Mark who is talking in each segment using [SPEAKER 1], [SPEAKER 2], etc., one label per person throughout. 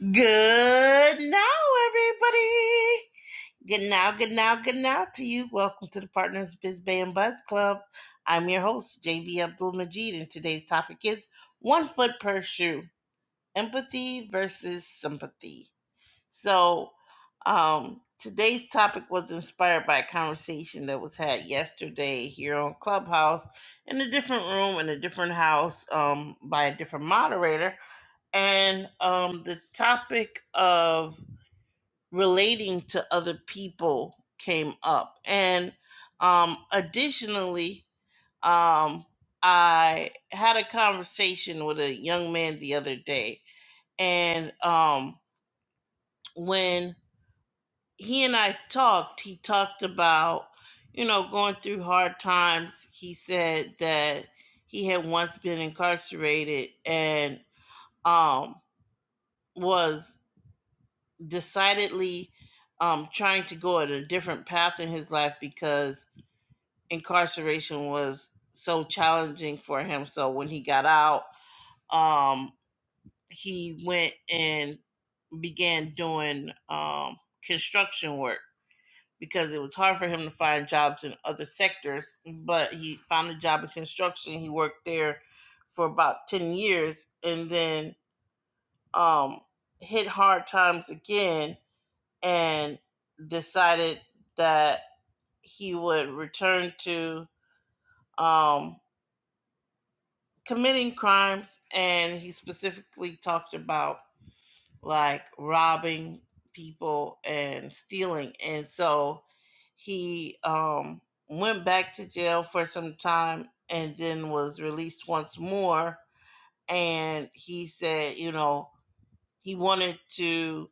[SPEAKER 1] Good now, everybody. Good now, good now, good now to you. Welcome to the Partners Biz Bay and Buzz Club. I'm your host, JB Abdul Majid, and today's topic is one foot per shoe empathy versus sympathy. So, um, today's topic was inspired by a conversation that was had yesterday here on Clubhouse in a different room, in a different house, um, by a different moderator and um, the topic of relating to other people came up. And um, additionally, um, I had a conversation with a young man the other day, and um, when he and I talked, he talked about you know going through hard times. He said that he had once been incarcerated and um was decidedly um, trying to go at a different path in his life because incarceration was so challenging for him. So when he got out, um, he went and began doing um, construction work because it was hard for him to find jobs in other sectors. But he found a job in construction. He worked there for about 10 years and then um, hit hard times again and decided that he would return to um, committing crimes. And he specifically talked about like robbing people and stealing. And so he um, went back to jail for some time and then was released once more. And he said, you know, he wanted to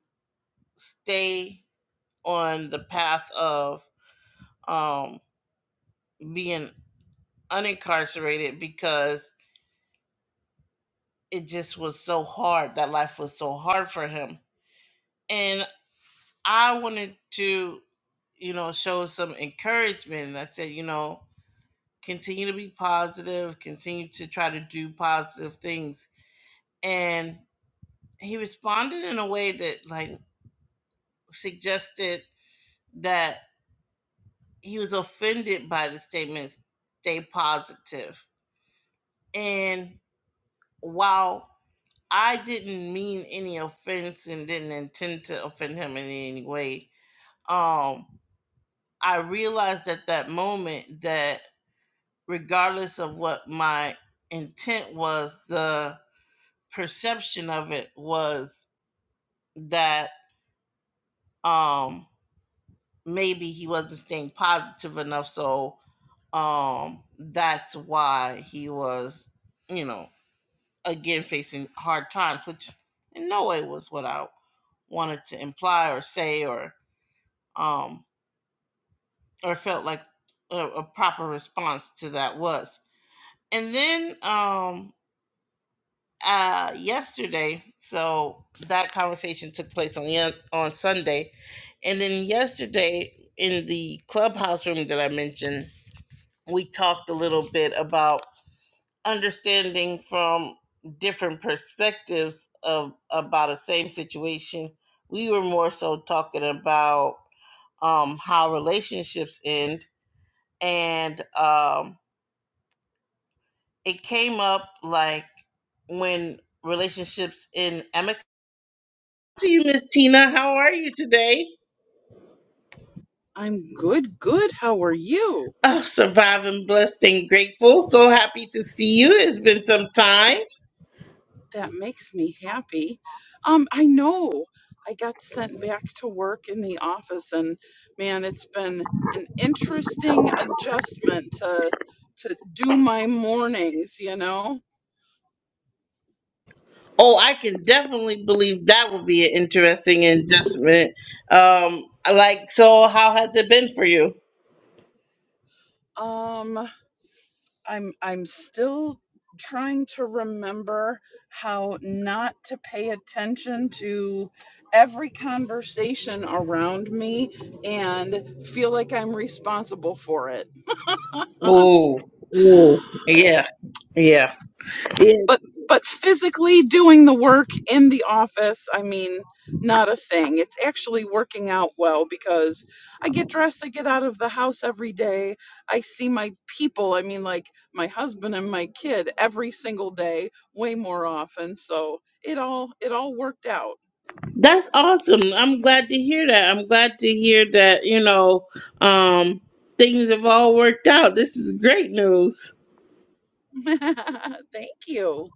[SPEAKER 1] stay on the path of um, being unincarcerated because it just was so hard. That life was so hard for him. And I wanted to, you know, show some encouragement. And I said, you know, continue to be positive, continue to try to do positive things. And he responded in a way that, like, suggested that he was offended by the statement, stay positive. And while. I didn't mean any offense and didn't intend to offend him in any way. Um, I realized at that moment that regardless of what my intent was, the perception of it was that um maybe he wasn't staying positive enough so um that's why he was you know again facing hard times which in no way was what i wanted to imply or say or um, or felt like a, a proper response to that was. And then um, uh, yesterday, so that conversation took place on the, on Sunday, and then yesterday in the clubhouse room that I mentioned, we talked a little bit about understanding from different perspectives of about the same situation. We were more so talking about um, how relationships end and um, it came up like when relationships in amicable. To you, Miss Tina, how are you today?
[SPEAKER 2] I'm good, good. How are you?
[SPEAKER 1] Oh, surviving, blessed, and grateful. So happy to see you. It's been some time.
[SPEAKER 2] That makes me happy. Um, I know I got sent back to work in the office, and man, it's been an interesting adjustment to to do my mornings. You know,
[SPEAKER 1] Oh, I can definitely believe that will be an interesting adjustment. Um, like, so how has it been for you?
[SPEAKER 2] um, I'm I'm still trying to remember how not to pay attention to every conversation around me and feel like I'm responsible for it Uh,
[SPEAKER 1] Oh, Ooh, ooh, yeah, yeah, yeah.
[SPEAKER 2] but but physically doing the work in the office, I mean, not a thing. It's actually working out well because I get dressed, I get out of the house every day. I see my people, I mean like my husband and my kid every single day, way more often. So, it all it all worked out.
[SPEAKER 1] That's awesome. I'm glad to hear that. I'm glad to hear that, you know, um, things have all worked out. This is great news.
[SPEAKER 2] Thank you.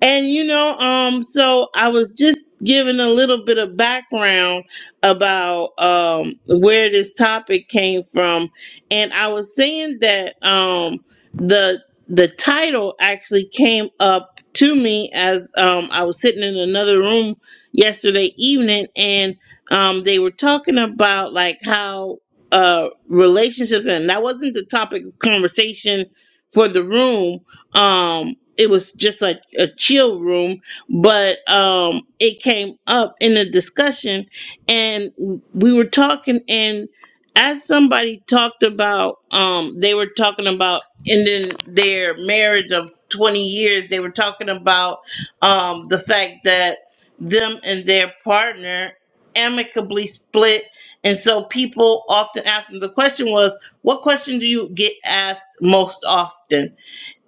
[SPEAKER 1] And you know, um, so I was just giving a little bit of background about um where this topic came from, and I was saying that um the the title actually came up to me as um I was sitting in another room yesterday evening, and um they were talking about like how uh relationships, and that wasn't the topic of conversation for the room um it was just like a chill room but um it came up in a discussion and we were talking and as somebody talked about um they were talking about ending their marriage of 20 years they were talking about um the fact that them and their partner amicably split and so people often ask them the question was what question do you get asked most often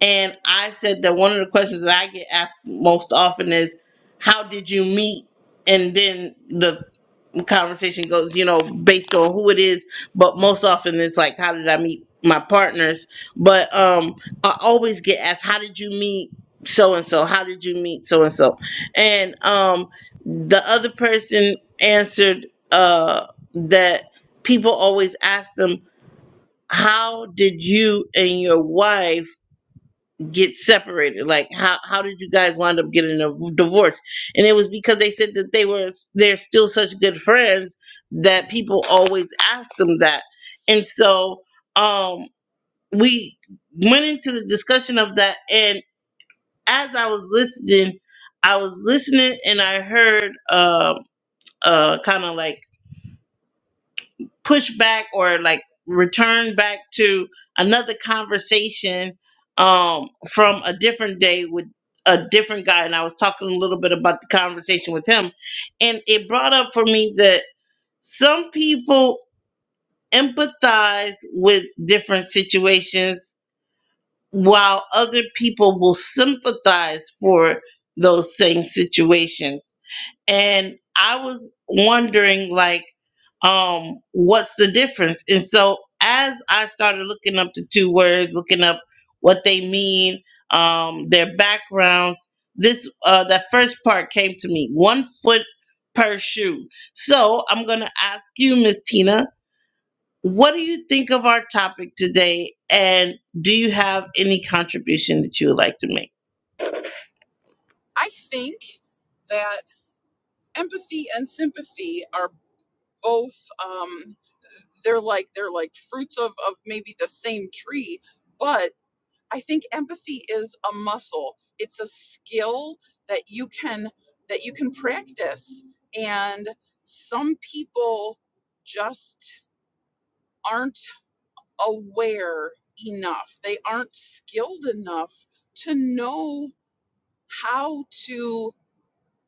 [SPEAKER 1] and I said that one of the questions that I get asked most often is, How did you meet? And then the conversation goes, you know, based on who it is. But most often it's like, How did I meet my partners? But um, I always get asked, How did you meet so and so? How did you meet so and so? And um, the other person answered uh, that people always ask them, How did you and your wife? get separated like how how did you guys wind up getting a v- divorce and it was because they said that they were they're still such good friends that people always ask them that and so um we went into the discussion of that and as i was listening i was listening and i heard uh uh kind of like push back or like return back to another conversation um from a different day with a different guy and I was talking a little bit about the conversation with him and it brought up for me that some people empathize with different situations while other people will sympathize for those same situations and I was wondering like um what's the difference and so as I started looking up the two words looking up what they mean um their backgrounds this uh that first part came to me one foot per shoe so I'm gonna ask you Miss Tina what do you think of our topic today and do you have any contribution that you would like to make
[SPEAKER 2] I think that empathy and sympathy are both um they're like they're like fruits of of maybe the same tree but i think empathy is a muscle it's a skill that you can that you can practice and some people just aren't aware enough they aren't skilled enough to know how to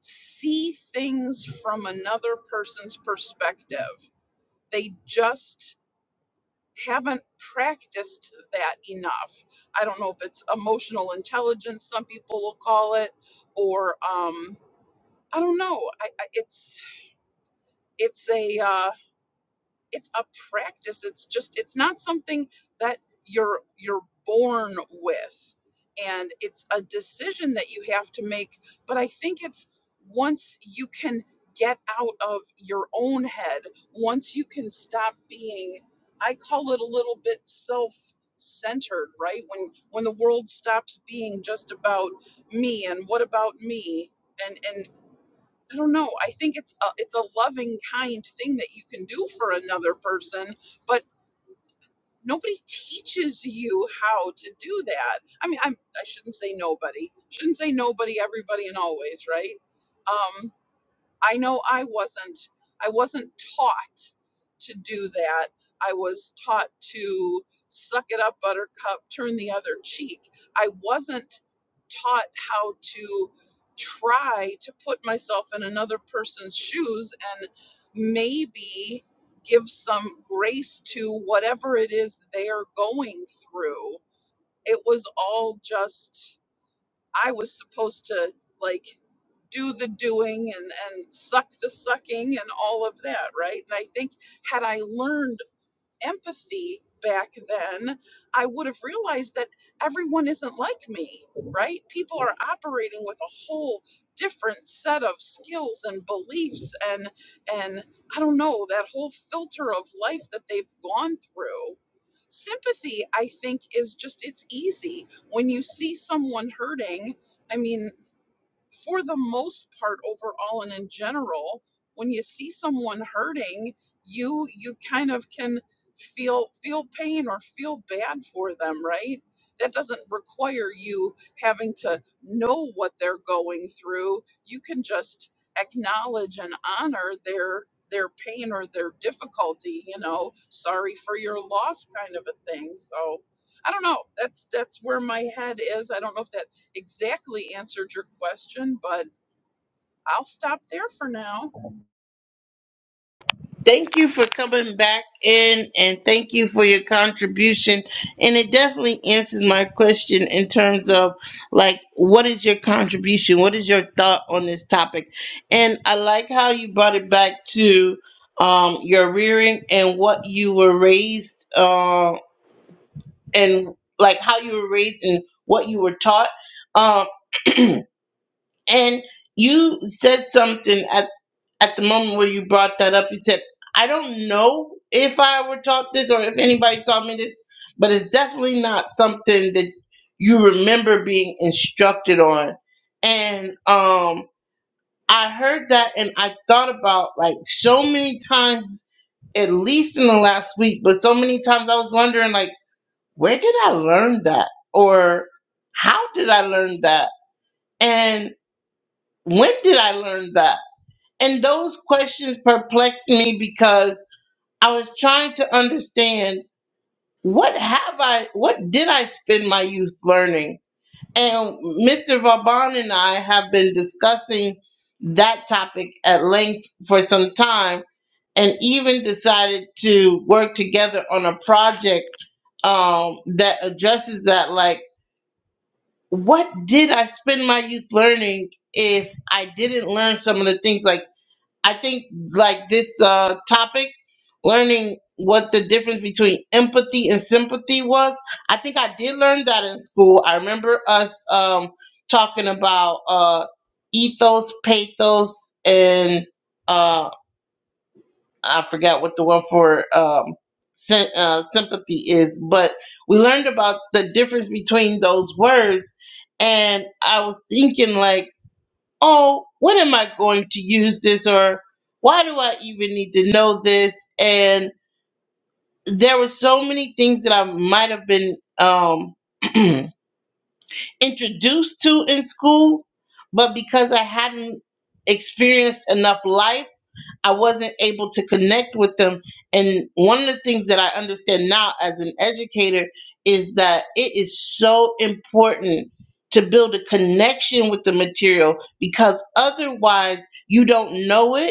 [SPEAKER 2] see things from another person's perspective they just haven't practiced that enough. I don't know if it's emotional intelligence, some people will call it, or um, I don't know. I, I, it's it's a uh, it's a practice it's just it's not something that you're you're born with and it's a decision that you have to make but i think it's once you can get out of your own head once you can stop being i call it a little bit self centered right when when the world stops being just about me and what about me and and. I don't know. I think it's a, it's a loving kind thing that you can do for another person, but nobody teaches you how to do that. I mean, I'm I shouldn't say nobody. Shouldn't say nobody, everybody and always, right? Um, I know I wasn't I wasn't taught to do that. I was taught to suck it up buttercup, turn the other cheek. I wasn't taught how to try to put myself in another person's shoes and maybe give some grace to whatever it is they're going through. It was all just I was supposed to like do the doing and and suck the sucking and all of that, right? And I think had I learned empathy back then, I would have realized that everyone isn't like me, right? People are operating with a whole different set of skills and beliefs and and I don't know, that whole filter of life that they've gone through. Sympathy, I think, is just it's easy. When you see someone hurting, I mean, for the most part overall and in general when you see someone hurting you you kind of can feel feel pain or feel bad for them right that doesn't require you having to know what they're going through you can just acknowledge and honor their their pain or their difficulty you know sorry for your loss kind of a thing so i don't know that's that's where my head is i don't know if that exactly answered your question, but I'll stop there for now.
[SPEAKER 1] Thank you for coming back in and thank you for your contribution. And it definitely answers my question in terms of like, what is your contribution? What is your thought on this topic? And I like how you brought it back to um, your rearing and what you were raised uh, and like how you were raised and what you were taught. Um, and you said something at the moment where you brought that up, you said, I don't know if I were taught this or if anybody taught me this, but it's definitely not something that you remember being instructed on. And um, I heard that and I thought about like so many times, at least in the last week, but so many times I was wondering, like, where did I learn that? Or how did I learn that? And when did I learn that? And those questions perplexed me because I was trying to understand what have I, what did I spend my youth learning? And Mr. Vauban and I have been discussing that topic at length for some time and even decided to work together on a project um, that addresses that. Like, what did I spend my youth learning if I didn't learn some of the things like? I think like this uh, topic, learning what the difference between empathy and sympathy was. I think I did learn that in school. I remember us um, talking about uh, ethos, pathos, and uh, I forgot what the one for um, sy- uh, sympathy is, but we learned about the difference between those words. And I was thinking, like, oh, what am I going to use this or why do I even need to know this? And there were so many things that I might have been um, introduced to in school, but because I hadn't experienced enough life I wasn't able to connect with them. And one of the things that I understand now as an educator is that it is so important to build a connection with the material because otherwise you don't know it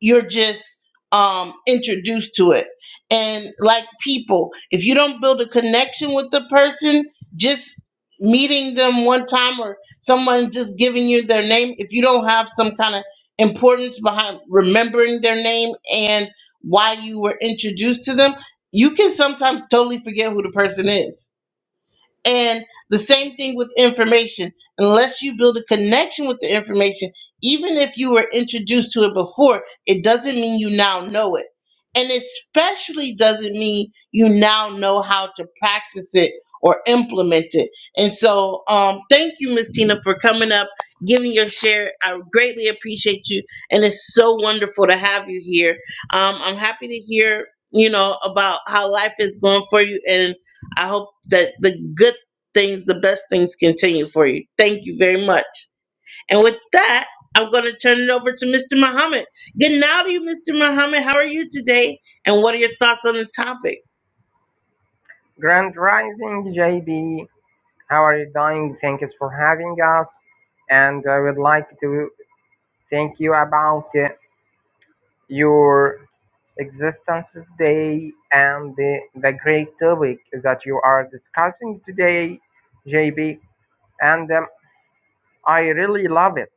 [SPEAKER 1] you're just um introduced to it and like people if you don't build a connection with the person just meeting them one time or someone just giving you their name if you don't have some kind of importance behind remembering their name and why you were introduced to them you can sometimes totally forget who the person is and the same thing with information. Unless you build a connection with the information, even if you were introduced to it before, it doesn't mean you now know it. And especially doesn't mean you now know how to practice it or implement it. And so, um, thank you, Miss Tina, for coming up, giving your share. I greatly appreciate you. And it's so wonderful to have you here. Um, I'm happy to hear, you know, about how life is going for you and I hope that the good things, the best things continue for you. Thank you very much. And with that, I'm going to turn it over to Mr. Muhammad. Good now to you, Mr. Muhammad. How are you today? And what are your thoughts on the topic?
[SPEAKER 3] Grand Rising JB, how are you doing? Thank you for having us. And I would like to thank you about uh, your existence today and the, the great topic that you are discussing today, JB. And um, I really love it.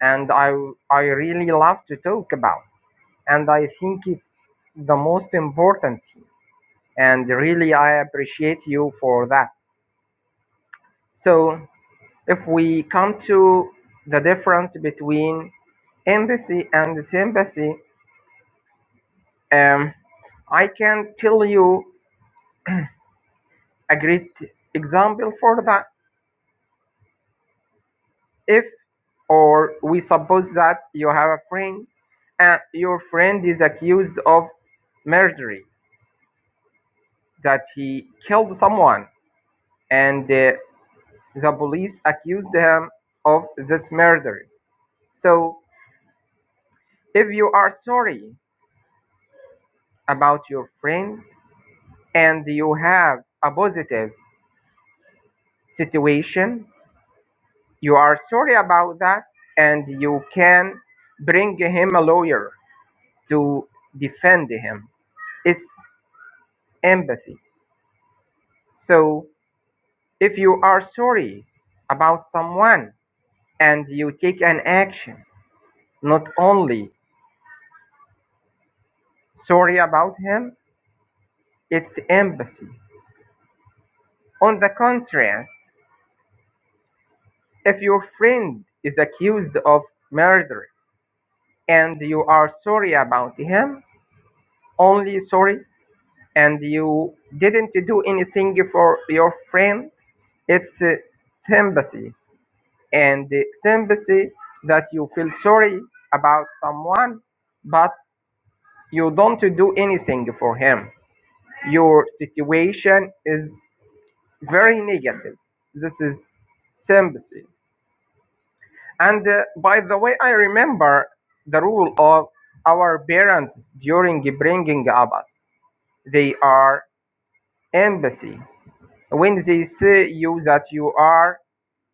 [SPEAKER 3] And I, I really love to talk about. And I think it's the most important. thing. And really, I appreciate you for that. So, If we come to the difference between empathy and sympathy, um, I can tell you a great example for that. If, or we suppose that you have a friend and your friend is accused of murder, that he killed someone, and uh, the police accused him of this murder. So, if you are sorry about your friend, and you have a positive situation, you are sorry about that, and you can bring him a lawyer to defend him. It's empathy. So if you are sorry about someone and you take an action, not only sorry about him, it's empathy. On the contrast, if your friend is accused of murder and you are sorry about him, only sorry and you didn't do anything for your friend it's uh, sympathy and the sympathy that you feel sorry about someone but you don't do anything for him your situation is very negative this is sympathy and uh, by the way i remember the rule of our parents during bringing up us they are empathy When they see you that you are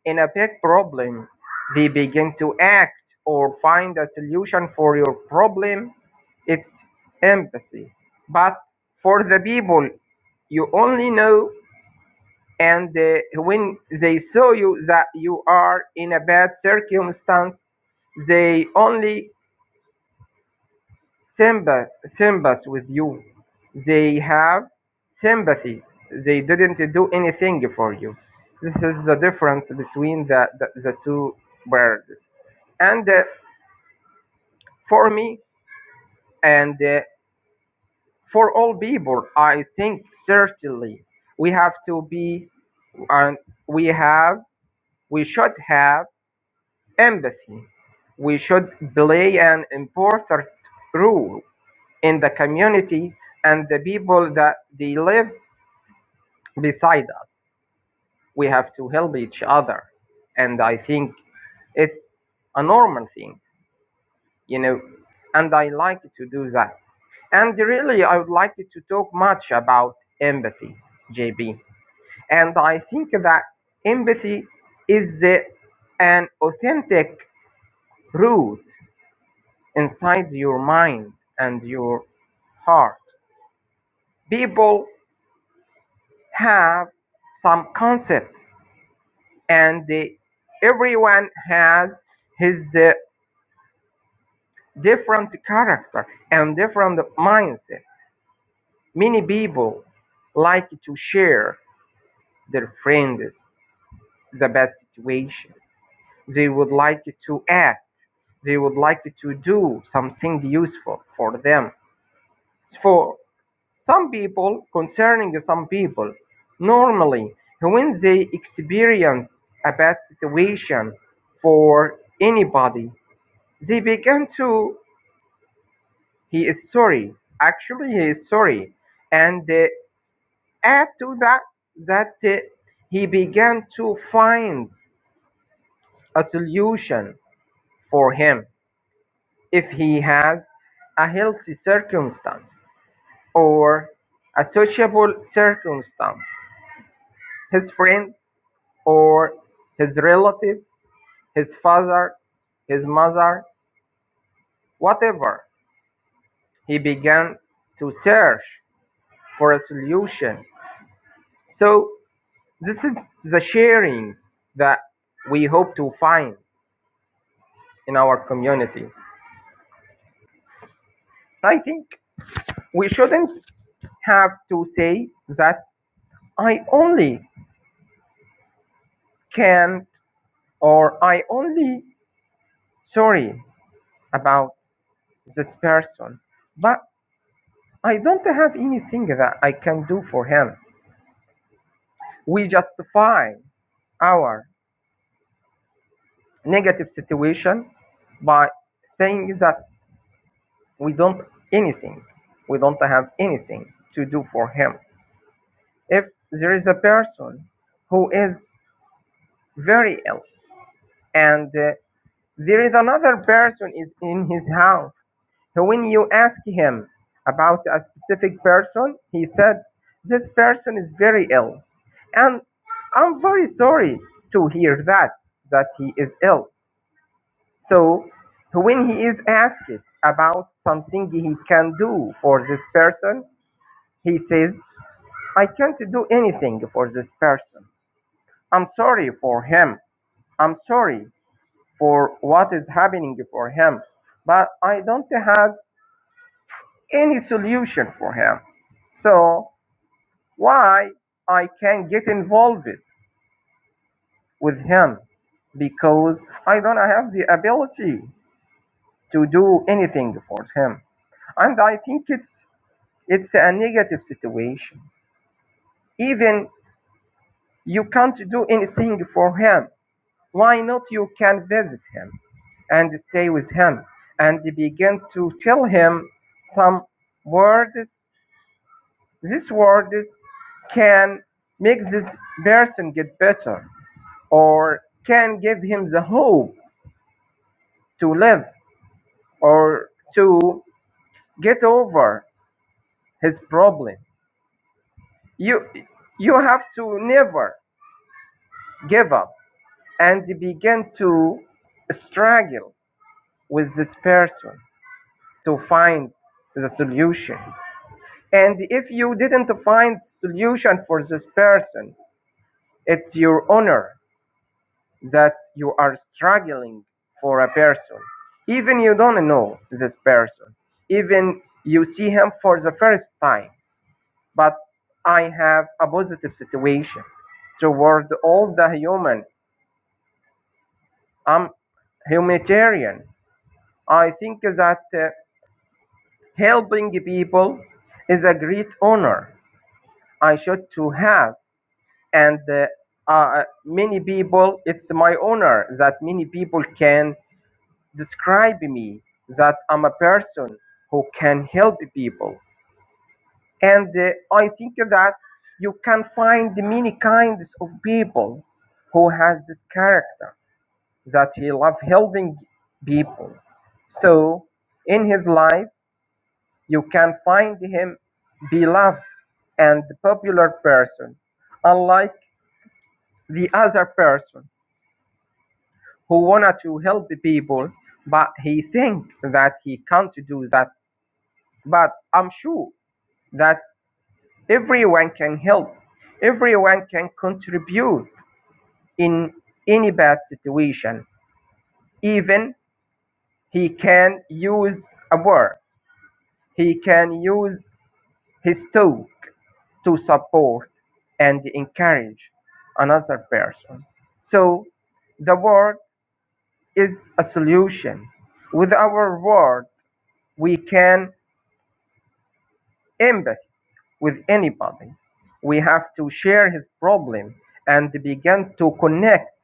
[SPEAKER 3] in a big problem, they begin to act or find a solution for your problem. It's empathy. But for the people, you only know, and uh, when they saw you that you are in a bad circumstance, they only Sympath- sympathy with you. They have sympathy. They didn't do anything for you. This is the difference between the, the, the two birds. And uh, for me and uh, for all people, I think certainly we have to be and we have we should have empathy. We should play an important role in the community and the people that they live beside us. We have to help each other. And I think it's a normal thing, you know, and I like to do that. And really, I would like to talk much about empathy, JB. And I think that empathy is uh, an authentic root inside your mind and your heart. People have some concept and they, everyone has his uh, different character and different mindset. Many people like to share their friends the bad situation. They would like to act. They would like to do something useful for them. For some people, concerning some people, normally when they experience a bad situation for anybody They began to, he is sorry. Actually, he is sorry. And uh, add to that, that uh, he began to find a solution for him if he has a healthy circumstance or a sociable circumstance. His friend or his relative, his father, his mother, whatever. He began to search for a solution. So This is the sharing that we hope to find in our community. I think we shouldn't have to say that I only can't or I only sorry about this person, but I don't have anything that I can do for him. We justify our negative situation by saying that we don't anything, we don't have anything to do for him. if there is a person who is very ill and uh, there is another person is in his house so when you ask him about a specific person he said this person is very ill and i'm very sorry to hear that that he is ill so when he is asked about something he can do for this person he says i can't do anything for this person I'm sorry for him. I'm sorry for what is happening for him, but I don't have any solution for him. So why I can get involved with him because I don't have the ability to do anything for him. And I think it's it's a negative situation. Even you can't do anything for him Why not you can visit him and stay with him and begin to tell him some words. These words can make this person get better or can give him the hope to live or to get over his problem. You, you have to never give up and begin to struggle with this person to find the solution. And if you didn't find solution for this person, it's your honor that you are struggling for a person. Even you don't know this person, even you see him for the first time. But I have a positive situation toward all the human. I'm humanitarian. I think that uh, helping people is a great honor I should to have. And uh, uh, many people, it's my honor that many people can describe me that I'm a person who can help people. And uh, I think that you can find many kinds of people who has this character that he love helping people. So in his life, you can find him beloved and popular person unlike the other person who wanted to help the people but he think that he can't do that but i'm sure that everyone can help everyone can contribute in any bad situation even he can use a word he can use his talk to support and encourage another person so the word is a solution. With our words. we can empathy with anybody. We have to share his problem and begin to connect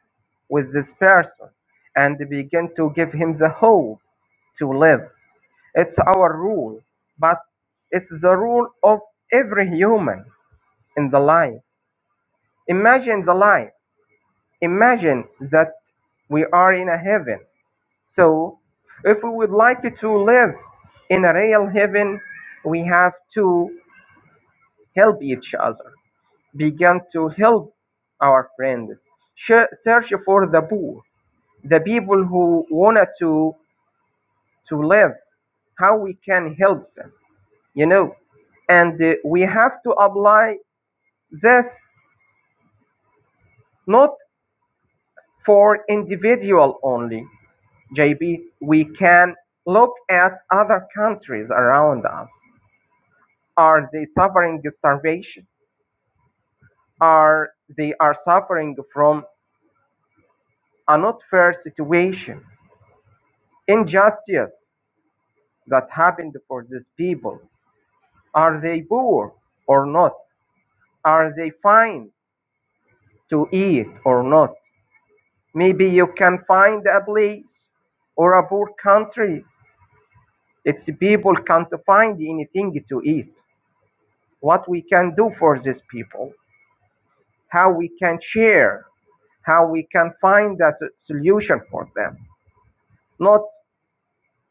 [SPEAKER 3] with this person and begin to give him the hope to live. It's our rule, but it's the rule of every human in the life. Imagine the life. Imagine that we are in a heaven So, if we would like to live in a real heaven, we have to help each other, begin to help our friends, Sh- search for the poor, the people who wanted to to live, how we can help them, you know. And uh, we have to apply this not for individual only, JB. We can look at other countries around us Are they suffering starvation? Are they are suffering from a not fair situation? Injustice that happened for these people. Are they poor or not? Are they fine to eat or not? Maybe you can find a place or a poor country. Its people can't find anything to eat. What we can do for these people? How we can share? How we can find a s- solution for them? not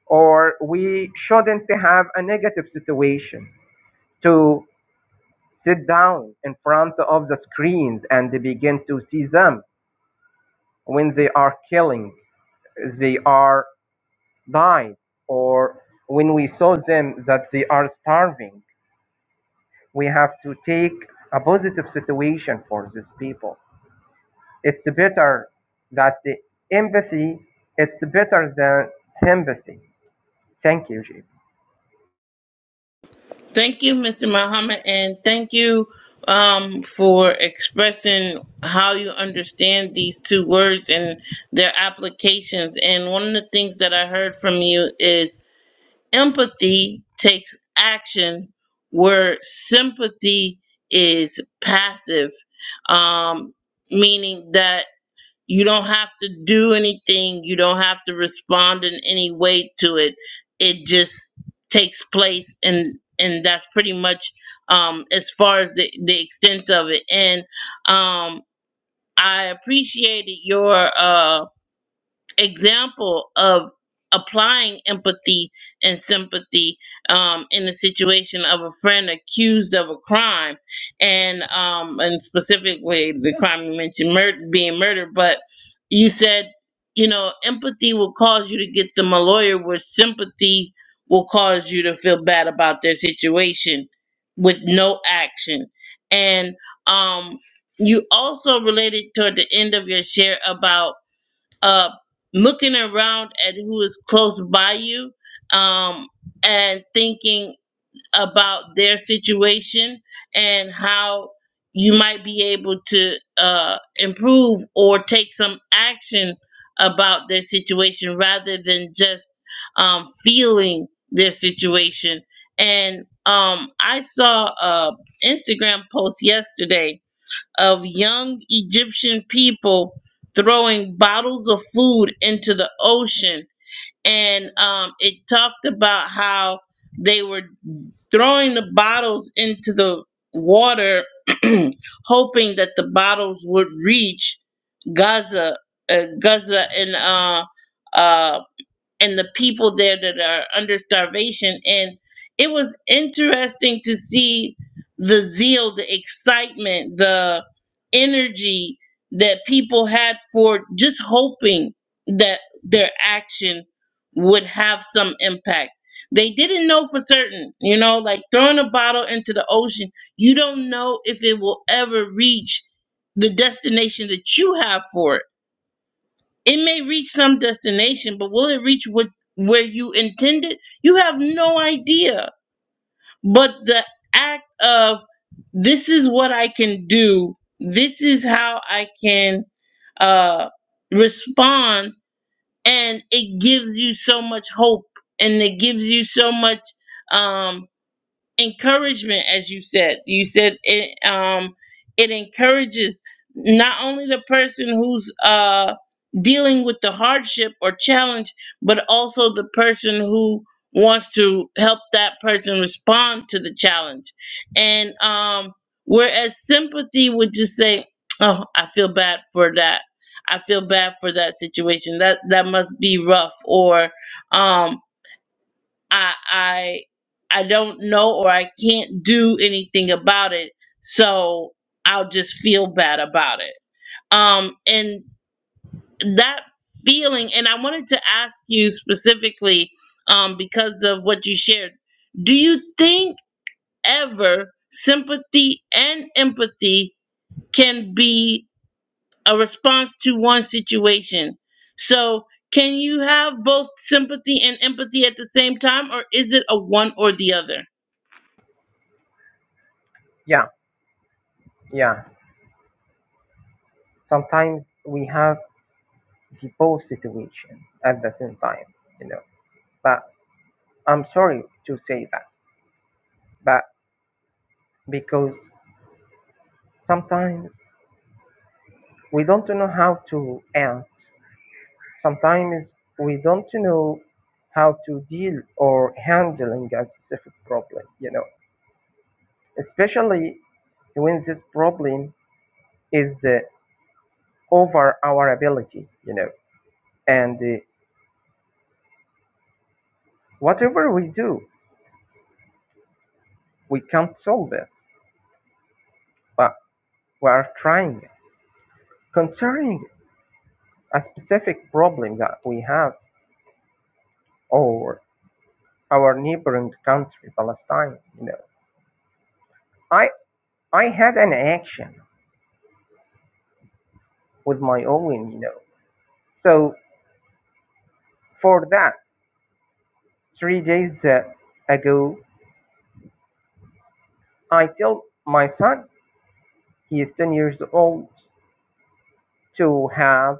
[SPEAKER 3] or we shouldn't have a negative situation to sit down in front of the screens and begin to see them when they are killing they are dying or when we saw them that they are starving we have to take a positive situation for these people it's better that the empathy it's better than sympathy thank you Jay.
[SPEAKER 1] Thank you, Mr. Muhammad. And thank you um, for expressing how you understand these two words and their applications. And one of the things that I heard from you is Empathy takes action where sympathy is passive, um, meaning that you don't have to do anything, you don't have to respond in any way to it. It just takes place, and and that's pretty much um, as far as the, the extent of it. And um, I appreciated your. Uh, example of applying empathy and sympathy um, in the situation of a friend accused of a crime and um, and specifically the crime you mentioned mur- being murder but you said you know empathy will cause you to get them a lawyer where sympathy will cause you to feel bad about their situation with no action and um, you also related toward the end of your share about uh, looking around at who is close by you um, and thinking about their situation and how you might be able to uh, improve or take some action about their situation rather than just um, feeling their situation. And um, I saw a Instagram post yesterday of young Egyptian people throwing bottles of food into the ocean. And um, it talked about how they were throwing the bottles into the water, hoping that the bottles would reach Gaza, uh, Gaza and uh, uh, and the people there that are under starvation. And it was interesting to see the zeal, the excitement, the energy that people had for just hoping that their action would have some impact. They didn't know for certain, you know, like throwing a bottle into the ocean, you don't know if it will ever reach the destination that you have for it it may reach some destination, but will it reach what where you intended? You have no idea. But the act of this is what I can do, this is how I can uh respond, and it gives you so much hope and it gives you so much um encouragement as you said you said it um it encourages not only the person who's uh dealing with the hardship or challenge but also the person who wants to help that person respond to the challenge and um whereas sympathy would just say oh i feel bad for that i feel bad for that situation that that must be rough or um I I I don't know or I can't do anything about it. So I'll just feel bad about it. Um and that feeling and I wanted to ask you specifically um because of what you shared. Do you think ever sympathy and empathy can be a response to one situation? So can you have both sympathy and empathy at the same time or is it a one or the other?
[SPEAKER 3] yeah yeah sometimes we have the both situation at the same time, you know. But I'm sorry to say that, but because sometimes we don't know how to act, sometimes we don't know how to deal or handling a specific problem, you know, especially when this problem is uh, over our ability, you know, and uh, whatever we do, we can't solve it, but we are trying. Concerning a specific problem that we have or our neighboring country palestine you know i i had an action with my own you know so for that three days uh, ago i tell my son he is 10 years old to have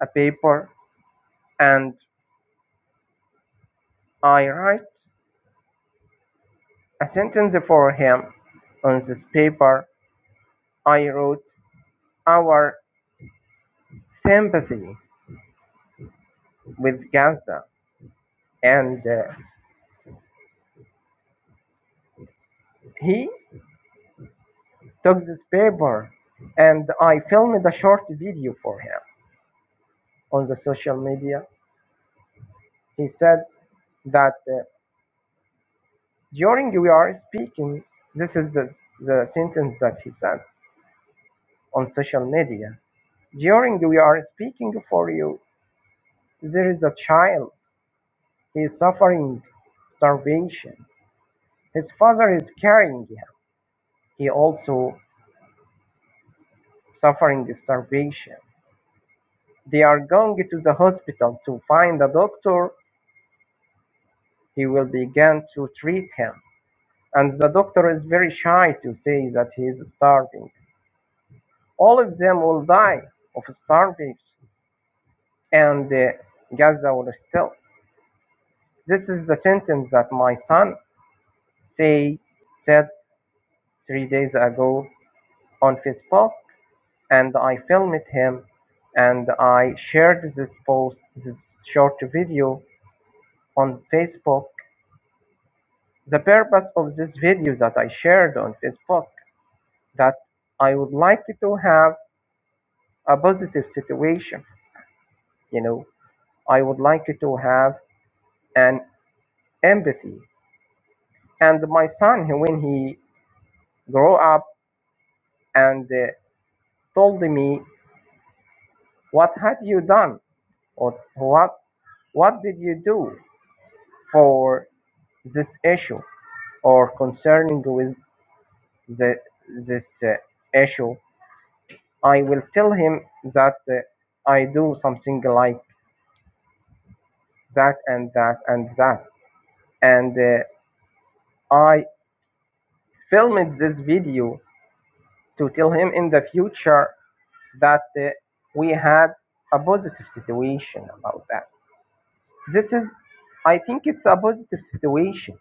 [SPEAKER 3] a paper and i write a sentence for him on this paper i wrote our sympathy with gaza and uh, he took this paper and I filmed a short video for him on the social media. He said that uh, during we are speaking, this is the, the sentence that he said on social media. During we are speaking for you, there is a child. He is suffering starvation. His father is carrying him. He also suffering starvation. They are going to the hospital to find a doctor. He will begin to treat him and the doctor is very shy to say that he is starving. All of them will die of starvation, and uh, Gaza will still. This is the sentence that my son say said three days ago on Facebook, and I filmed him, and I shared this post, this short video on Facebook. The purpose of this video that I shared on Facebook that I would like to have a positive situation you know i would like to, to have an empathy and my son he- when he grew up and uh, told me what had you done or what what did you do for this issue or concerning with the, this uh, issue i will tell him that uh, i do something like that and that and that and uh, i filmed this video to tell him in the future that uh, we had a positive situation about that. This is, I think it's a positive situation.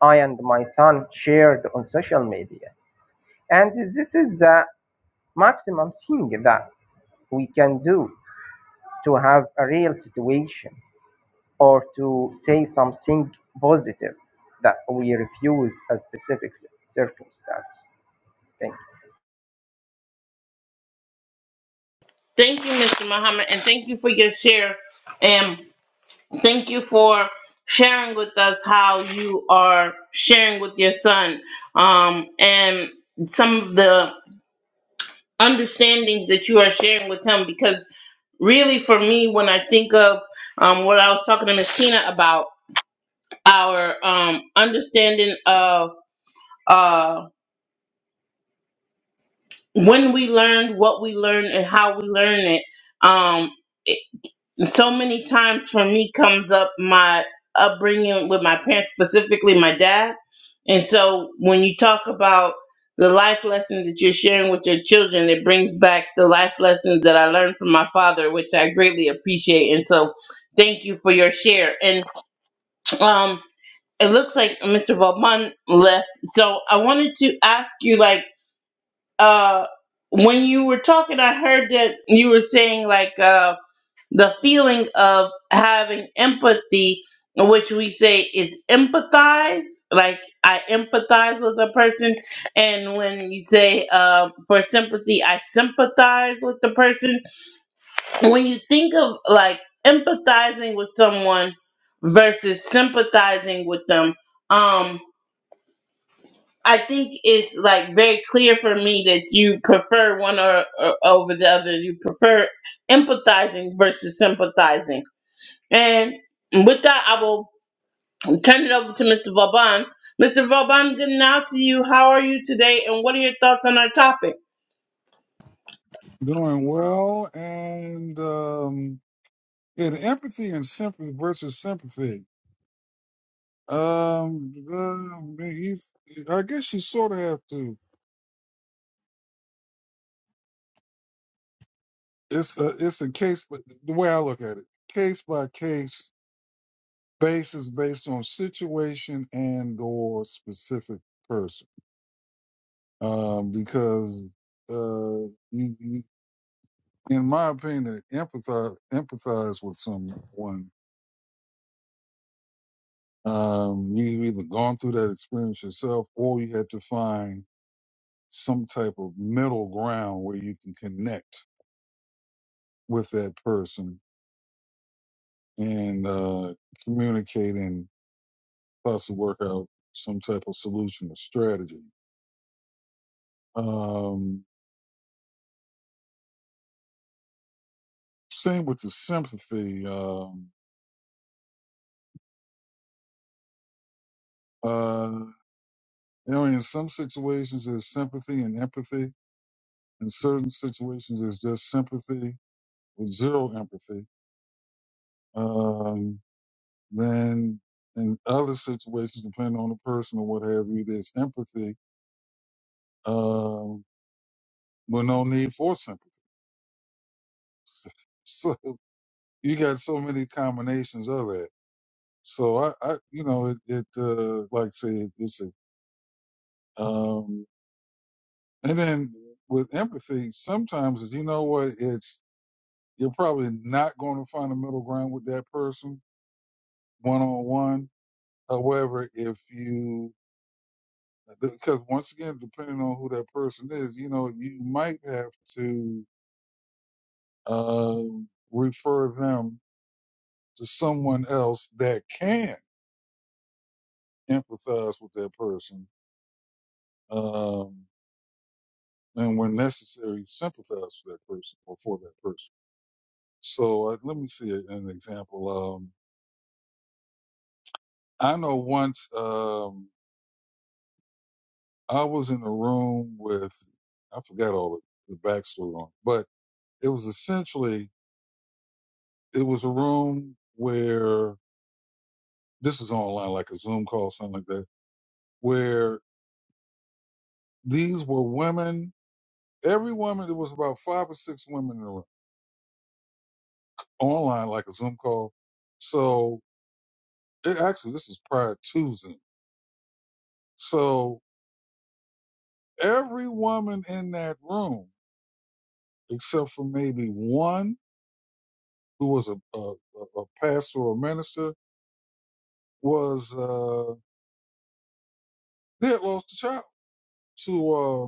[SPEAKER 3] I and my son shared on social media. And this is the maximum thing that we can do to have a real situation or to say something positive that we refuse a specific c- circumstance. Thank
[SPEAKER 1] Thank you, Mr. Muhammad, and thank you for your share. And thank you for sharing with us how you are sharing with your son um, and some of the understandings that you are sharing with him. Because really, for me, when I think of um, what I was talking to Miss Tina about, our um, understanding of uh, when we learned, what we learned, and how we learn it. Um, so many times for me comes up my upbringing with my parents, specifically my dad. And so when you talk about the life lessons that you're sharing with your children, it brings back the life lessons that I learned from my father, which I greatly appreciate. And so thank you for your share. And um it looks like Mr. Vauban left. So I wanted to ask you like uh when you were talking, I heard that you were saying like uh the feeling of having empathy, which we say is empathize, like I empathize with a person, and when you say um, for sympathy, I sympathize with the person. When you think of like empathizing with someone versus sympathizing with them, um, I think it's like very clear for me that you prefer one or, or over the other. You prefer empathizing versus sympathizing and with that, I will turn it over to Mr. Vauban. Mr. Vauban, good now to you. How are you today? And what are your thoughts on our topic?
[SPEAKER 4] Doing well, and um, yeah, the empathy and sympathy versus sympathy. Um, uh, you, I guess you sort of have to. It's a, it's a case, but the way I look at it, case by case basis, based on situation and or specific person. Um, because uh, you, you, in my opinion, empathize empathize with someone Um, you either gone through that experience yourself, or you had to find some type of middle ground where you can connect with that person and uh, communicate and possibly work out some type of solution or strategy. Um, same with the sympathy. Um, uh, you know, in some situations there's sympathy and empathy. In certain situations there's just sympathy with zero empathy. Um, Then in other situations, depending on the person or what have you, there's empathy, um, with no need for sympathy. So you got so many combinations of that. So I, I you know, it, it uh, like I say, it's a, um, and then with empathy, sometimes is you know what, it's you're probably not going to find a middle ground with that person one on one. However, if you because once again, depending on who that person is, you know, you might have to uh, refer them to someone else that can empathize with that person, um, and when necessary, sympathize with that person or for that person. So uh, let me see a- an example. Um, I know once um, I was in a room with, I forgot all the, the backstory on, but it was essentially it was a room where this is online like a Zoom call, something like that, where these were women, every woman, there was about five or six women in the room, online like a Zoom call. So it actually, this is prior to Zoom. So every woman in that room, except for maybe one who was a, a, a a pastor or minister, was, uh, they had lost a child to, uh,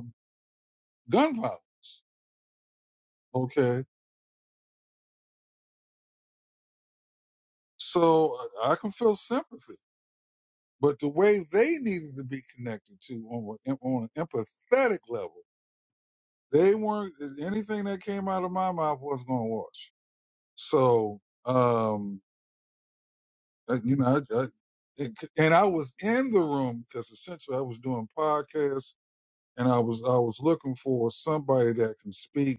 [SPEAKER 4] gun violence. Okay. So I I can feel sympathy But the way they needed to be connected to on, a- on an empathetic level, they weren't, anything that came out of my mouth wasn't going to wash. So, um, I- you know, I, I, it, and I was in the room because essentially I was doing podcasts and I was, I was looking for somebody that can speak,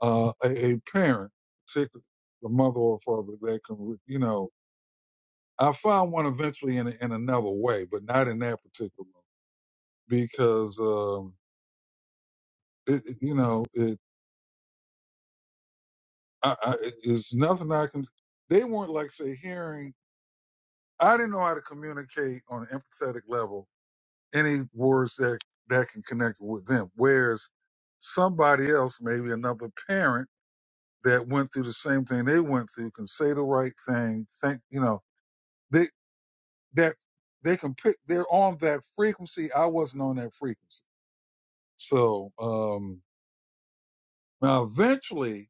[SPEAKER 4] uh, a, a parent, particularly the mother or father that can, you know, I found one eventually in, in another way, but not in that particular room because, um, it, it- you know, it, I, I, it- it's nothing I can. They weren't like say hearing. I didn't know how to communicate on an empathetic level any words that that can connect with them. Whereas somebody else, maybe another parent that went through the same thing they went through, can say the right thing. Think you know they that they can pick. They're on that frequency. I wasn't on that frequency. So um now eventually,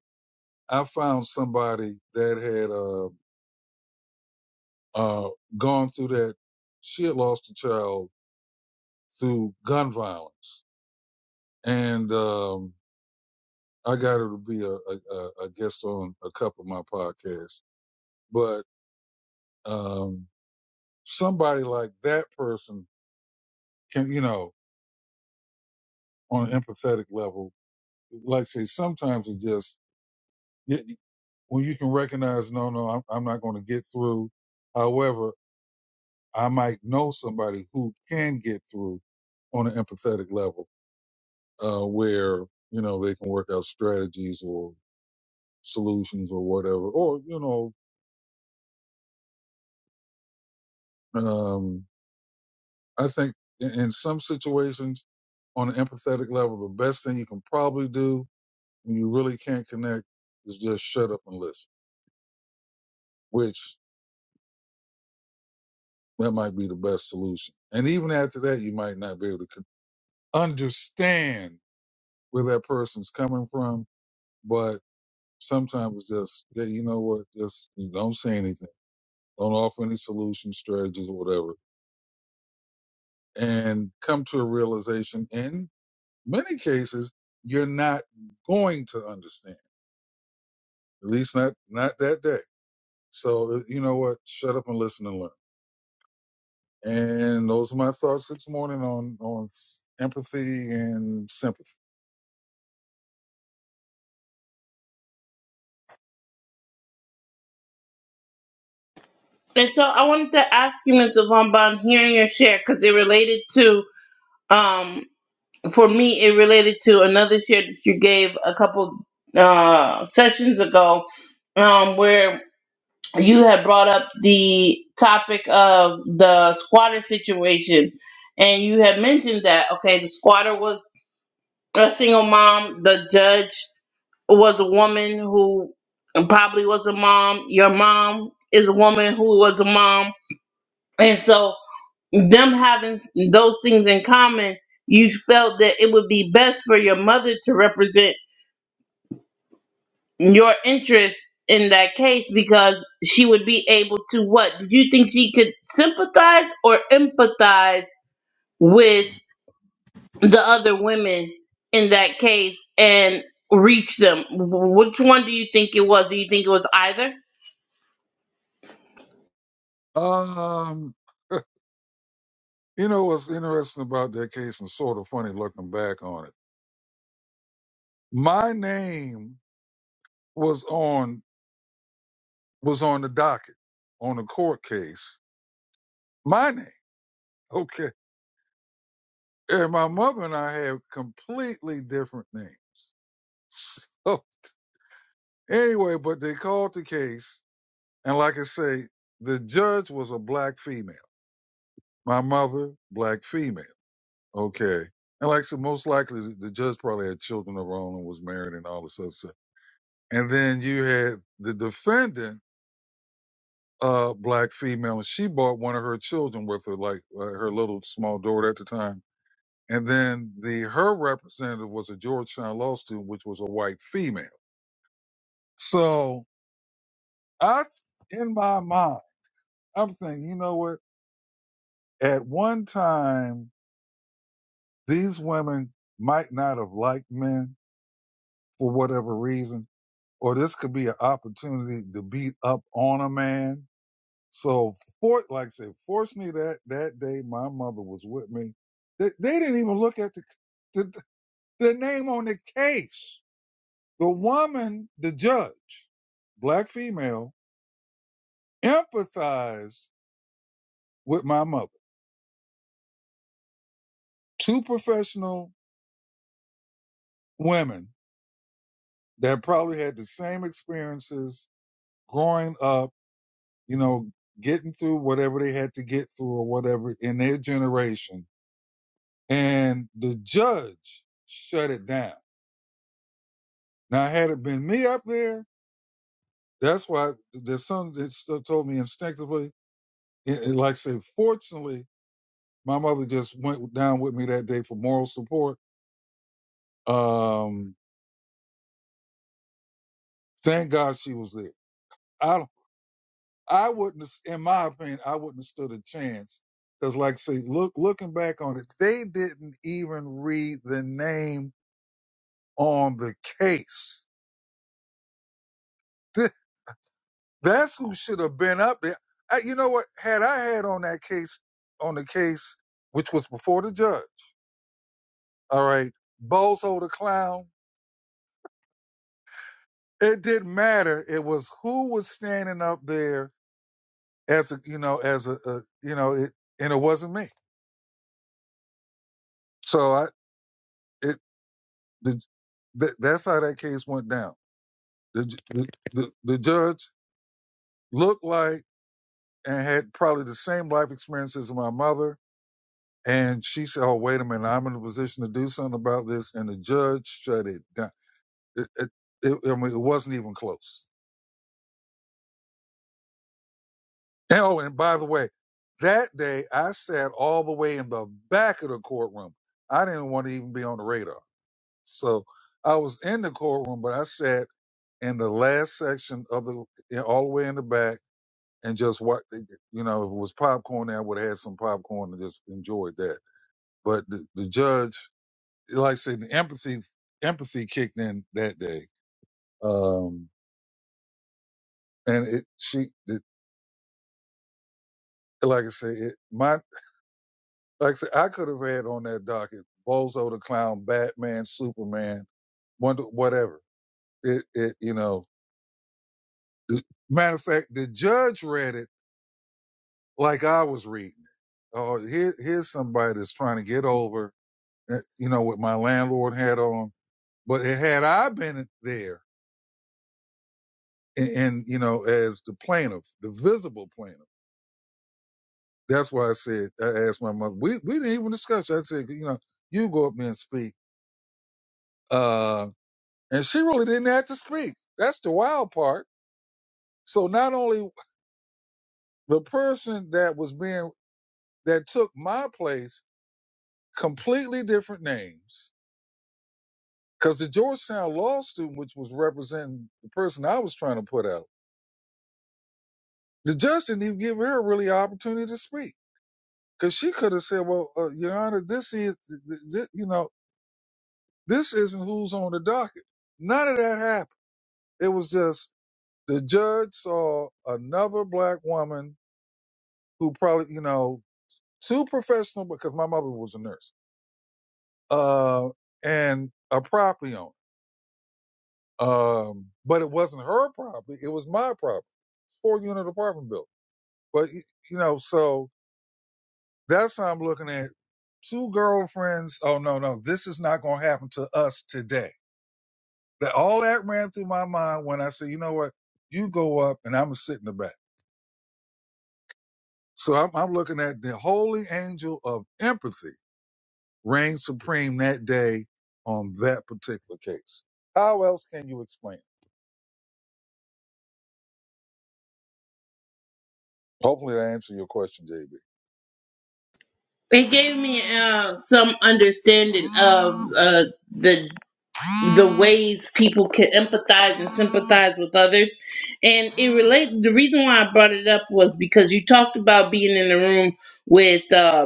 [SPEAKER 4] I found somebody that had. uh uh, gone through that. She had lost a child through gun violence, and um, I got her to be a, a, a guest on a couple of my podcasts. But um, somebody like that person can, you know, on an empathetic level, like say sometimes it just y- when you can recognize, no, no, I'm, I'm not going to get through. However, I might know somebody who can get through on an empathetic level uh, where you know they can work out strategies or solutions or whatever. Or you know, um, I think in, in some situations, on an empathetic level, the best thing you can probably do when you really can't connect is just shut up and listen. Which that might be the best solution. And even after that, you might not be able to con- understand where that person's coming from, but sometimes it's just, yeah, you know what, just don't say anything. Don't offer any solutions, strategies, or whatever and come to a realization in many cases you're not going to understand at least not not that day so uh, you know what shut up and listen and learn and those are my thoughts this morning on on s- empathy and sympathy
[SPEAKER 1] And so I wanted to ask you, Mr. Vauban, hearing your share, because it related to, um, for me, it related to another share that you gave a couple uh, sessions ago, um, where you had brought up the topic of the squatter situation. And you had mentioned that, okay, the squatter was a single mom. The judge was a woman who probably was a mom. Your mom is a woman who was a mom. And so, them having those things in common, you felt that it would be best for your mother to represent your interests in that case because she would be able to what? Did you think she could sympathize or empathize? with? the other women in that case and reach them. Which one do you think it was? Do you think it was either?
[SPEAKER 4] um you know what's interesting about that case and sort of funny looking back on it my name was on was on the docket on the court case my name okay and my mother and I have completely different names. So anyway, but they called the case, and like I say, the judge was a black female. My mother, black female. Okay. And like I said, most likely the judge probably had children of her own and was married and all this other stuff. And then you had the defendant, uh, black female, and she brought one of her children with her, like uh, her little small daughter at the time. And then the her representative was a Georgetown law student, which was a white female. So I, in my mind, I'm thinking, you know what? At one time, these women might not have liked men for whatever reason, or this could be an opportunity to beat up on a man. So, for, like I said, fortunately that, that day my mother was with me. They, they didn't even look at the, the, the name on the case. The woman, the judge, black female, empathized with my mother two professional women that probably had the same experiences growing up, you know, getting through whatever they had to get through or whatever in their generation. And the judge shut it down. Now, had it been me up there, that's why there's something that still told me instinctively. It, it- like I say, fortunately, my mother just went down with me that day for moral support. Um, thank God she was there. I don't I wouldn't, have- in my opinion, I wouldn't have stood a chance. Because, like, I say, look, looking back on it, they didn't even read the name on the case. Th- That's who should have been up there. I, you know what? Had I had on that case, on the case, which was before the judge, all right, Bozo the clown. It didn't matter. It was who was standing up there as a, you know, as a, a you know, it, and it wasn't me. So I, it. The, that, that's how that case went down. The, ju- the, the, the judge looked like and had probably the same life experience as my mother. And she said, Oh, wait a minute, I'm in a position to do something about this. And the judge shut it down. It, it, it, I mean, it wasn't even close. And, oh, and by the way, that day I sat all the way in the back of the courtroom. I didn't want to even be on the radar. So I was in the courtroom, but I sat in the last section of the, all the way in the back and just what eh, eh, you know if it was popcorn I would have had some popcorn and just enjoyed that. But the, the judge, like I said, the empathy empathy kicked in that day, um, and it she it, like I said, it, my like I said, I could have had on that docket Bozo the Clown, Batman, Superman, Wonder whatever. It it you know. The, matter of fact, the judge read it like I was reading it. Oh, here here's somebody that's trying to get over. uh, You know, with my landlord hat on But had I been there and, and you know, as the plaintiff, the visible plaintiff, that's why I said, I asked my mother, we, we didn't even discuss. it. I said, you know, you go up there and speak. Uh, and she really didn't have to speak. That's the wild part. So not only the person that was being, that took my place, completely different names. Cause the Georgetown law student, which was representing the person I was trying to put out, the judge didn't even give her really an opportunity to speak Because she could have said, "Well, uh, Your Honor, this is, th- th- th- you know, this isn't who's on the docket." None of that happened. It was just the judge saw another black woman who probably, you know, too professional because my mother was a nurse, uh, and a property owner. Um, but it wasn't her property; it was my property, four-unit apartment building. But y- you know, so that's how I'm looking at two girlfriends. Oh no, no, this is not going to happen to us today That all that ran through my mind when I said, you know what? You go up and I'm gonna sit in the back. So I'm, I'm looking at the holy angel of empathy reigned supreme that day on that particular case. How else can you explain? it? Hopefully that answered your question, JB.
[SPEAKER 1] It gave me uh, some understanding of uh, the the ways people can empathize and sympathize with others, and it related. The reason why I brought it up was because you talked about being in the room with. Uh,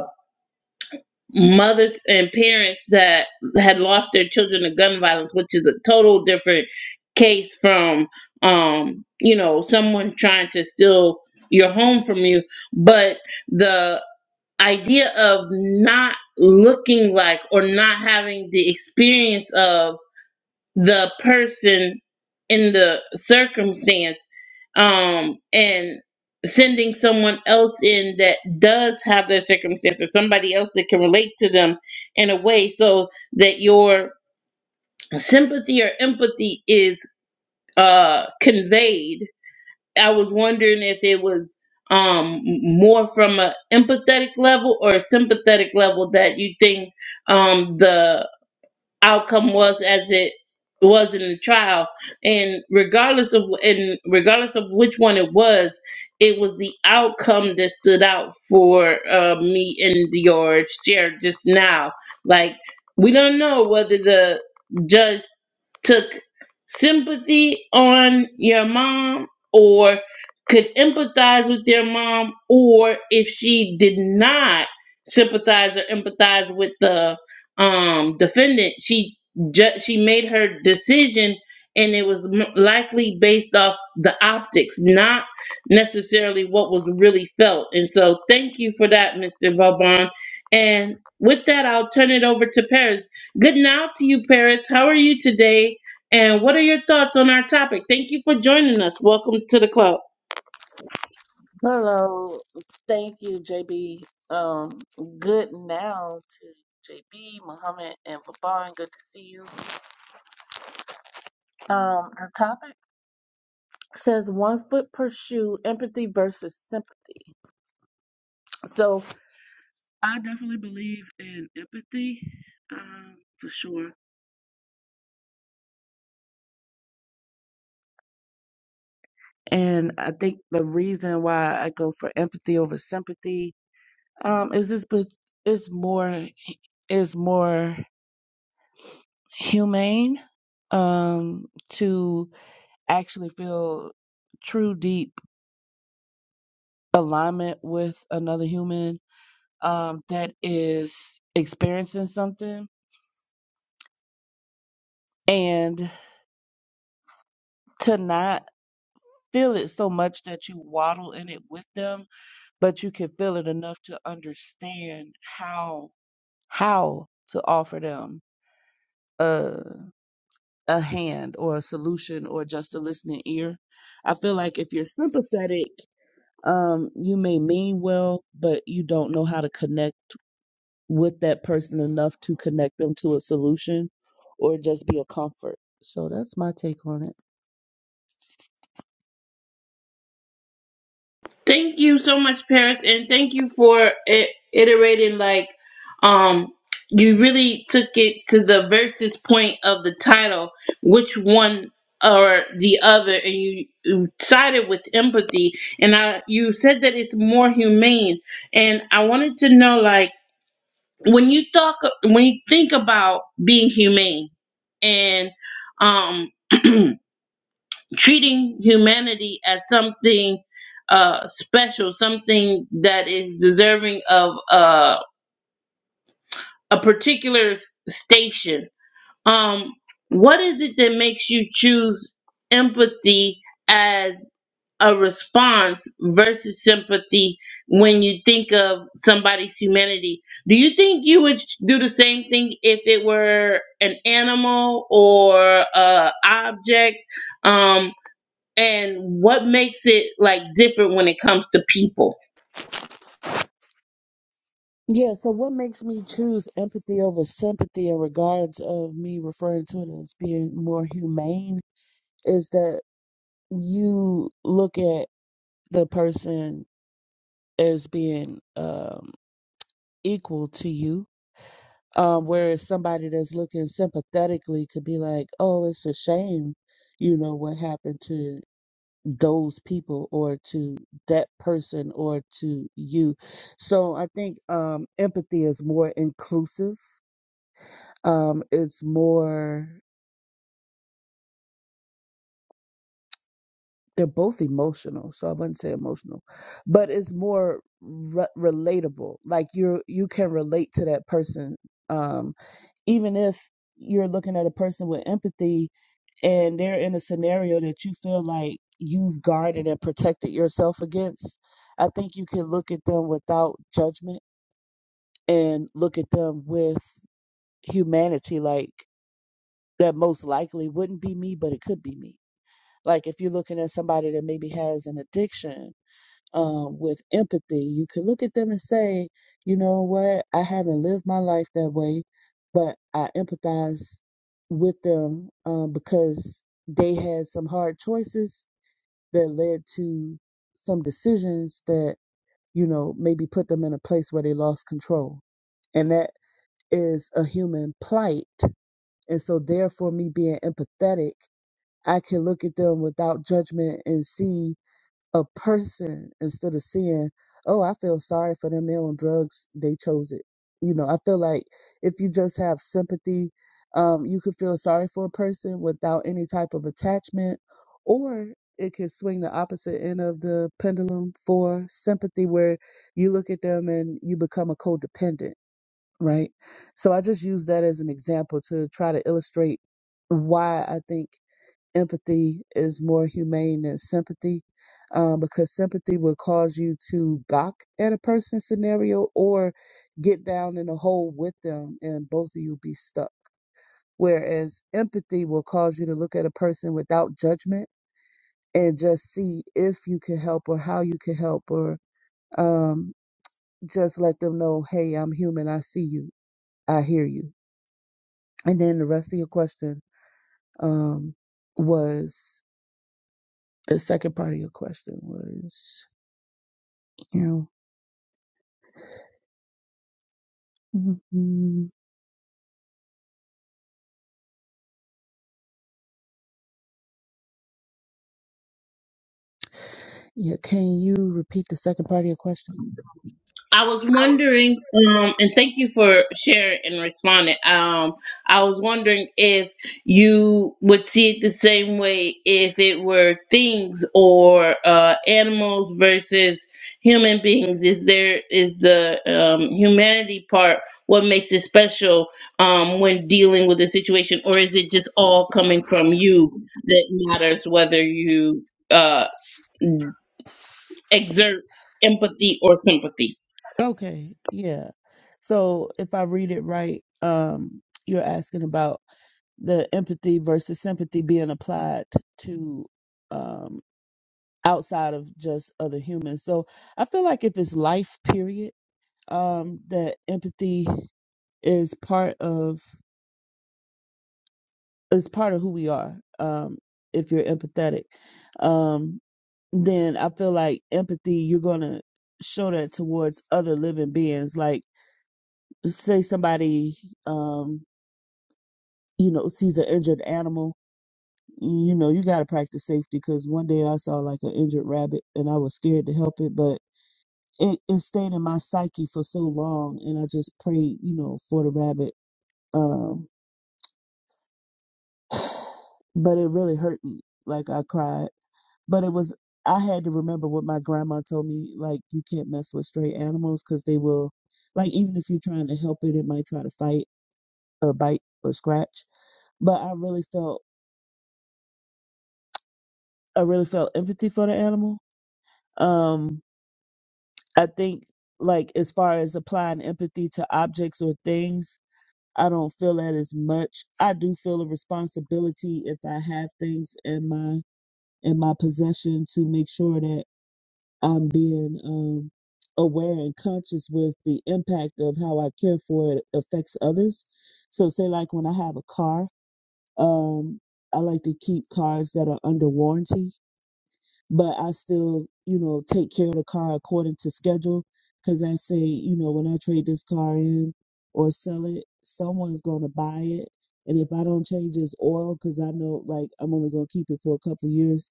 [SPEAKER 1] mothers and parents that had lost their children to gun violence, which is a total different case from um, you know, someone trying to steal your home from you. But the idea of not looking like or not having the experience of the person in the circumstance um and sending someone else in that does have that circumstance or somebody else that can relate to them in a way so that your sympathy or empathy is uh conveyed i was wondering if it was um more from a empathetic level or a sympathetic level that you think um the outcome was as it was in the trial and regardless of and regardless of which one it was it was the outcome that stood out for uh, me and your share just now like we don't know whether the judge took sympathy on your mom or could empathize with their mom or if she did not sympathize or empathize with the um defendant she ju- she made her decision and it was m- likely based off the optics not necessarily what was really felt and so thank you for that mr vauban and with that i'll turn it over to paris good night to you paris how are you today and what are your thoughts on our topic thank you for joining us welcome to the club
[SPEAKER 5] Hello, thank you, JB. Um, good now to JB, Muhammad, and Vabon. Good to see you. Um, the topic says one foot per shoe, empathy versus sympathy. So I definitely believe in empathy, um, for sure. And I think the reason why I go for empathy over sympathy, um, is this, but it's more, is more humane, um, to actually feel true deep alignment with another human um, that is experiencing something and to not feel it so much that you waddle in it with them but you can feel it enough to understand how how to offer them a, a hand or a solution or just a listening ear i feel like if you're sympathetic um you may mean well but you don't know how to connect with that person enough to connect them to a solution or just be a comfort. So that's my take on it.
[SPEAKER 1] Thank you so much, Paris, and thank you for it, iterating. Like, um, you really took it to the versus point of the title, which one or the other, and you, you sided with empathy. And I, you said that it's more humane. And I wanted to know, like, when you talk, when you think about being humane, and um. treating humanity as something uh, special, something that is deserving of uh, a particular station. Um, what is it that makes you choose empathy as a response versus sympathy when you think of somebody's humanity? Do you think you would sh- do the same thing if it were an animal or a object? Um, and what makes it like different when it comes to people
[SPEAKER 5] Yeah, so what makes me choose empathy over sympathy in regards of me referring to it as being more humane is that you look at the person as being um equal to you. Um, whereas somebody that's looking sympathetically could be like, Oh, it's a shame, you know, what happened to those people or to that person or to you. So I think um, empathy is more inclusive. Um, it's more, they're both emotional. So I wouldn't say emotional, but it's more re- relatable. Like you're, you can relate to that person. Um, even if you're looking at a person with empathy, and they're in a scenario that you feel like you've guarded and protected yourself against, I think you can look at them without judgment and look at them with humanity. Like, that most likely wouldn't be me, but it could be me. Like, if you're looking at somebody that maybe has an addiction um, with empathy, you can look at them and say, you know what, I haven't lived my life that way, but I empathize with them um, because they had some hard choices that led to some decisions that, you know, maybe put them in a place where they lost control. And that is a human plight. And so, therefore, me being empathetic, I can look at them without judgment and see a person instead of seeing, oh, I feel sorry for them. They're on drugs. They chose it. You know, I feel like if you just have sympathy, um, you could feel sorry for a person without any type of attachment, or it could swing the opposite end of the pendulum for sympathy, where you look at them and you become a codependent, right? So I just use that as an example to try to illustrate why I think empathy is more humane than sympathy um, because sympathy will cause you to gawk at a person's scenario or get down in a hole with them and both of you be stuck. Whereas empathy will cause you to look at a person without judgment and just see if you can help or how you can help or um, just let them know, hey, I'm human. I see you. I hear you. And then the rest of your question um, was the second part of your question was. You know, Mhm. yeah. Can you repeat the second part of your question?
[SPEAKER 1] i was wondering um and thank you for sharing and responding um i was wondering if you would see it the same way if it were things or uh animals versus human beings is there is the um humanity part what makes it special um when dealing with a situation or is it just all coming from you that matters whether you uh exert empathy or sympathy.
[SPEAKER 5] Okay, yeah. So if I read it right, um, you're asking about the empathy versus sympathy being applied to um, outside of just other humans. So I feel like if it's life, period, um, that empathy is part of is part of who we are. Um, if you're empathetic, Um, then I feel like empathy, you're going to show that towards other living beings. Like, say somebody, um, you know, sees an injured animal, you know, you got to practice safety because one day I saw like an injured rabbit and I was scared to help it, but it, it stayed in my psyche for so long and I just prayed, you know, for the rabbit. Um, but it really hurt me. Like, I cried But it was, I had to remember what my grandma told me, like, you can't mess with stray animals because they will, like, even if you're trying to help it, it might try to fight or bite or scratch. But I really felt, I really felt empathy for the animal. Um, I think, like, as far as applying empathy to objects or things, I don't feel that as much. I do feel a responsibility if I have things in my in my possession to make sure that I'm being um, aware and conscious with the impact of how I care for it affects others. So, say like when I have a car, um, I like to keep cars that are under warranty, but I still, you know, take care of the car according to schedule. Because I say, you know, when I trade this car in or sell it, someone's going to buy it. And if I don't change this oil, because I know like I'm only going to keep it for a couple years,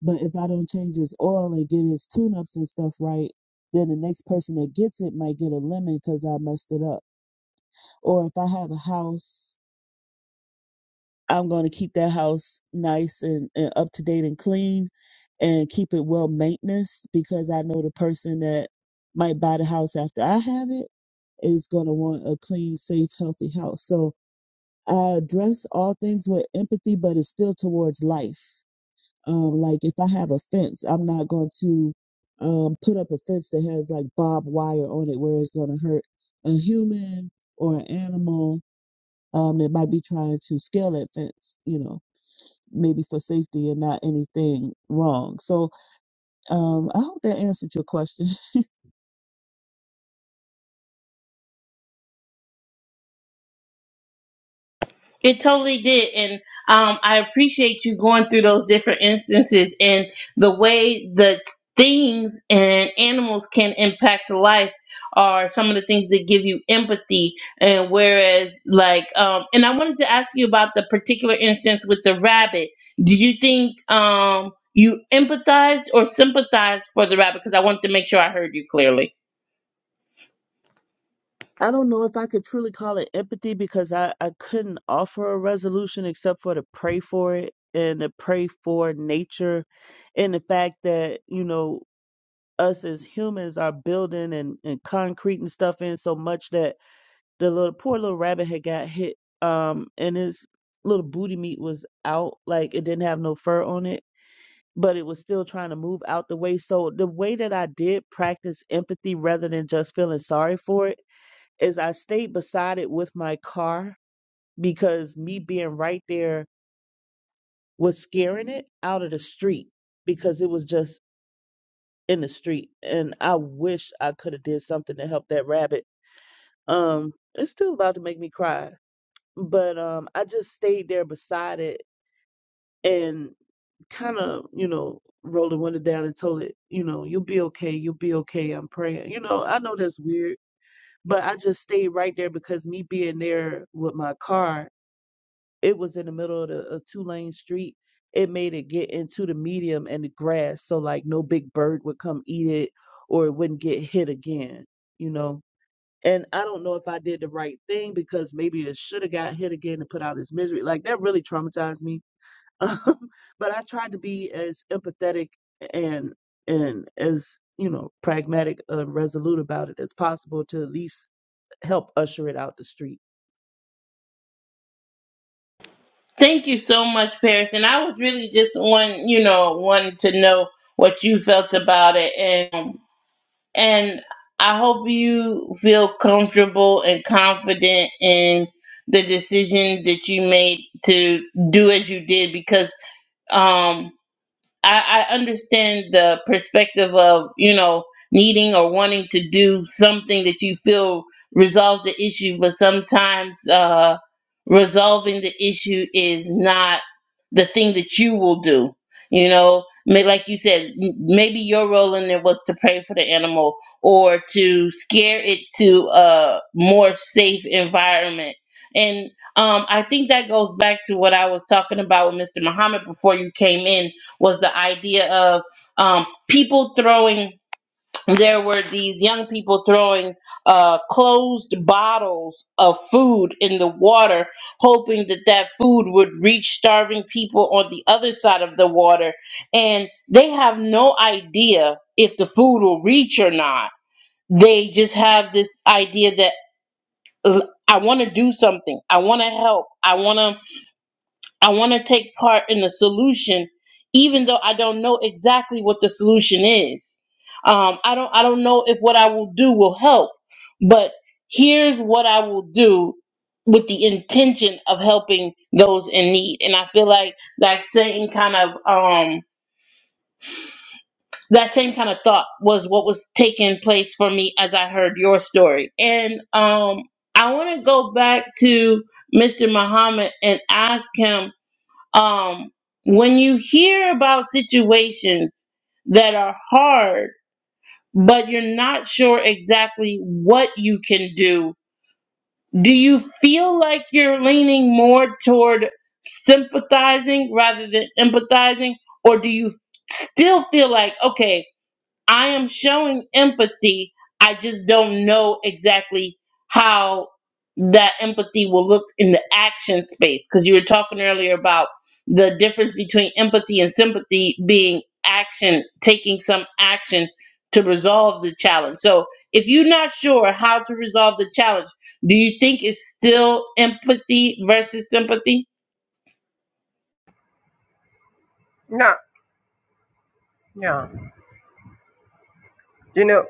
[SPEAKER 5] but if I don't change his oil and get his tune ups and stuff right, then the next person that gets it might get a lemon because I messed it up. Or if I have a house, I'm going to keep that house nice and, and up to date and clean and keep it well maintenance because I know the person that might buy the house after I have it is going to want a clean, safe, healthy house. So I address all things with empathy, but it's still towards life. Um, like if I have a fence, I'm not going to um, put up a fence that has like barbed wire on it where it's going to hurt a human or an animal um, that might be trying to scale that fence, you know, maybe for safety and not anything wrong. So um, I hope that answered your question.
[SPEAKER 1] It totally did. And um, I appreciate you going through those different instances and the way that things and animals can impact life are some of the things that give you empathy. And whereas, like, um, and I wanted to ask you about the particular instance with the rabbit. Do you think um, you empathized or sympathized for the rabbit? Because I wanted to make sure I heard you clearly.
[SPEAKER 5] I don't know if I could truly call it empathy because I, I couldn't offer a resolution except for to pray for it and to pray for nature and the fact that, you know, us as humans are building and, and concrete and stuff in so much that the little poor little rabbit had got hit um and his little booty meat was out like it didn't have no fur on it but it was still trying to move out the way so the way that i did practice empathy rather than just feeling sorry for it is i stayed beside it with my car because me being right there was scaring it out of the street because it was just in the street and I wish I could have did something to help that rabbit. Um it's still about to make me cry. But um I just stayed there beside it and kind of, you know, rolled the window down and told it, you know, you'll be okay, you'll be okay. I'm praying. You know, I know that's weird, but I just stayed right there because me being there with my car it was in the middle of the, a two lane street. It made it get into the medium and the grass, so like no big bird would come eat it or it wouldn't get hit again, you know. And I don't know if I did the right thing because maybe it should have got hit again and put out his misery. Like that really traumatized me. Um, but I tried to be as empathetic and and as you know pragmatic and resolute about it as possible to at least help usher it out the street
[SPEAKER 1] Thank you so much, Paris. And I was really just on, you know, wanting to know what you felt about it, and and I hope you feel comfortable and confident in the decision that you made to do as you did, because um I, I understand the perspective of you know needing or wanting to do something that you feel resolves the issue, but sometimes uh, resolving the issue is not the thing that you will do. You know, May- like you said, m- maybe your role in it was to pray for the animal or to scare it to a more safe environment. And um, I think that goes back to what I was talking about with Mr. Muhammad before you came in was the idea of um, people throwing there were these young people throwing uh, closed bottles of food in the water hoping that that food would reach starving people on the other side of the water and they have no idea if the food will reach or not they just have this idea that "Ugh, i want to do something i want to help i want to I want to take part in the solution, even though I don't know exactly what the solution is. Um, I don't I don't know if what I will do will help, but here's what I will do with the intention of helping those in need. And I feel like that same kind of um that same kind of thought was what was taking place for me as I heard your story. And um I want to go back to Mr. Muhammad and ask him um, when you hear about situations that are hard, but you're not sure exactly what you can do, do you feel like you're leaning more toward sympathizing rather than empathizing? Or do you still feel like, okay, I am showing empathy. I just don't know exactly how that empathy will look in the action space because you were talking earlier about the difference between empathy and sympathy being action, taking some action to resolve the challenge. So, if you're not sure how to resolve the challenge, do you think it's still empathy versus sympathy?
[SPEAKER 3] you. No, yeah. You know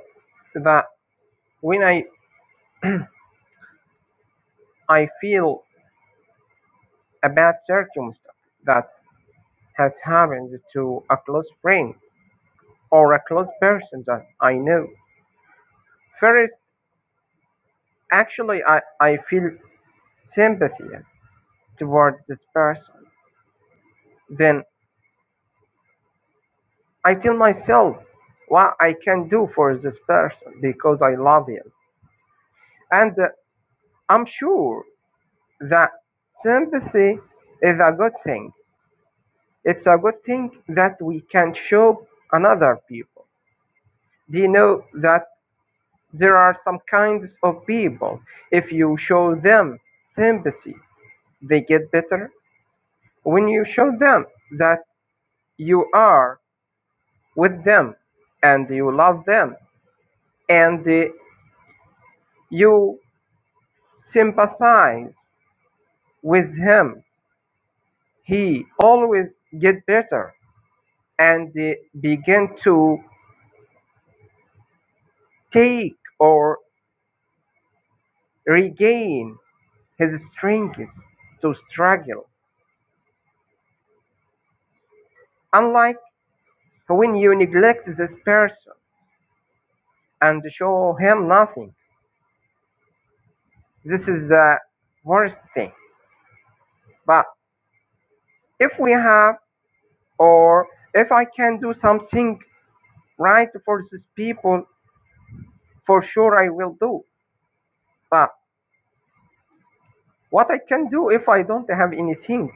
[SPEAKER 3] that when I I feel a bad circumstance that has happened to a close friend or a close person that I know. First, actually, I, I feel sympathy towards this person. Then I tell myself what I can do for this person because I love him. And uh, I'm sure that sympathy is a good thing. It's a good thing that we can show another people. Do you know that There are some kinds of people, if you show them sympathy, they get better. When you show them that you are with them and you love them and uh, you sympathize with him, he always get better and uh, begin to take or regain his strength to struggle. Unlike when you neglect this person and show him nothing. This is the worst thing. But if we have, or if I can do something right for these people, for sure I will do. But what I can do if I don't have anything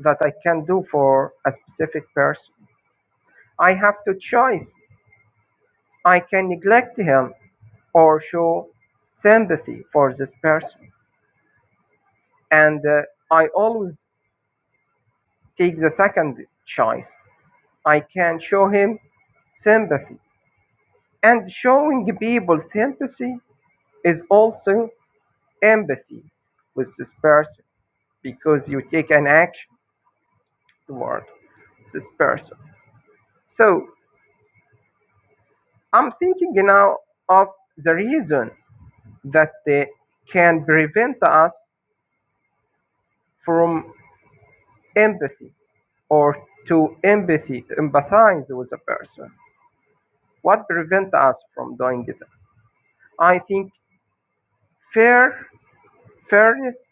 [SPEAKER 3] that I can do for a specific person, I have to choice. I can neglect him or show sympathy for this person. And uh, I always take the second choice I can show him sympathy. And showing people sympathy is also empathy with this person because you take an action toward this person. So I'm thinking now of the reason that they can prevent us from empathy or to empathy, to empathize with a person. What prevent us from doing it? I think fair, fairness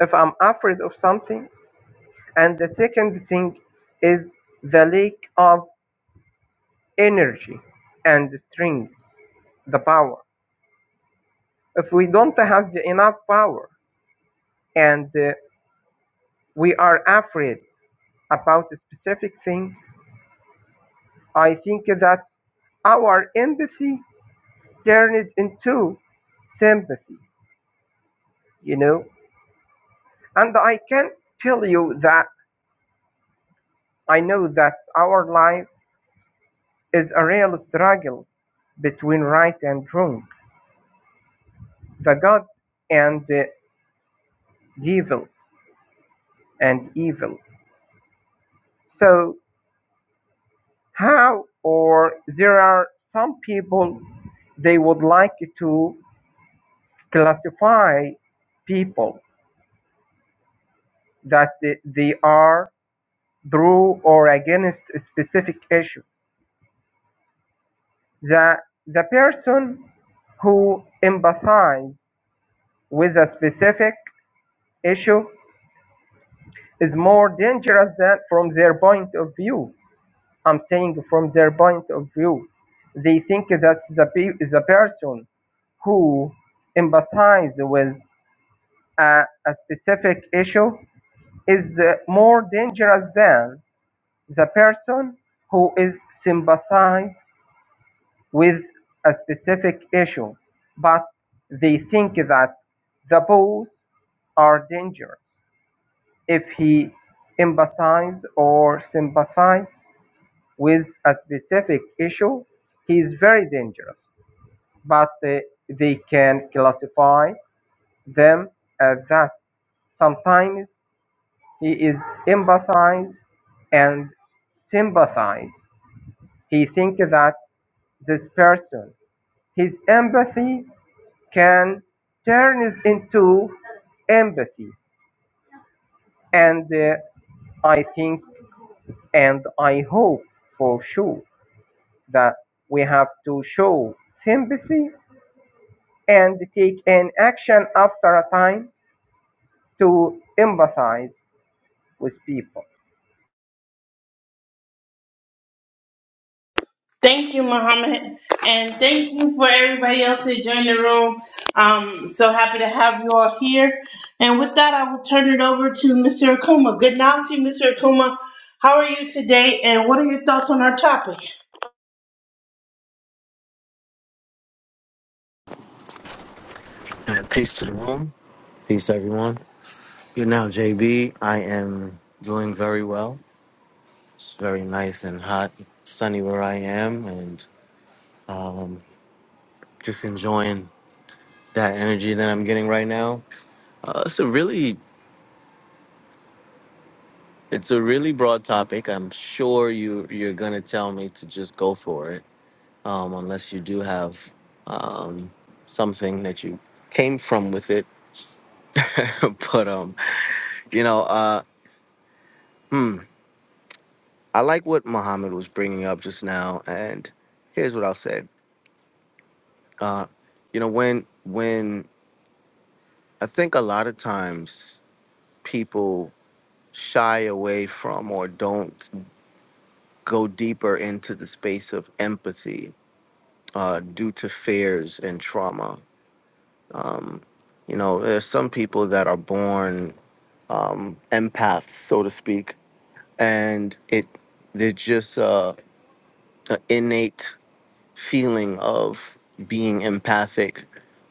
[SPEAKER 3] if I'm afraid of something. And the second thing is the lack of energy and strength, the power. If we don't have the enough power and uh, we are afraid about a specific thing, I think that's our empathy turned into sympathy, you know. And I can tell you that I know that our life is a real struggle between right and wrong the good and the devil and evil. So how or there are some people they would like to classify people that they they are through or against a specific issue. The the person who empathize with a specific issue is more dangerous than from their point of view I'm saying from their point of view, they think that the, pe- the person who empathize with a, a specific issue is uh, more dangerous than the person who is sympathize with a specific issue. But they think that the both are dangerous if he empathize or sympathize with a specific issue, he is very dangerous, but uh, they can classify them as that. Sometimes he is empathize and sympathize. He thinks that this person, his empathy can turn it into empathy. And uh, I think and I hope for sure that we have to show sympathy and take an action after a time to empathize with people.
[SPEAKER 1] Thank you, Muhammad, and thank you for everybody else that joined the room. Um, so happy to have you all here. And with that, I will turn it over to Mr. Akuma. Good now to you, Mr. Akuma. How are you today, and what are your thoughts on our topic?
[SPEAKER 6] Uh, Peace to the room. Peace, everyone. You now, JB, I am doing very well. It's very nice and hot, sunny where I am, and just enjoying that energy that I'm getting right now. Uh, it's a really, it's a really broad topic. I'm sure you you're gonna tell me to just go for it, um, unless you do have um, something that you came from with it. but um, you know. uh. I like what Muhammad was bringing up just now, and here's what I'll say. Uh, you know, when when I think a lot of times people shy away from or don't go deeper into the space of empathy uh, due to fears and trauma. Um, you know, there's some people that are born um, empaths, so to speak, and it they're just uh, a innate feeling of being empathic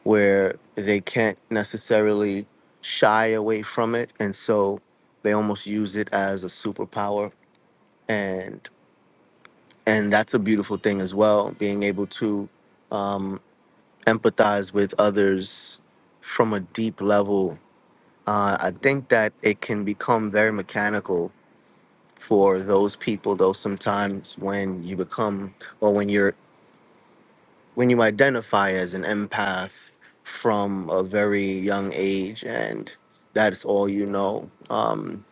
[SPEAKER 6] where they can't necessarily shy away from it and so they almost use it as a superpower and and that's a beautiful thing as well being able to um, empathize with others from a deep level uh, i think that it can become very mechanical for those people though sometimes when you become or when you're when you identify as an empath from a very young age and that's all you know um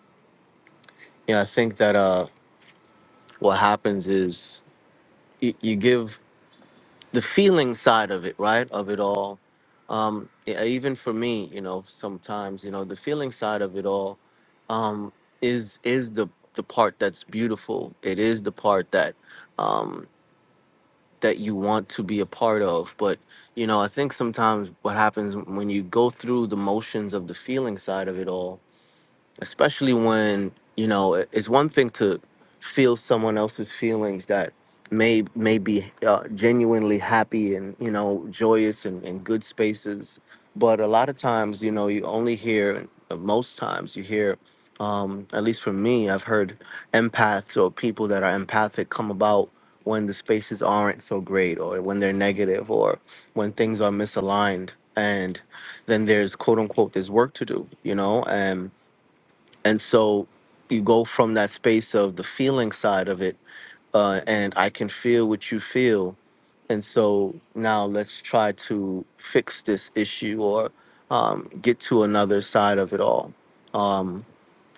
[SPEAKER 6] yeah i think that uh what happens is you, you give the feeling side of it right of it all um yeah, even for me you know sometimes you know the feeling side of it all um is is the the part that's beautiful it is the part that um that you want to be a part of. But, you know, I think sometimes what happens when you go through the motions of the feeling side of it all, especially when you know it- it's one thing to feel someone else's feelings that may may be uh, genuinely happy and you know joyous and, and good spaces but a lot of times you know you only hear uh, most times you hear um, at least for me i've heard empaths or people that are empathic come about when the spaces aren't so great or when they're negative or when things are misaligned and then there's quote unquote there's work to do you know and so you go from that space of the feeling side of it, uh, and I can feel what you feel. And so now let's try to fix this issue or um, get to another side of it all. Um,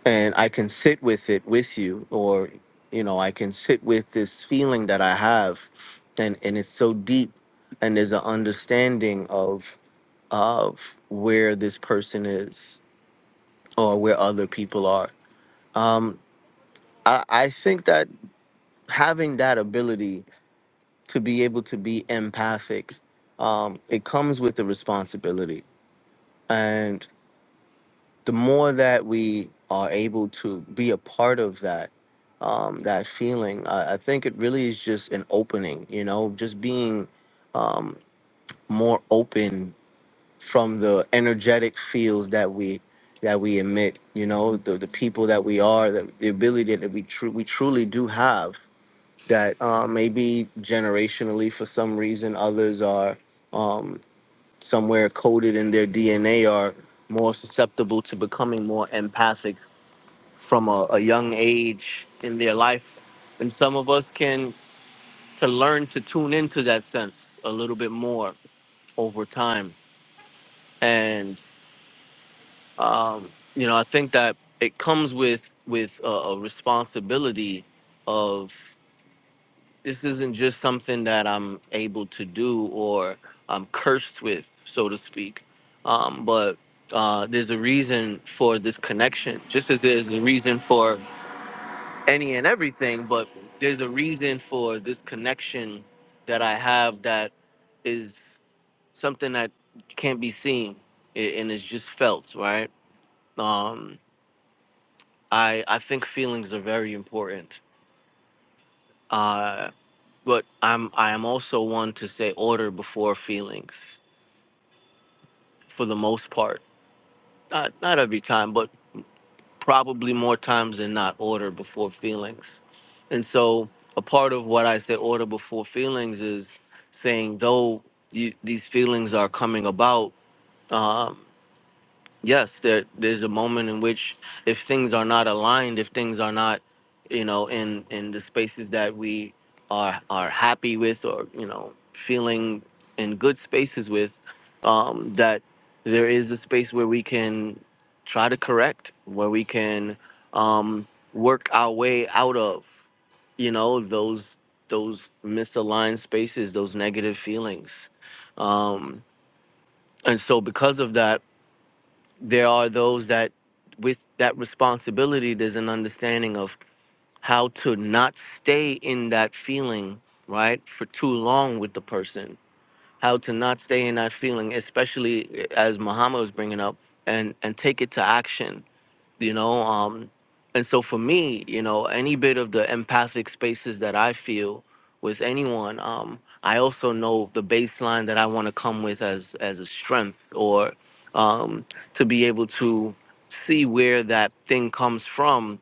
[SPEAKER 6] and I can sit with it with you, or, you know, I can sit with this feeling that I have. And, and it's so deep, and there's an understanding of, of where this person is or where other people are. Um, I, I think that having that ability to be able to be empathic, um, it comes with the responsibility. And the more that we are able to be a part of that, um, that feeling, I, I think it really is just an opening, you know, just being um, more open from the energetic fields that we that we emit, you know, the, the people that we are, the, the ability that we, tru- we truly do have that uh, maybe generationally for some reason others are um, somewhere coded in their dna are more susceptible to becoming more empathic from a, a young age in their life and some of us can to learn to tune into that sense a little bit more over time and um, you know i think that it comes with with a, a responsibility of this isn't just something that I'm able to do or I'm cursed with, so to speak. Um, but uh, there's a reason for this connection, just as there's a reason for any and everything, but there's a reason for this connection that I have that is something that can't be seen a- and is just felt, right? Um, I, I think feelings are very important. Uh, but I'm I am also one to say order before feelings for the most part. Not not every time, but probably more times than not order before feelings. And so a part of what I say order before feelings is saying though you, these feelings are coming about. um, yes there there's a moment in which if things are not aligned if things are not you know in in the spaces that we are are happy with or you know feeling in good spaces with um that there is a space where we can try to correct where we can um work our way out of you know those those misaligned spaces those negative feelings um and so because of that there are those that with that responsibility there's an understanding of how to not stay in that feeling right for too long with the person how to not stay in that feeling especially eh, as muhammad was bringing up and and take it to action you know um and so for me you know any bit of the empathic spaces that i feel with anyone um i also know the baseline that i want to come with as as a strength or um to be able to see where that thing comes from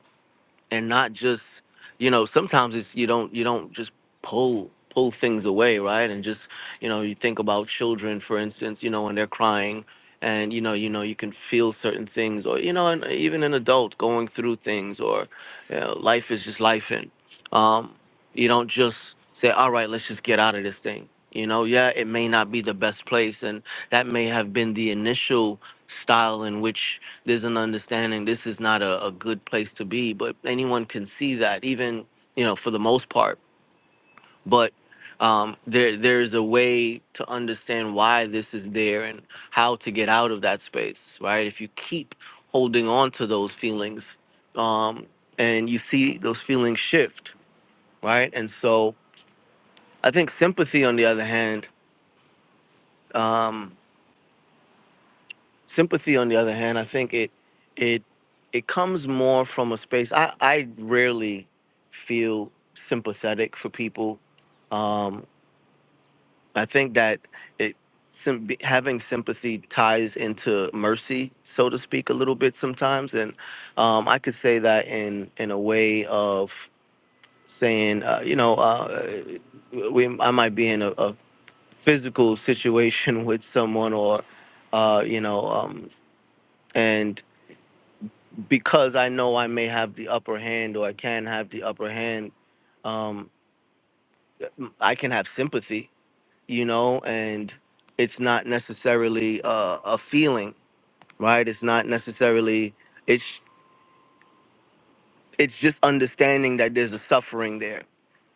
[SPEAKER 6] and not just you know sometimes it's you don't you don't just pull pull things away right and just you know you think about children for instance you know when they're crying and you know you know you can feel certain things or you know and even an adult going through things or you know, life is just life and um you don't just say all right let's just get out of this thing you know yeah it may not be the best place and that may have been the initial style in which there's an understanding this is not a, a good place to be but anyone can see that even you know for the most part but um, there there's a way to understand why this is there and how to get out of that space right if you keep holding on to those feelings um, and you see those feelings shift right and so i think sympathy on the other hand um, Sympathy, on the other hand, I think it it it comes more from a space. I I rarely feel sympathetic for people. Um, I think that it sim- having sympathy ties into mercy, so to speak, a little bit sometimes, and um, I could say that in in a way of saying, uh, you know, uh, we I might be in a, a physical situation with someone or. Uh, you know, um, and because I know I may have the upper hand or I can have the upper hand, um, I can have sympathy, you know, and it's not necessarily uh, a feeling, right? It's not necessarily it's it's just understanding that there's a suffering there,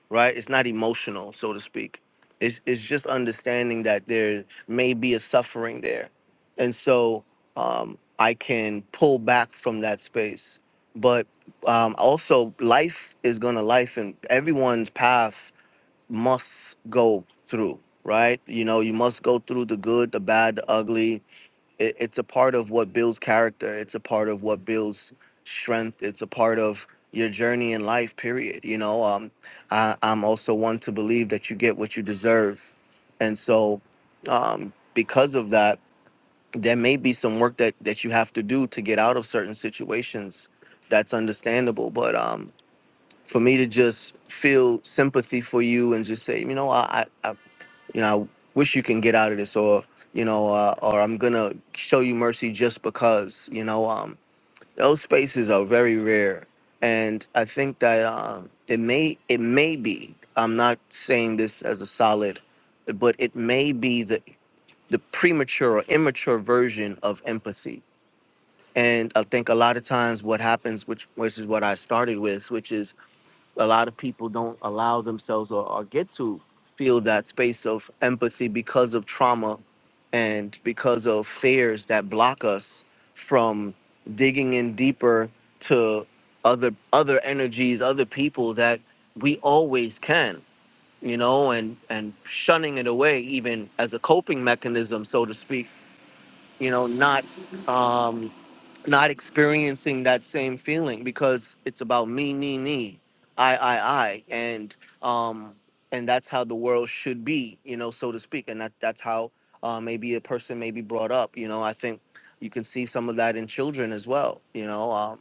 [SPEAKER 6] right? It's not emotional, so to speak. It's it's just understanding that there may be a suffering there, and so um, I can pull back from that space. But um, also, life is gonna life, and everyone's path must go through, right? You know, you must go through the good, the bad, the ugly, it, it's a part of what builds character it's a part of what builds strength it's a part of your journey in life period you know um I, i'm also one to believe that you get what you deserve and so um because of that there may be some work that that you have to do to get out of certain situations that's understandable but um for me to just feel sympathy for you and just say you know i i, you know, I wish you can get out of this, or you know, uh, or I'm gonna show you mercy just because, you know, um, those spaces are very rare, and I think that um, it may it may be. I'm not saying this as a solid, but it may be the the premature or immature version of empathy. And I think a lot of times what happens, which which is what I started with, which is a lot of people don't allow themselves or, or get to feel that space of empathy because of trauma and because of fears that block us from digging in deeper to other other energies other people that we always can you know and and shunning it away even as a coping mechanism so to speak you know not um, not experiencing that same feeling because it's about me, me, me, I, I, I, and um, and that's how the world should be, you know, so to speak, and that that's how uh, maybe a person may be brought up, you know. I think you can see some of that in children as well, you know. Um,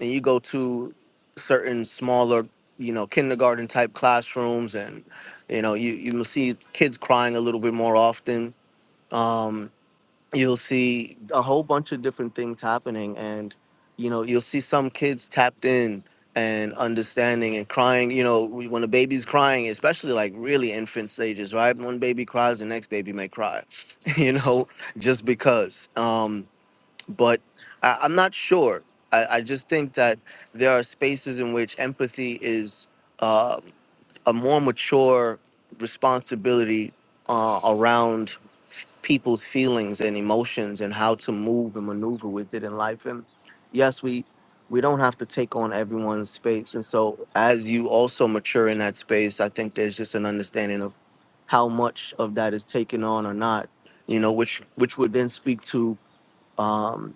[SPEAKER 6] and you go to certain smaller, you know, kindergarten type classrooms, and you know, you you will see kids crying a little bit more often. Um, you'll see a whole bunch of different things happening and you know you'll see some kids tapped in and understanding and crying you know we- when a baby's crying especially like really infant stages right one baby cries the next baby may cry you know just because um but I, i'm not sure I, I just think that there are spaces in which empathy is uh, a more mature responsibility uh, around f- people's feelings and emotions and how to move and maneuver with it in life. And yes, we we don't have to take on everyone's space. And so, as you also mature in that space, I think there's just an understanding of how much of that is taken on or not. You know, which which would then speak to um,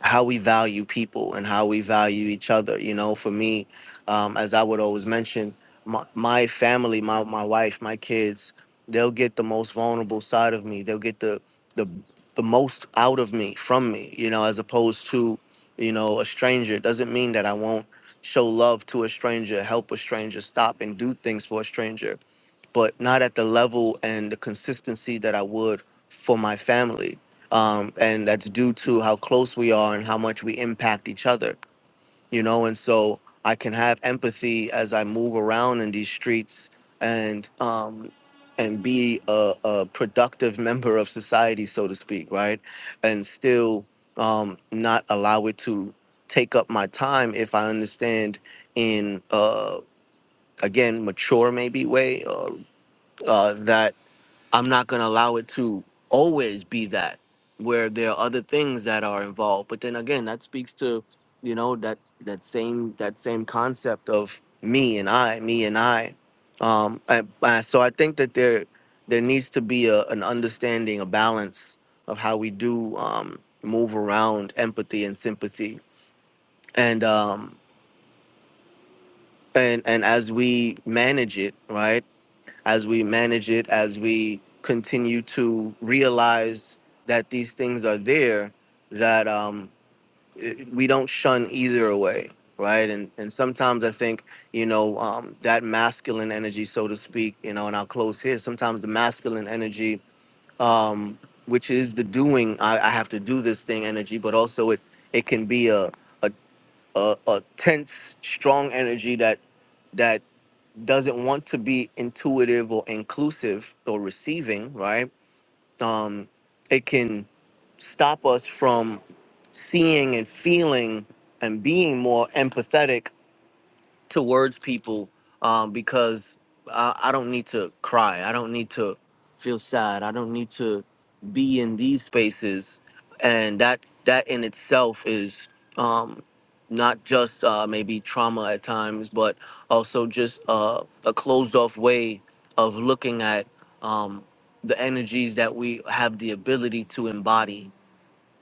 [SPEAKER 6] how we value people and how we value each other. You know, for me, um, as I would always mention, my, my family, my, my wife, my kids, they'll get the most vulnerable side of me. They'll get the the the most out of me from me. You know, as opposed to you know a stranger. It doesn't mean that I won't show love to a stranger, help a stranger, stop and do things for a stranger but not at the level and the consistency that I would for my family. Um, and that's due to how close we are and how much we impact each other, you know. And so I can have empathy as I move around in these streets and um, and be a, a productive member of society, so to speak, right? And still um, not allow it to take up my time if I understand in uh, again mature maybe way uh, uh, that I'm not going to allow it to always be that where there are other things that are involved. But then again, that speaks to, you know, that that same that same concept of me and I, me and I. Um, I, I so I think that there there needs to be a, an understanding, a balance of how we do um, move around empathy and sympathy, and um, and and as we manage it, right? as we manage it, as we continue to realize that these things are there, that um, it- we don't shun either way, right? And and sometimes I think you know um, that masculine energy, so to speak, you know, and I'll close here. Sometimes the masculine energy, um, which is the doing, I, I have to do this thing energy, but also it it can be a a, a, a tense, strong energy that that doesn't want to be intuitive or inclusive or receiving, right? Um, it can stop us from seeing and feeling and being more empathetic towards people um, because I, I don't need to cry. I don't need to feel sad. I don't need to be in these spaces, and that that in itself is um, not just uh, maybe trauma at times, but also just uh, a closed off way of looking at um, the energies that we have the ability to embody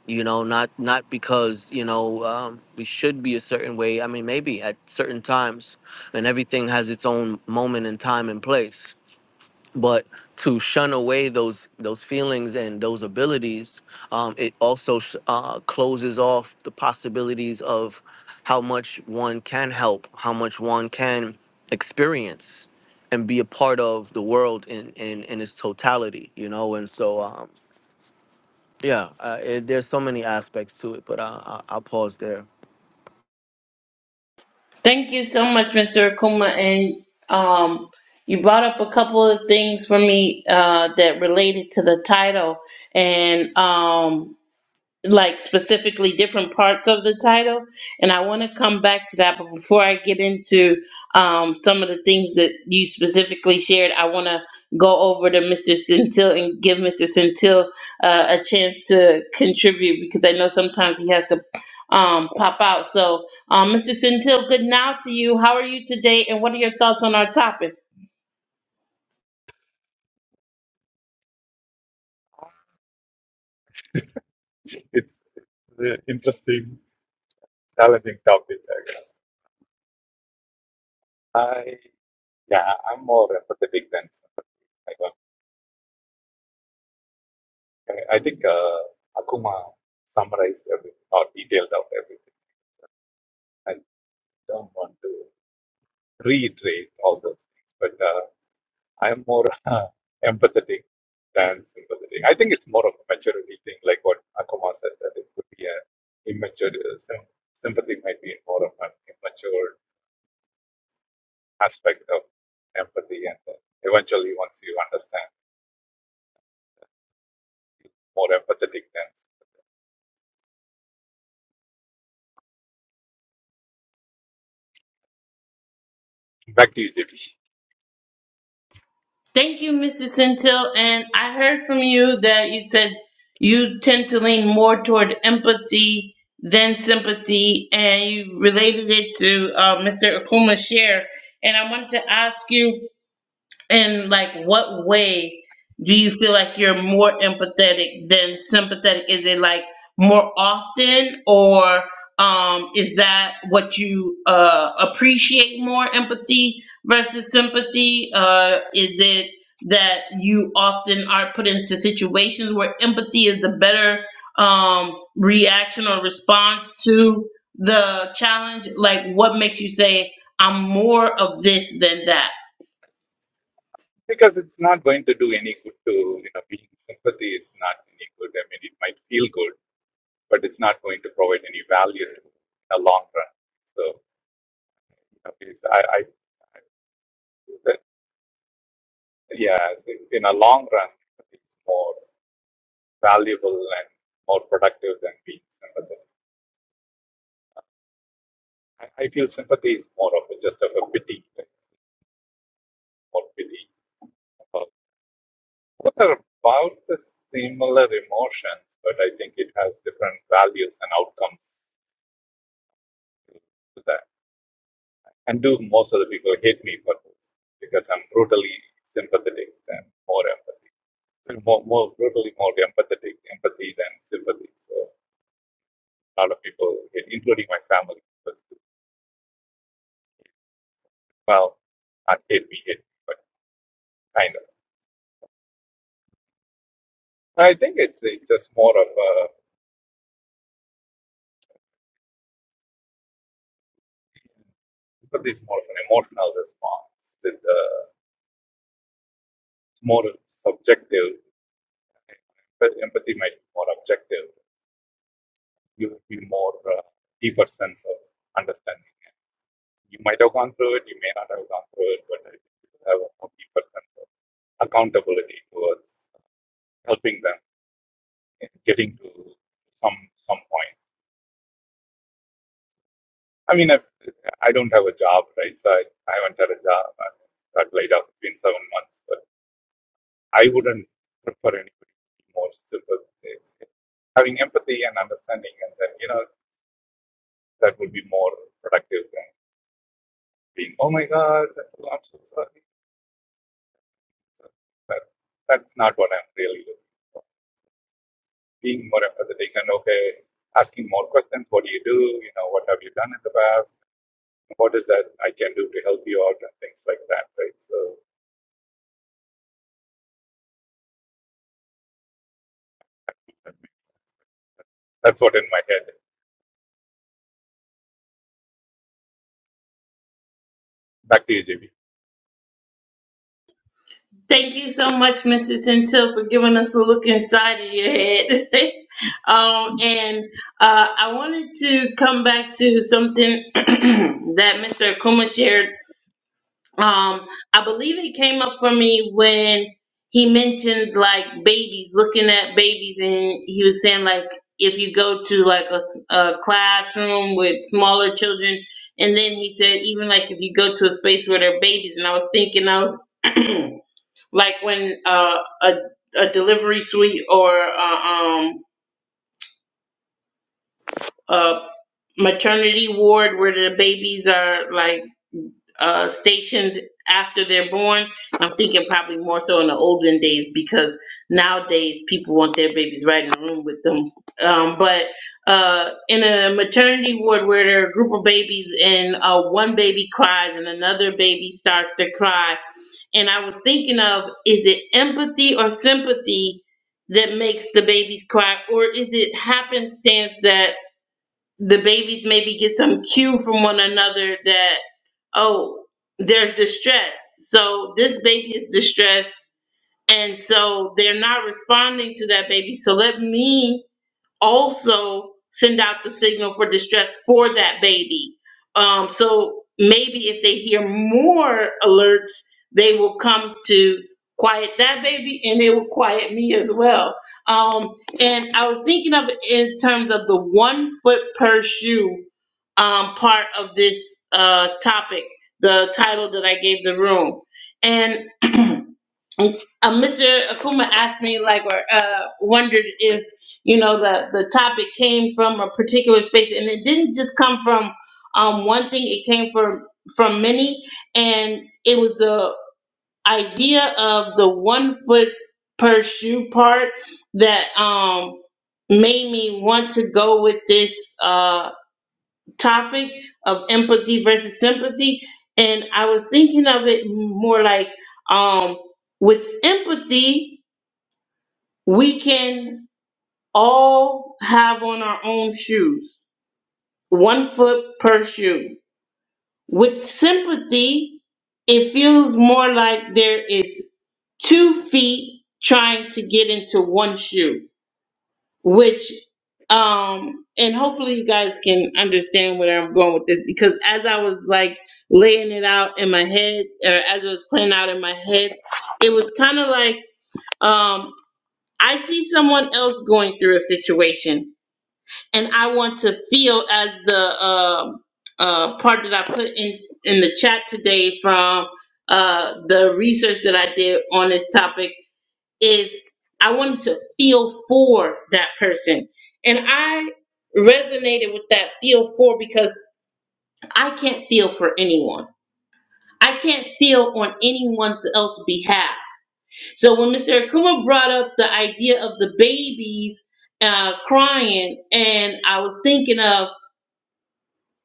[SPEAKER 6] you know not not because you know um, we should be a certain way i mean maybe at certain times and everything has its own moment in time and place but to shun away those those feelings and those abilities um, it also sh- uh, closes off the possibilities of how much one can help how much one can experience and be a part of the world in in, in its totality you know and so um yeah, uh, it, there's so many aspects to it, but I, I, I'll pause there.
[SPEAKER 1] Thank you so much, Mr. Akuma, and um, you brought up a couple of things for me uh, that related to the title, and um. like specifically different parts of the title and i want to come back to that but before i get into um, some of the things that you specifically shared i want to go over to mr centil and give mr centil uh, a chance to contribute because i know sometimes he has to um, pop out so um, mr centil good now to you how are you today and what are your thoughts on our topic
[SPEAKER 7] It's an interesting, challenging topic. I yeah, I'm more empathetic than sympathetic. I don't. I I think uh, Akuma summarized everything or detailed out everything. I don't want to reiterate all those things, but uh, I'm more uh, empathetic than sympathetic. I think it's more of a maturity thing, like what Akuma said that it could be a immature. Uh, sym- sympathy might be more of an immature aspect of empathy and then eventually once you understand more empathetic then back to you JP.
[SPEAKER 1] Thank you, Mr. Centil. And I heard from you that you said you tend to lean more toward empathy than sympathy, and you related it to uh, Mr. Akuma's share. And I wanted to ask you and like what way do you feel like you're more empathetic than sympathetic is it like more often or um is that what you uh appreciate more empathy versus sympathy uh is it that you often are put into situations where empathy is the better um reaction or response to the challenge like what makes you say i'm more of this than that
[SPEAKER 7] because it's not going to do any good to you know being sympathy is not any good i mean it might feel good but it's not going to provide any value in a long run so okay, so i i that- yeah so in a long run it's more valuable and more productive than being sympathetic i, I feel sympathy is more of a, just of a pity like, more pity What are about the similar emotions, but I think it has different values and outcomes to that. And do most of the people hate me for this because I'm brutally sympathetic than more empathy. So more, more brutally more empathetic, empathy than sympathy. So a lot of people hate, including my family. because, Well, not hate me, hate me, but kind of. I think it's it's just more of a, sympathy is more of an emotional response. It's, uh, it's more subjective But empathy might be more objective. You have be more uh, deeper sense of understanding. You might have gone through it. You may not have gone through it, but I think you have a more deeper sense of accountability towards helping them in getting to some some point. I mean, I, I don't have a job, right? So I, I haven't had a job. I got laid off. it seven months, but I wouldn't prefer anybody to be more sympathetic having empathy and understanding, and then you know that would be more productive than. being, oh my God, I'm so sorry. That, that's not what I'm really looking for. Being more empathetic and okay, asking more questions. What do you do? You know, what have you done in the past? What is that I can do to help you out and things like that, right? So that's what in my head. Back to you, JB.
[SPEAKER 1] Thank you so much, Mrs. Centil, for giving us a look inside of your head. um, and uh, I wanted to come back to something that Mr. Akuma shared. Um, I believe it came up for me when he mentioned like babies, looking at babies, and he was saying like if you go to like a, s- a classroom with smaller children, and then he said even like if you go to a space where there are babies, and I was thinking I was. like when uh, a a delivery suite or uh, um a maternity ward where the babies are like uh, stationed after they're born. I'm thinking probably more so in the olden days because nowadays people want their babies right in the room with them. Um, but uh, in a maternity ward where there are a group of babies and uh, one baby cries and another baby starts to cry And I was thinking of is it empathy or sympathy that makes the babies cry, or is it happenstance that the babies maybe get some cue from one another that, oh, there's distress. So this baby is distressed. And so they're not responding to that baby. So let me also send out the signal for distress for that baby. Um, so maybe if they hear more alerts, they will come to quiet that baby and they will quiet me as well. Um, and I was thinking of it in terms of the one foot per shoe um, part of this uh, topic, the title that I gave the room. and. And, uh, Mr. Akuma asked me, like, or uh, wondered if you know the the topic came from a particular space, and it didn't just come from um, one thing. It came from from many, and it was the idea of the one foot per shoe part that um, made me want to go with this. Uh, topic of empathy versus sympathy and i was thinking of it more like um with empathy we can all have on our own shoes one foot per shoe with sympathy it feels more like there is two feet trying to get into one shoe which um and hopefully you guys can understand where I'm going with this because as I was like laying it out in my head or as I was playing out in my head, it was kind of like um I see someone else going through a situation and I want to feel as the um uh part that I put in in the chat today from uh the research that I did on this topic is I wanted to feel for that person. And I resonated with that feel for because I can't feel for anyone. I can't feel on anyone else's behalf. So when Mr. Akuma brought up the idea of the babies uh, crying, and I was thinking of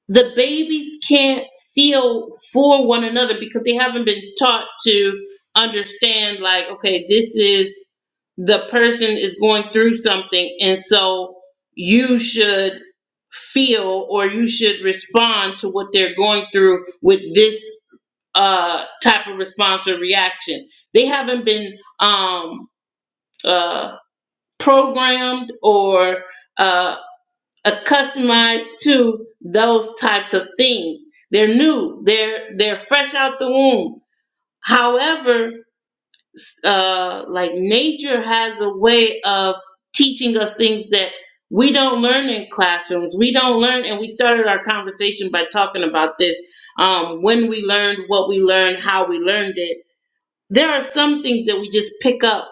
[SPEAKER 1] the babies can't feel for one another because they haven't been taught to understand, like, okay, this is the person is going through something and so you should feel or you should respond to what they're going through with this uh type of response or reaction they haven't been um uh programmed or uh accustomed to those types of things they're new they're they're fresh out the womb however uh, like nature has a way of teaching us things that we don't learn in classrooms. We don't learn, and we started our conversation by talking about this um, when we learned, what we learned, how we learned it. There are some things that we just pick up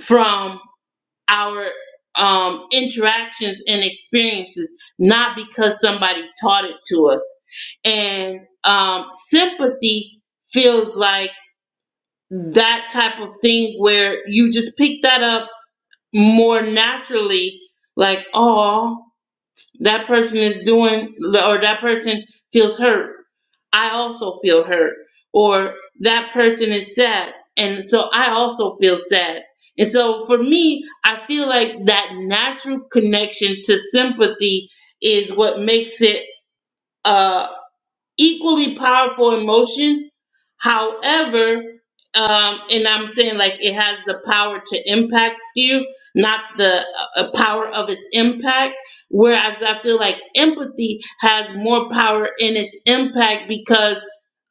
[SPEAKER 1] from our um, interactions and experiences, not because somebody taught it to us. And um, sympathy feels like that type of thing where you just pick that up more naturally like oh that person is doing or that person feels hurt i also feel hurt or that person is sad and so i also feel sad and so for me i feel like that natural connection to sympathy is what makes it a equally powerful emotion. However, um, and I'm saying like it has the power to impact you, not the uh, uh, power of its impact. Whereas I feel like empathy has more power in its impact because,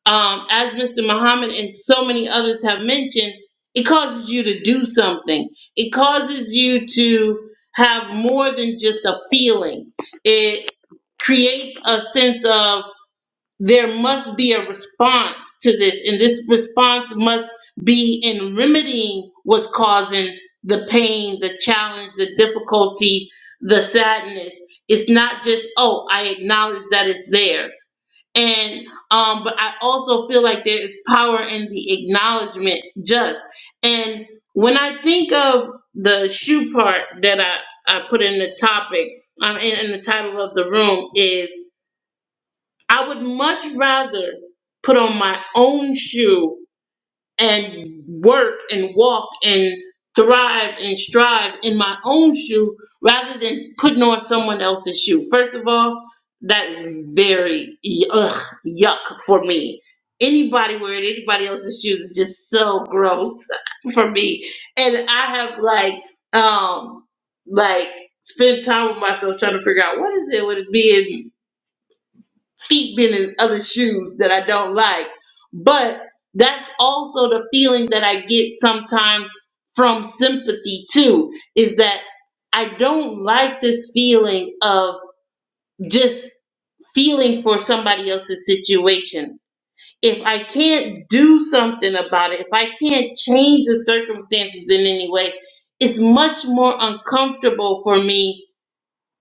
[SPEAKER 1] um, as Mr. Muhammad and so many others have mentioned, it causes you to do something. It causes you to have more than just a feeling. It creates a sense of there must be a response to this, and this response must be in remedying what's causing the pain, the challenge, the difficulty, the sadness. It's not just, oh, I acknowledge that it's there. And um, but I also feel like there is power in the acknowledgement just. And when I think of the shoe part that I, I put in the topic, um, in, in the title of the room is I would much rather put on my own shoe and work and walk and thrive and strive in my own shoe rather than putting on someone else's shoe. First of all, that is very ugh, yuck for me. Anybody wearing anybody else's shoes is just so gross for me. And I have like um like spent time with myself trying to figure out what is it with being feet being in other shoes that I don't like. But that's also the feeling that I get sometimes from sympathy too, is that I don't like this feeling of just feeling for somebody else's situation. If I can't do something about it, if I can't change the circumstances in any way, it's much more uncomfortable for me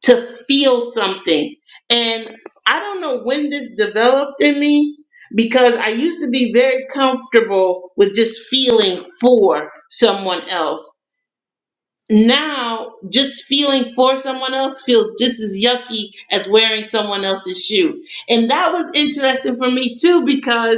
[SPEAKER 1] to feel something. And I don't know when this developed in me because I used to be very comfortable with just feeling for someone else. Now, just feeling for someone else feels just as yucky as wearing someone else's shoe. And that was interesting for me too because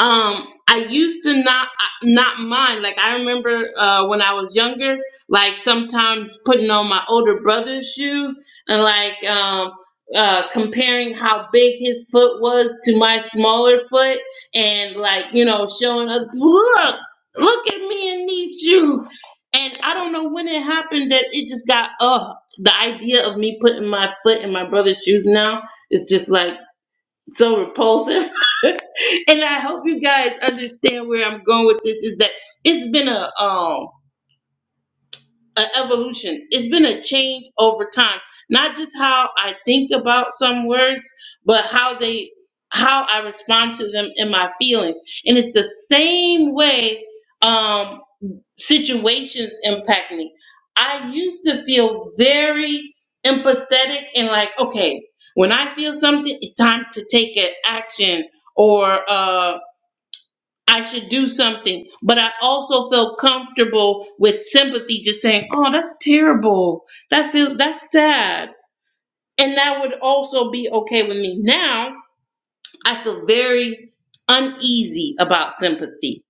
[SPEAKER 1] um i used to not uh, not mind like i remember uh when i was younger like sometimes putting on my older brother's shoes and like um uh comparing how big his foot was to my smaller foot and like you know showing us look look at me in these shoes and i don't know when it happened that it just got Oh, the idea of me putting my foot in my brother's shoes now is just like so repulsive. and I hope you guys understand where I'm going with this is that it's been a um an evolution. It's been a change over time. Not just how I think about some words, but how they how I respond to them in my feelings. And it's the same way um situations impact me. I used to feel very empathetic and like, okay, when I feel something, it's time to take an action or uh, I should do something. But I also felt comfortable with sympathy, just saying, oh, that's terrible. That feel that's sad. And that would also be okay with me. Now I feel very uneasy about sympathy.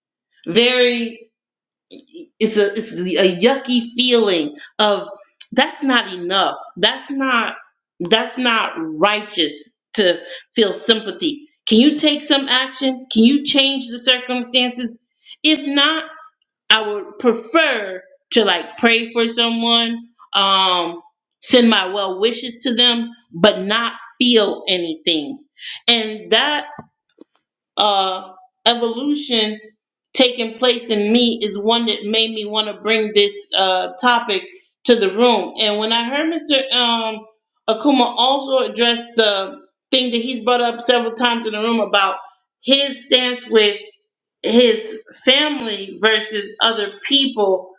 [SPEAKER 1] Very It's a it's a yucky feeling of that's not enough. That's not that's not righteous to feel sympathy. Can you take some action? Can you change the circumstances? If not, I would prefer to like pray for someone, um, send my well wishes to them, but not feel anything. And that uh, evolution taking place in me is one that made me want to bring this uh, topic to the room. And when I heard Mr. Um, Akuma also address the thing that he's brought up several times in the room about his stance with his family versus other people,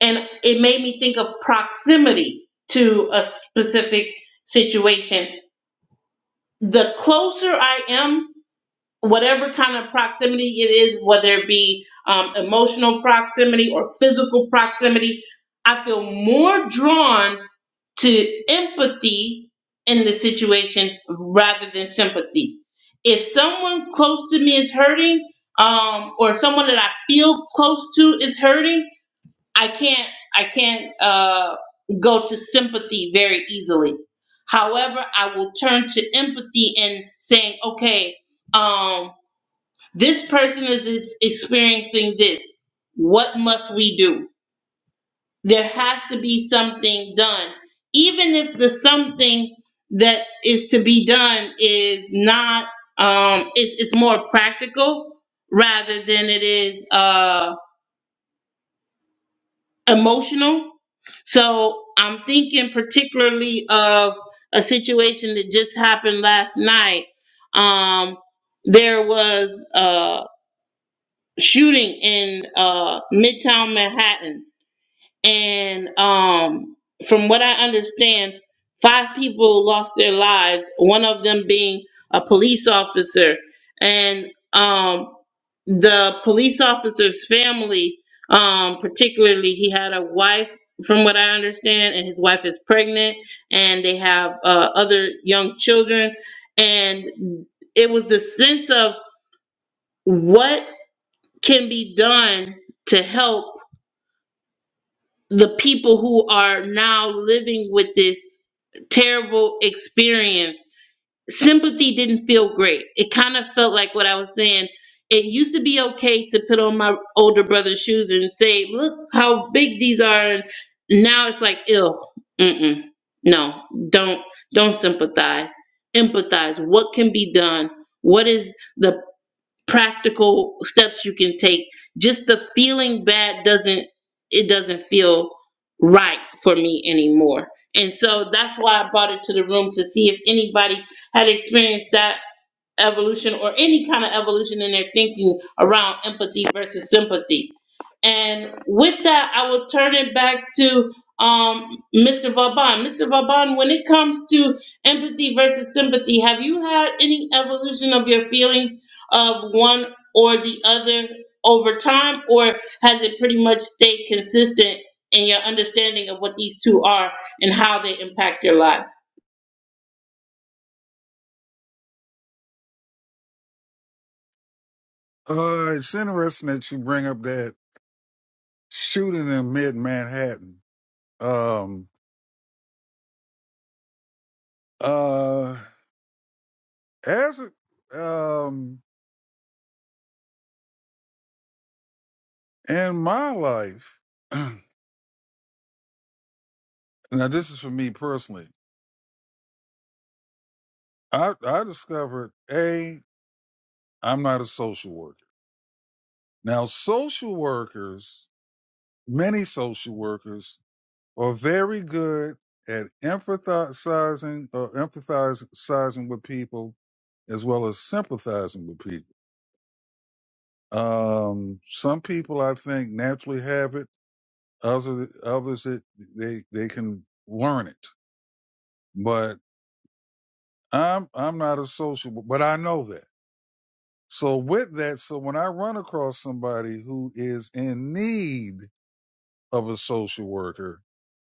[SPEAKER 1] and it made me think of proximity to a specific situation. The closer I am whatever kind of proximity it is, whether it be um, emotional proximity or physical proximity, I feel more drawn to empathy in the situation rather than sympathy. If someone close to me is hurting, um, or someone that I feel close to is hurting, I can't, I can't uh, go to sympathy very easily. However, I will turn to empathy and saying, okay, um, this person is, is experiencing this. What must we do? There has to be something done. Even if the something that is to be done is not um it's it's more practical rather than it is uh emotional. So I'm thinking particularly of a situation that just happened last night. Um, there was uh, shooting in uh, Midtown Manhattan, and um, from what I understand, five people lost their lives. One of them being a police officer, and um, the police officer's family, um, particularly, he had a wife. From what I understand, and his wife is pregnant, and they have uh, other young children, and it was the sense of what can be done to help the people who are now living with this terrible experience. Sympathy didn't feel great. It kind of felt like what I was saying. It used to be okay to put on my older brother's shoes and say, "Look how big these are." And now it's like, "Ew, mm-mm, no, don't, don't sympathize. Empathize. What can be done? What is the practical steps you can take just the feeling bad doesn't it doesn't feel right for me anymore and so that's why i brought it to the room to see if anybody had experienced that evolution or any kind of evolution in their thinking around empathy versus sympathy and with that, I will turn it back to um, Mr. Vauban. Mr. Vauban, when it comes to empathy versus sympathy, have you had any evolution of your feelings of one or the other over time, or has it pretty much stayed consistent in your understanding of what these two are and how they impact your life?
[SPEAKER 4] Uh, it's interesting that you bring up that shooting in mid Manhattan. Um, uh, as it, um, in my life, now this is for me personally. I, I discovered A, I'm not a social worker. Now, social workers, many social workers are very good at empathizing or empathizing with people as well as sympathizing with people. Um, some people I think naturally have it. Other, others that they, they can learn it, but I'm, I'm not a social, but I know that. So with that, so when I run across somebody who is in need of a social worker,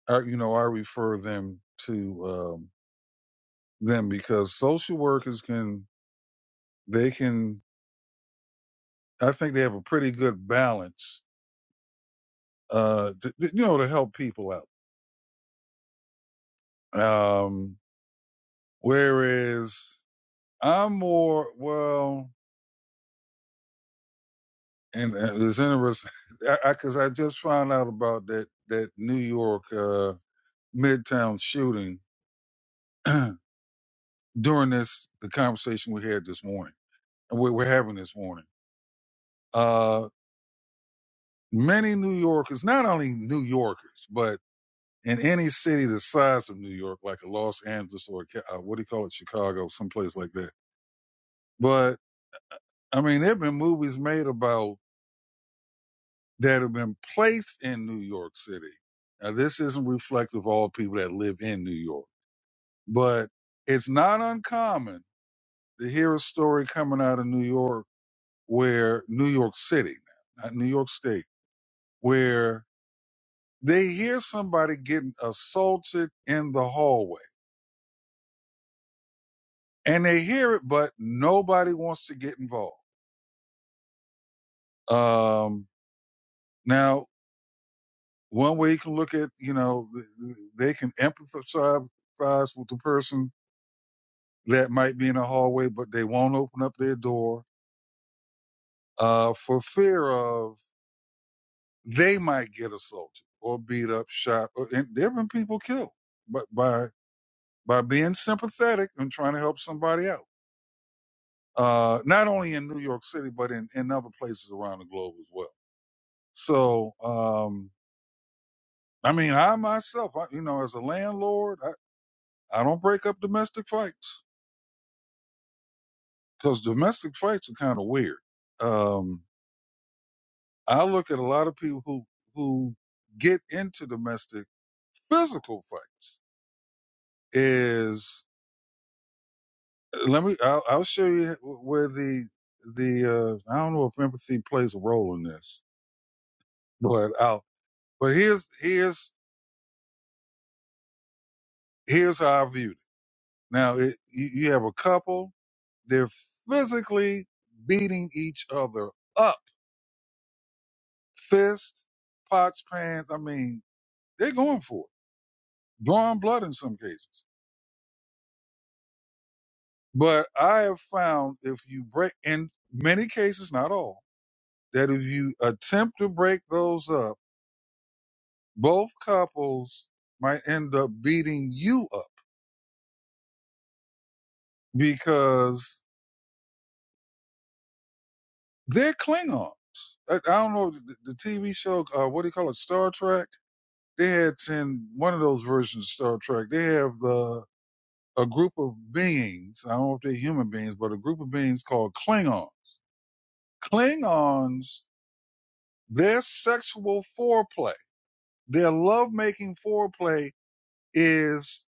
[SPEAKER 4] I, you know, I refer them to um, them because social workers can they can I think they have a pretty good balance, uh, to, you know, to help people out. Um, whereas I'm more well, and, and it's interesting because I, I 'cause I just found out about that that New York uh, Midtown shooting. during this the conversation we had this morning and we- we're having this morning uh many new yorkers not only new yorkers but in any city the size of new york like a los angeles or a, Ca- uh, what do you call it chicago someplace like that but i mean there have been movies made about that have been placed in new york city now this isn't reflective of all people that live in new york but it's not uncommon to hear a story coming out of new york where New York City, not New York State, where they hear somebody getting assaulted in the hallway and they hear it, but nobody wants to get involved. Um, now, one way you can look at, you know, they can empathize with the person that might be in the hallway, but they won't open up their door uh, for fear of they might get assaulted or beat up, shot. Or, and there have been people killed by, by by being sympathetic and trying to help somebody out. Uh, not only in New York City, but in, in other places around the globe as well. So, um, I mean, I myself, I, you know, as a landlord, I, I don't break up domestic fights because domestic fights are kind of weird. Um, I look at a lot of people who, who get into domestic physical fights is, uh, let me, I'll, I'll show you where the, the, uh, I don't know if empathy plays a role in this but out. But here's here's here's how I viewed it. Now it, you, you have a couple. They're physically beating each other up, fist, pots, pans. I mean, they're going for it, drawing blood in some cases. But I have found if you break, in many cases, not all, that if you attempt to break those up, both couples might end up beating you up because They're Klingons. I, I don't know the, the TV show. Uh, what do you call it? Star Trek. They had in one of those versions of Star Trek. They have the a group of beings. I don't know if they're human beings, but a group of beings called Klingons. Klingons. Their sexual foreplay, their lovemaking foreplay, is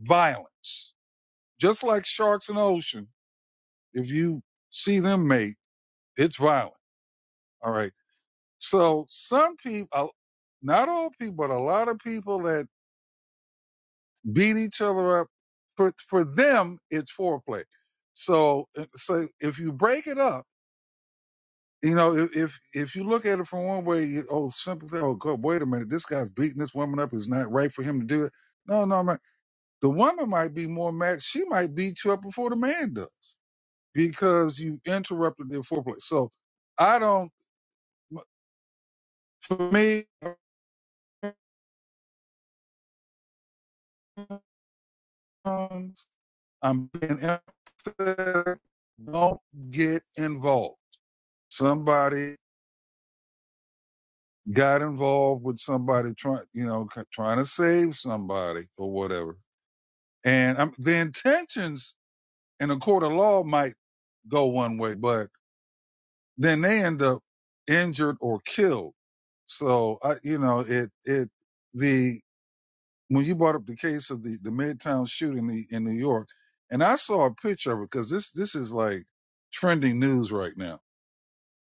[SPEAKER 4] violence. Just like sharks in the ocean, if you see them mate, it's violent. All right So some people, not all people, but a lot of people that beat each other up, for for them it's foreplay. So eh, so if you break it up, you know if if, if you look at it from one way, you, oh simple thing, oh God, wait a minute, this guy's beating this woman up. It's not right for him to do it. No, no, man. The woman might be more mad. She might beat you up before the man does because you interrupted their foreplay. So I don't. For me, I'm being empathetic. Don't get involved. Somebody got involved with somebody trying, you know, trying to save somebody or whatever. And um the intentions in a court of law might go one way, but then they end up injured or killed. So I, you know, it it the when you brought up the case of the the Midtown shooting in in New York, and I saw a picture of it because this this is like trending news right now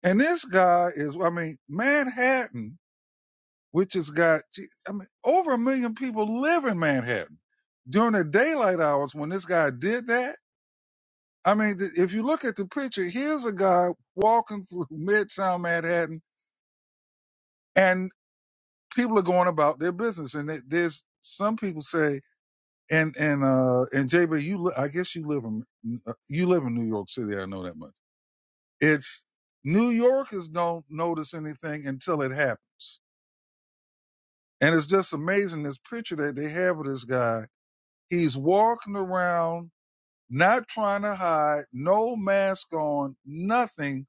[SPEAKER 4] And this guy is, I mean, Manhattan, which has got, I mean, over a million people live in Manhattan during the daylight hours when this guy did that. I mean, th- if you look at the picture, here's a guy walking through Midtown Manhattan and people are going about their business. And it- there's some people say, and, and, uh, and JB, you, li- I guess you live in, uh, you live in New York City. I know that much. It's New Yorkers don't notice anything until it happens And it's just amazing this picture that they have of this guy. He's walking around, not trying to hide, no mask on, nothing,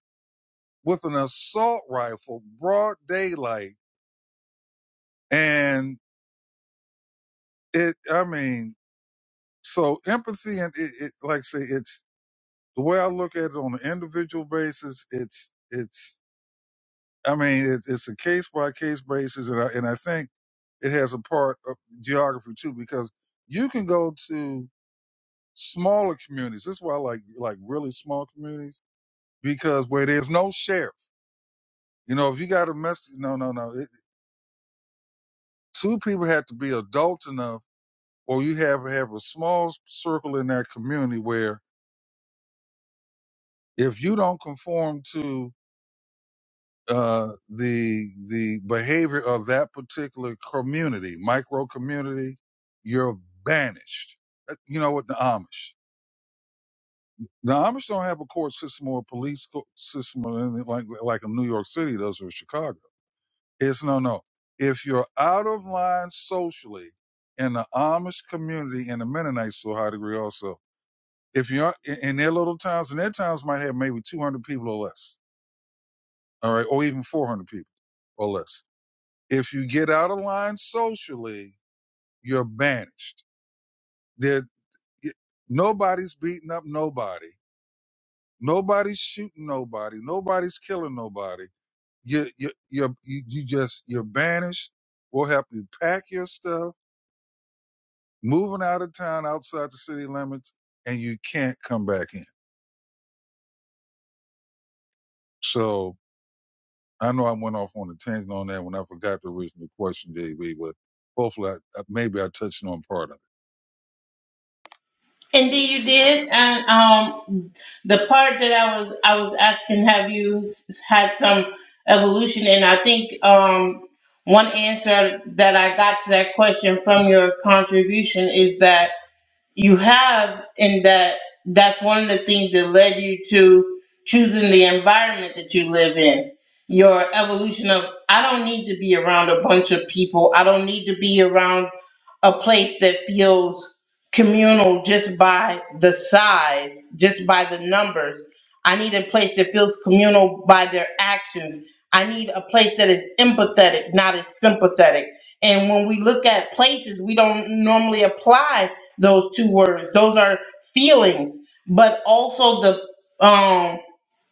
[SPEAKER 4] with an assault rifle, broad daylight. And it, I mean, so empathy and it, it like I say, it's the way I look at it on an individual basis. It's, it's, I mean, it, it's a case by case basis. And I, and I think it has a part of geography too, because you can go to smaller communities. This is why I like like really small communities because where there's no sheriff, you know, if you got a mess, no, no, no. It, two people have to be adult enough, or you have have a small circle in that community where if you don't conform to uh, the the behavior of that particular community, micro community, you're banished. Uh, You know what the Amish. The Amish don't have a court system or a police co- system or anything like like a New York City does or Chicago It's no, no. If you're out of line socially in the Amish community and the Mennonites to a high degree also, if you're in in their little towns, and their towns might have maybe 200 people or less, all right, or even 400 people or less. If you get out of line socially, you're banished. There, y- nobody's beating up nobody. Nobody's shooting nobody. Nobody's killing nobody. You, you, you're, you, you just, you're banished. We'll help you pack your stuff moving out of town outside the city limits and you can't come back in. So I know I went off on a tangent on that when I forgot the original question, JB, but hopefully I, maybe I touched on part of it.
[SPEAKER 1] Indeed, you did. And um, the part that I was I was asking, have you s- had some evolution? And I think um, one answer that I got to that question from your contribution is that you have in that that's one of the things that led you to choosing the environment that you live in your evolution of i don't need to be around a bunch of people i don't need to be around a place that feels communal just by the size just by the numbers i need a place that feels communal by their actions i need a place that is empathetic not as sympathetic and when we look at places we don't normally apply those two words. Those are feelings, but also the um,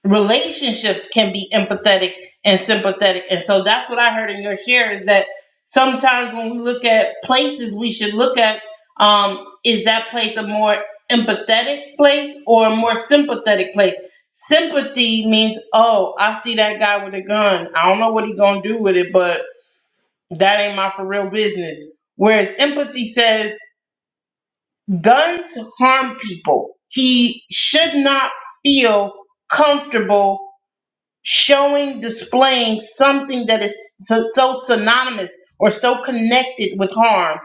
[SPEAKER 1] relationships can be empathetic and sympathetic. And so that's what I heard in your share is that sometimes when we look at places, we should look at um, is that place a more empathetic place or a more sympathetic place? Sympathy means, oh, I see that guy with a gun. I don't know what he's gonna do with it, but that ain't my for real business. Whereas empathy says Guns harm people. He should not feel comfortable showing, displaying something that is so, so synonymous or so connected with harm.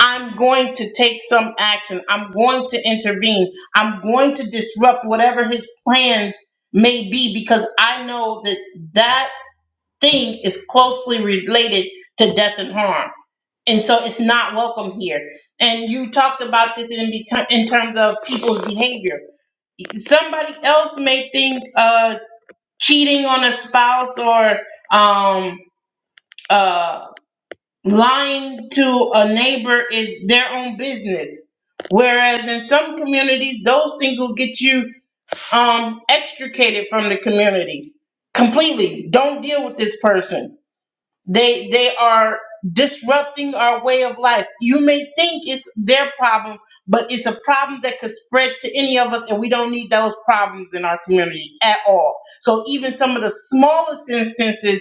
[SPEAKER 1] I'm going to take some action. I'm going to intervene. I'm going to disrupt whatever his plans may be because I know that that thing is closely related to death and harm and so it's not welcome here. And you talked about this in be- in terms of people's behavior. Somebody else may think uh, cheating on a spouse or um, uh, lying to a neighbor is their own business. Whereas in some communities, those things will get you um, extricated from the community completely. Don't deal with this person they they are disrupting our way of life. You may think it's their problem, but it's a problem that could spread to any of us, and we don't need those problems in our community at all. So even some of the smallest instances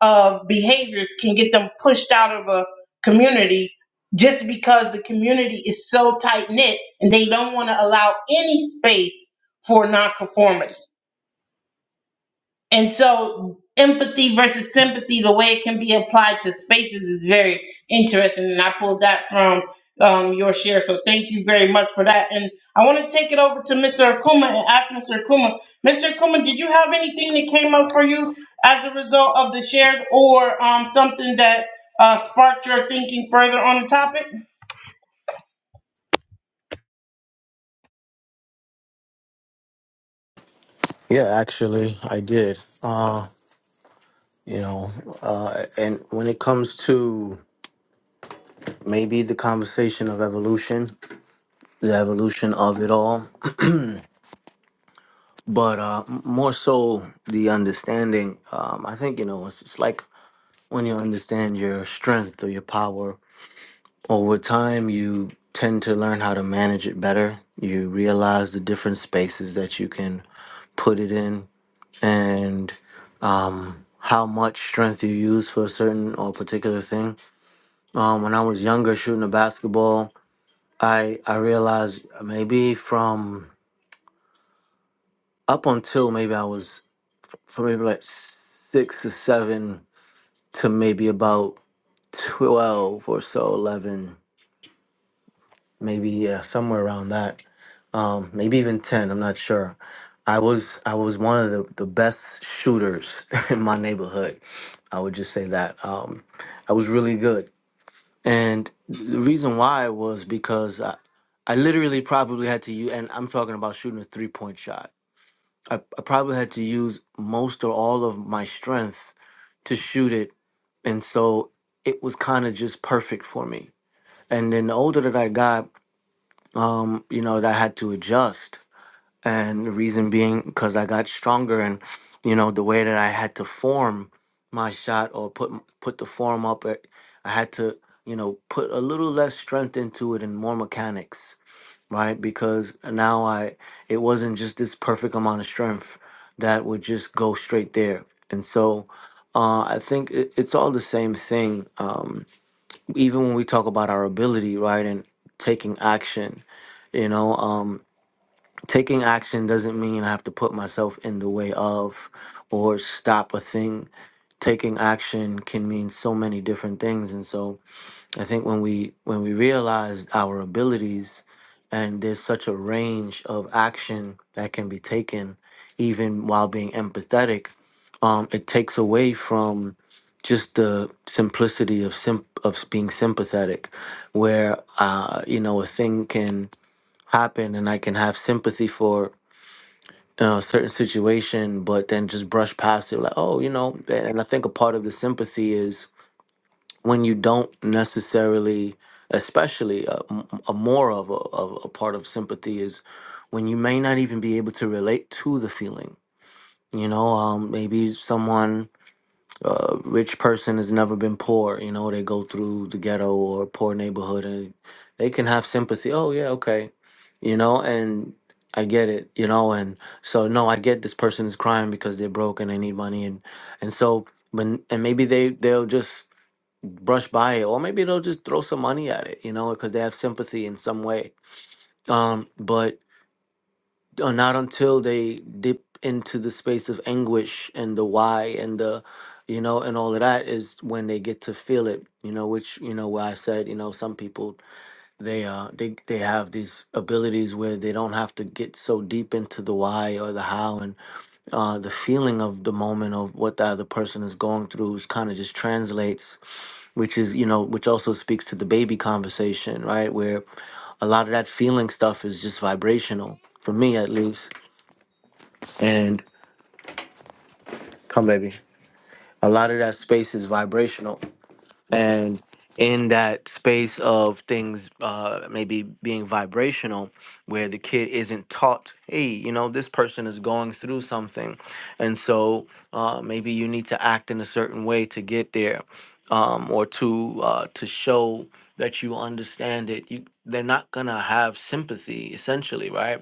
[SPEAKER 1] of behaviors can get them pushed out of a community just because the community is so tight knit and they don't want to allow any space for nonconformity. And so empathy versus sympathy, the way it can be applied to spaces is very interesting. And I pulled that from um, your share. So thank you very much for that. And I want to take it over to Mr. Akuma and ask Mr. Akuma, Mr. Akuma, did you have anything that came up for you as a result of the shares or um, something that uh, sparked your thinking further on the topic?
[SPEAKER 6] Yeah, actually, I did. Uh, you know, uh, and when it comes to maybe the conversation of evolution, the evolution of it all, but uh, m- more so the understanding. Um, I think you know, it's, it's like when you understand your strength or your power over time, you tend to learn how to manage it better. You realize the different spaces that you can put it in and um, how much strength you use for a certain or particular thing. Um, when I was younger, shooting a basketball, I I realized maybe from up until maybe I was from maybe like six or seven to maybe about twelve or so, eleven. maybe yeah, somewhere around that. Um, maybe even ten. I'm not sure. I was I was one of the, the best shooters in my neighborhood. I would just say that um, I was really good, and the reason why was because I, I literally probably had to use, and I'm talking about shooting a three point shot. I, I probably had to use most or all of my strength to shoot it, and so it was kind of just perfect for me. And then the older that I got, um, you know, that I had to adjust. And the reason being because I got stronger and, you know, the way that I had to form my shot or put m- put the form up, I I had to, you know, put a little less strength into it and more mechanics, right? Because now I, it wasn't just this perfect amount of strength that would just go straight there. And so uh, I think it, it's all the same thing. Um, even when we talk about our ability, right? And taking action, you know, Um, taking action doesn't mean I have to put myself in the way of or stop a thing. Taking action can mean so many different things, and so I think when we when we realize our abilities, and there's such a range of action that can be taken, even while being empathetic, um, it takes away from just the simplicity of sim- of being sympathetic, where uh, you know a thing can happen and I can have sympathy for uh, certain situation, but then just brush past it, like, oh, you know. And I think a part of the sympathy is when you don't necessarily, especially uh, m- a, more of a, of a part of sympathy is when you may not even be able to relate to the feeling. You know, um, maybe someone uh, rich person has never been poor. You know, they go through the ghetto or poor neighborhood, and they can have sympathy. Oh yeah, okay, you know, and I get it, you know, and so no, I get this person is crying because they're broke and they need money, and and so when and maybe they they'll just brush by it, or maybe they'll just throw some money at it, you know, because they have sympathy in some way. Um, but or not until they dip into the space of anguish and the why and the you know and all of that is when they get to feel it you know which you know where i said you know some people they uh they they have these abilities where they don't have to get so deep into the why or the how and uh, the feeling of the moment of what the other person is going through is kind of just translates, which is, you know, which also speaks to the baby conversation, right? Where a lot of that feeling stuff is just vibrational, for me at least and come baby a lot of that space is vibrational and in that space of things uh maybe being vibrational where the kid isn't taught hey you know this person is going through something and so uh maybe you need to act in a certain way to get there um or to uh to show that you understand it you they're not gonna have sympathy essentially right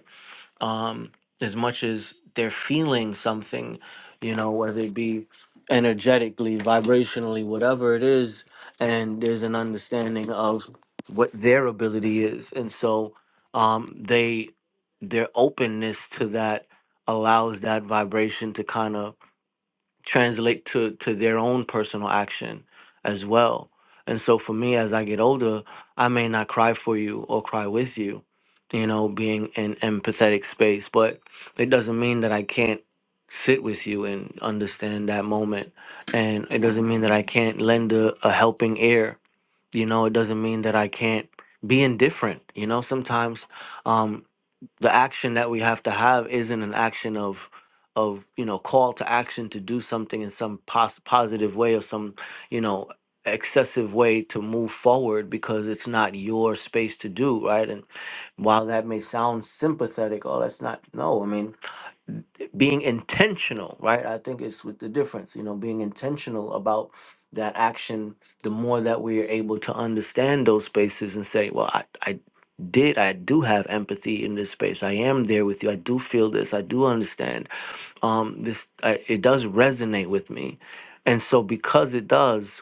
[SPEAKER 6] um, as much as they're feeling something, you know, whether it be energetically, vibrationally, whatever it is, and there's an understanding of what their ability is, and so um, they their openness to that allows that vibration to kind of translate to to their own personal action as well. And so for me as I get older, I may not cry for you or cry with you, you know, being in empathetic space, but it doesn't mean that I can't sit with you and understand that moment. And it doesn't mean that I can't lend a, a helping ear. You know, it doesn't mean that I can't be indifferent. You know, sometimes um the action that we have to have isn't an action of of you know call to action to do something in some pos- positive way or some you know excessive way to move forward because it's not your space to do right and while that may sound sympathetic oh that's not no i mean being intentional, right? I think it's with the difference, you know, being intentional about that action, the more that we are able to understand those spaces and say, well, I, I did, I do have empathy in this space. I am there with you. I do feel this. I do understand. Um, this, I, it does resonate with me. And so because it does,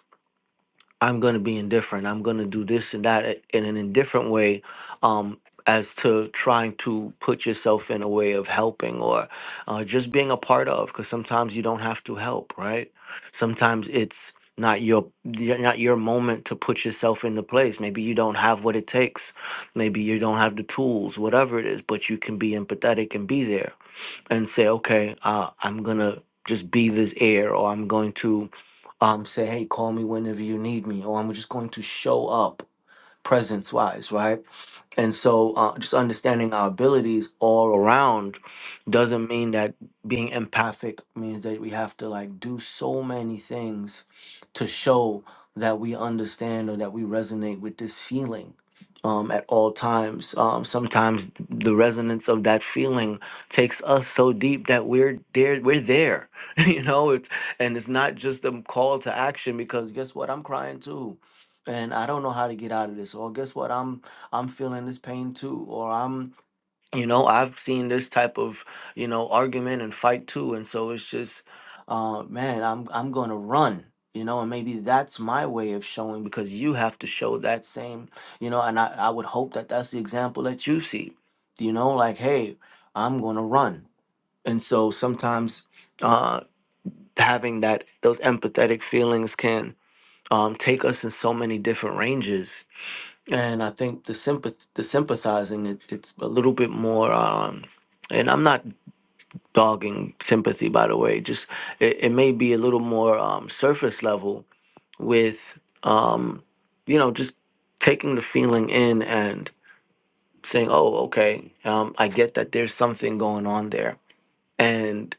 [SPEAKER 6] I'm going to be indifferent. I'm going to do this and that i- in an indifferent way, um, as to trying to put yourself in a way of helping or uh, just being a part of. Because sometimes you don't have to help, right? Sometimes it's not your y- not your moment to put yourself into place. Maybe you don't have what it takes. Maybe you don't have the tools. Whatever it is, but you can be empathetic and be there and say, okay, uh, I'm gonna just be this air, or I'm going to um, say, hey, call me whenever you need me, or I'm just going to show up presence wise, right? And so, uh, just understanding our abilities all around doesn't mean that being empathic means that we have to like do so many things to show that we understand or that we resonate with this feeling um, at all times. Um, sometimes the resonance of that feeling takes us so deep that we're there. We're there, you know. It's and it's not just a call to action because guess what? I'm crying too, and I don't know how to get out of this. Or guess what? I'm feeling this pain too, or I'm, you know, I've seen this type of, you know, argument and fight too, and so it's just, uh, man, I'm I'm gonna run, you know, and maybe that's my way of showing because you have to show that same, you know, and I I would hope that that's the example that you see, you know, like hey, I'm gonna run, and so sometimes, uh, having that those empathetic feelings can um, take us in so many different ranges and I think the sympath the sympathizing it, it's a little bit more um and I'm not dogging sympathy by the way just it, it may be a little more um surface level with um you know just taking the feeling in and saying oh okay um I get that there's something going on there and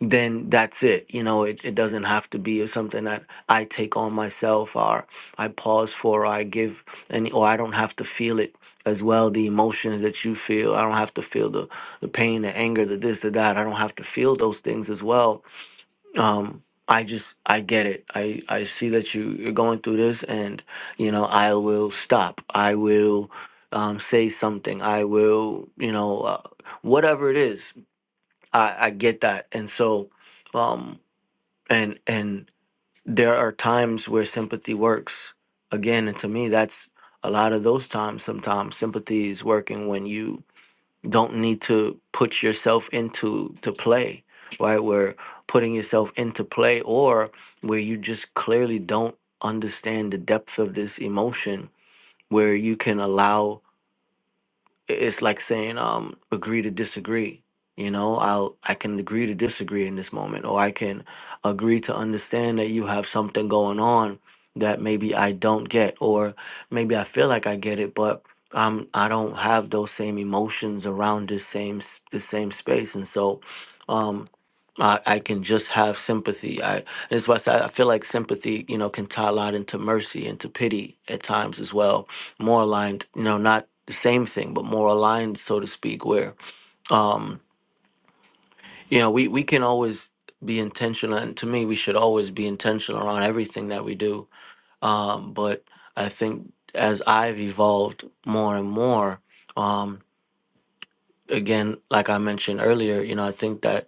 [SPEAKER 6] then that's it. You know, it, it doesn't have to be something that I take on myself or I pause for or I give any or I don't have to feel it as well, the emotions that you feel. I don't have to feel the, the pain, the anger, the this, the that. I don't have to feel those things as well. Um I just I get it. I I see that you you're going through this and you know, I will stop. I will um, say something. I will, you know, uh, whatever it is. I, I get that. And so, um, and and there are times where sympathy works again. And to me, that's a lot of those times. Sometimes sympathy is working when you don't need to put yourself into to play, right? Where putting yourself into play, or where you just clearly don't understand the depth of this emotion, where you can allow i- it's like saying um agree to disagree you know i'll i can agree to disagree in this moment or i can agree to understand that you have something going on that maybe i don't get or maybe i feel like i get it but i'm i don't have those same emotions around this same s- the same space and so um, I, I can just have sympathy. I that's why I, said, I feel like sympathy, you know, can tie a lot into mercy and to pity at times as well. More aligned, you know, not the same thing, but more aligned, so to speak, where um, you know, we, we can always be intentional and to me we should always be intentional around everything that we do. Um, but I think as I've evolved more and more, um, again, like I mentioned earlier, you know, I think that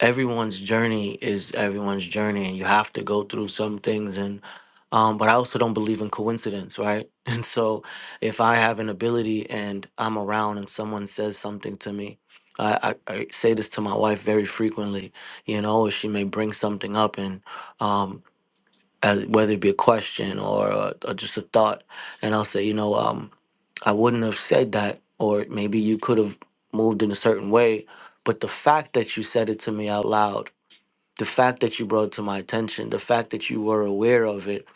[SPEAKER 6] everyone's journey is everyone's journey and you have to go through some things and um but I also don't believe in coincidence, right? And so if I have an ability and I'm around and someone says something to me, I, I, I say this to my wife very frequently, you know, or she may bring something up and um as, whether it be a question or, uh or just a thought, and I'll say, you know, um, I wouldn't have said that, or maybe you could have moved in a certain way, but the fact that you said it to me out loud the fact that you brought it to my attention, the fact that you were aware of it,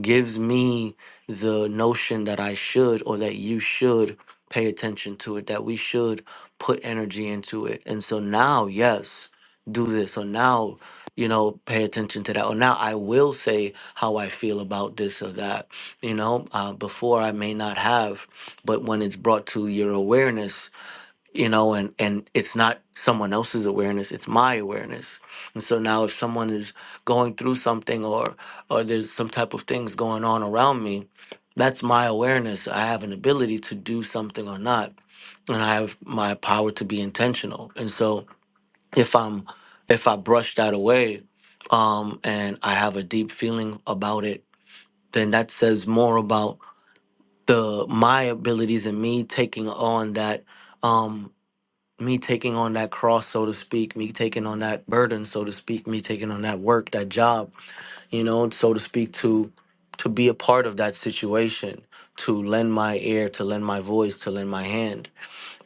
[SPEAKER 6] gives me the notion that I should or that you should pay attention to it, that we should put energy into it. And so now, yes, do this. Or now, you know, pay attention to that. Or now I will say how I feel about this or that. You know, uh, before I may not have, but when it's brought to your awareness, you know and and it's not someone else's awareness it's my awareness and so now if someone is going through something or or there's some type of things going on around me that's my awareness i have an ability to do something or not and i have my power to be intentional and so if i'm if i brush that away um and i have a deep feeling about it then that says more about the my abilities and me taking on that um me taking on that cross, so to speak, me taking on that burden, so to speak, me taking on that work, that job, you know, so to speak, to to be a part of that situation, to lend my ear, to lend my voice, to lend my hand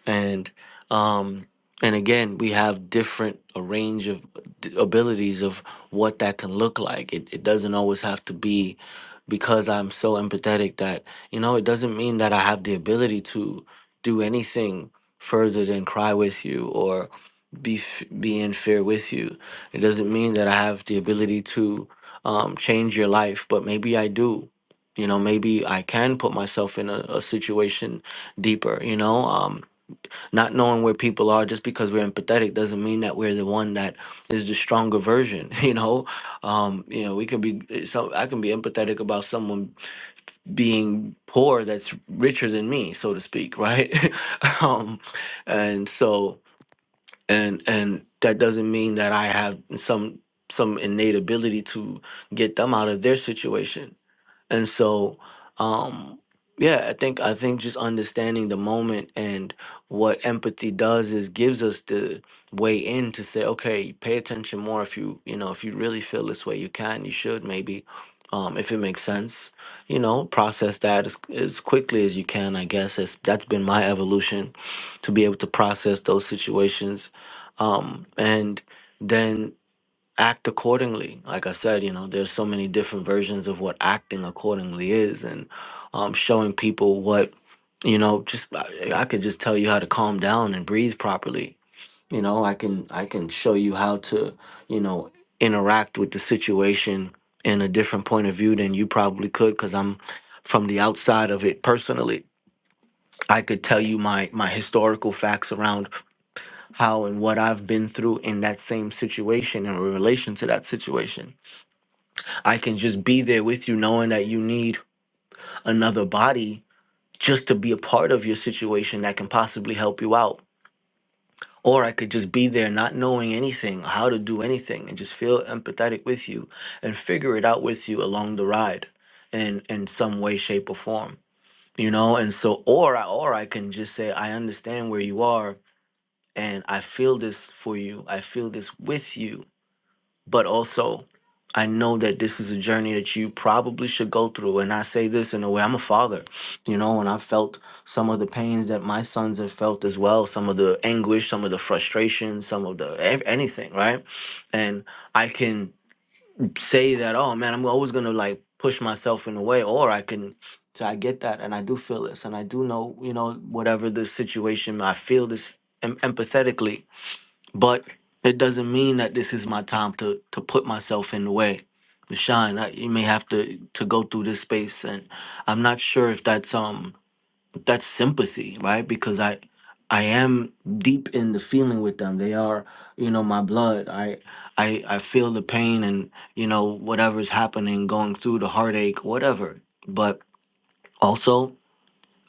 [SPEAKER 6] and um and again we have different a range of d- abilities of what that can look like it, it doesn't always have to be because i'm so empathetic that you know it doesn't mean that i have the ability to do anything further than cry with you or be f- be in fear with you it doesn't mean that i have the ability to um, change your life but maybe i do you know maybe i can put myself in a, a situation deeper you know um, not knowing where people are just because we're empathetic doesn't mean that we're the one that is the stronger version. You know, um, you know, we can be. eh, So I can be empathetic about someone being poor that's richer than me, so to speak, right? um, and so, and and that doesn't mean that I have some some innate ability to get them out of their situation and so um yeah i think i think just understanding the moment and what empathy does is gives us the way in to say okay pay attention more if you you know if you really feel this way you can you should maybe um if it makes sense you know process that as, as quickly as you can i guess as, that's been my evolution to be able to process those situations um and then act accordingly. Like I said, you know, there's so many different versions of what acting accordingly is, and um, showing people what, you know, just I, I could just tell you how to calm down and breathe properly. You know, I can I can show you how to, you know, interact with the situation in a different point of view than you probably could because I'm from the outside of it personally. I could tell you my my historical facts around how and what I've been through in that same situation in relation to that situation I can just be there with you, knowing that you need another body just to be a part of your situation that can possibly help you out. Or I could just be there not knowing anything, how to do anything, and just feel empathetic with you and figure it out with you along the ride in, in some way, shape, or form. You know, and so or I or I can just say, I understand where you are and I feel this for you. I feel this with you but also I know that this is a journey that you probably should go through. And I say this in a way, I'm a father, you know, and I felt some of the pains that my sons have felt as well, some of the anguish, some of the frustration, some of the ev- anything, right? And I can say that, oh man, I'm always gonna like push myself in a way, or I can. So I get that, and I do feel this, and I do know, you know, whatever the situation, I feel this em- empathetically but it doesn't mean that this is my time to to put myself in the way to shine I, you may have to to go through this space and i'm not sure if that's um if that's sympathy right because i i am deep in the feeling with them they are you know my blood i i i feel the pain and you know whatever's happening going through the heartache whatever but also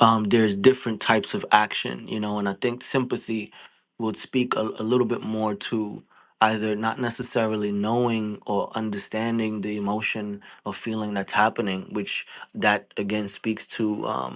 [SPEAKER 6] um, there's different types of action, you know, and I think sympathy would speak a, a little bit more to either not necessarily knowing or understanding the emotion or feeling that's happening, which that again speaks to um,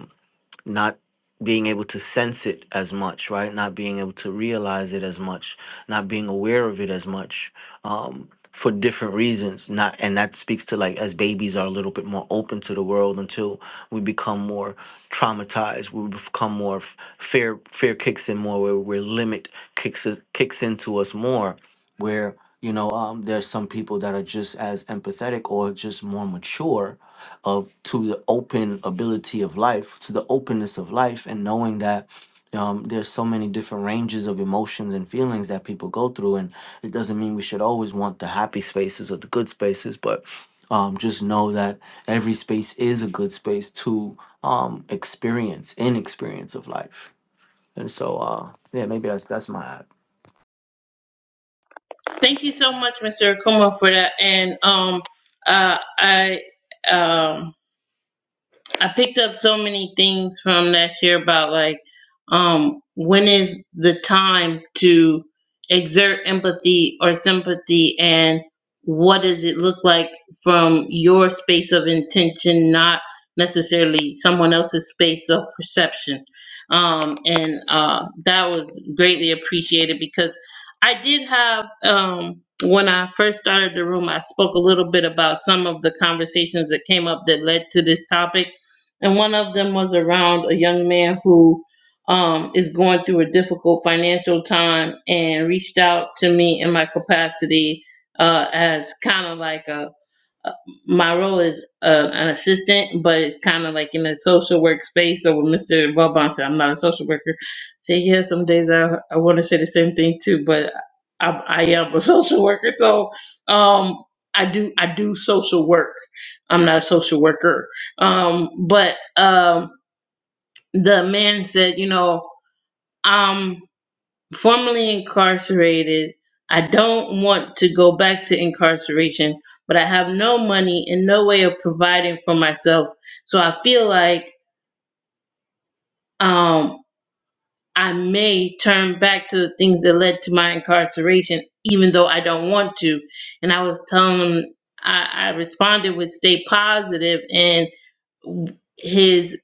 [SPEAKER 6] not being able to sense it as much, right? Not being able to realize it as much, not being aware of it as much, um, for different reasons. Not and that speaks to like as babies are a little bit more open to the world until we become more traumatized. We become more f- fear. Fear kicks in more where where limit kicks kicks into us more where you know um, there's some people that are just as empathetic or just more mature of to the open ability of life to the openness of life and knowing that um, there's so many different ranges of emotions and feelings that people go through and it doesn't mean we should always want the happy spaces or the good spaces but um, just know that every space is a good space to um, experience in experience of life and so uh, yeah maybe that's that's my app.
[SPEAKER 1] Thank you so much, Mr. Akuma, for that. And um, uh, I. Um, I picked up so many things from last year about like um when is the time to exert empathy or sympathy and what does it look like from your space of intention not necessarily someone else's space of perception um and uh that was greatly appreciated because I did have um when I first started the room I spoke a little bit about some of the conversations that came up that led to this topic and one of them was around a young man who um, is going through a difficult financial time and reached out to me in my capacity uh, as kind of like a uh, my role is uh, an assistant, but it's kind of like in a social work space. So when Mr. Vauban said, I'm not a social worker, I say, yeah, some days I, I want to say the same thing too, but I, I am a social worker. So um, I do I do social work. I'm not a social worker. Um, but um, the man said, you know, I'm formerly incarcerated. I don't want to go back to incarceration, but I have no money and no way of providing for myself. So I feel like um, I may turn back to the things that led to my incarceration, even though I don't want to. And I was telling them, I, I responded with stay positive and his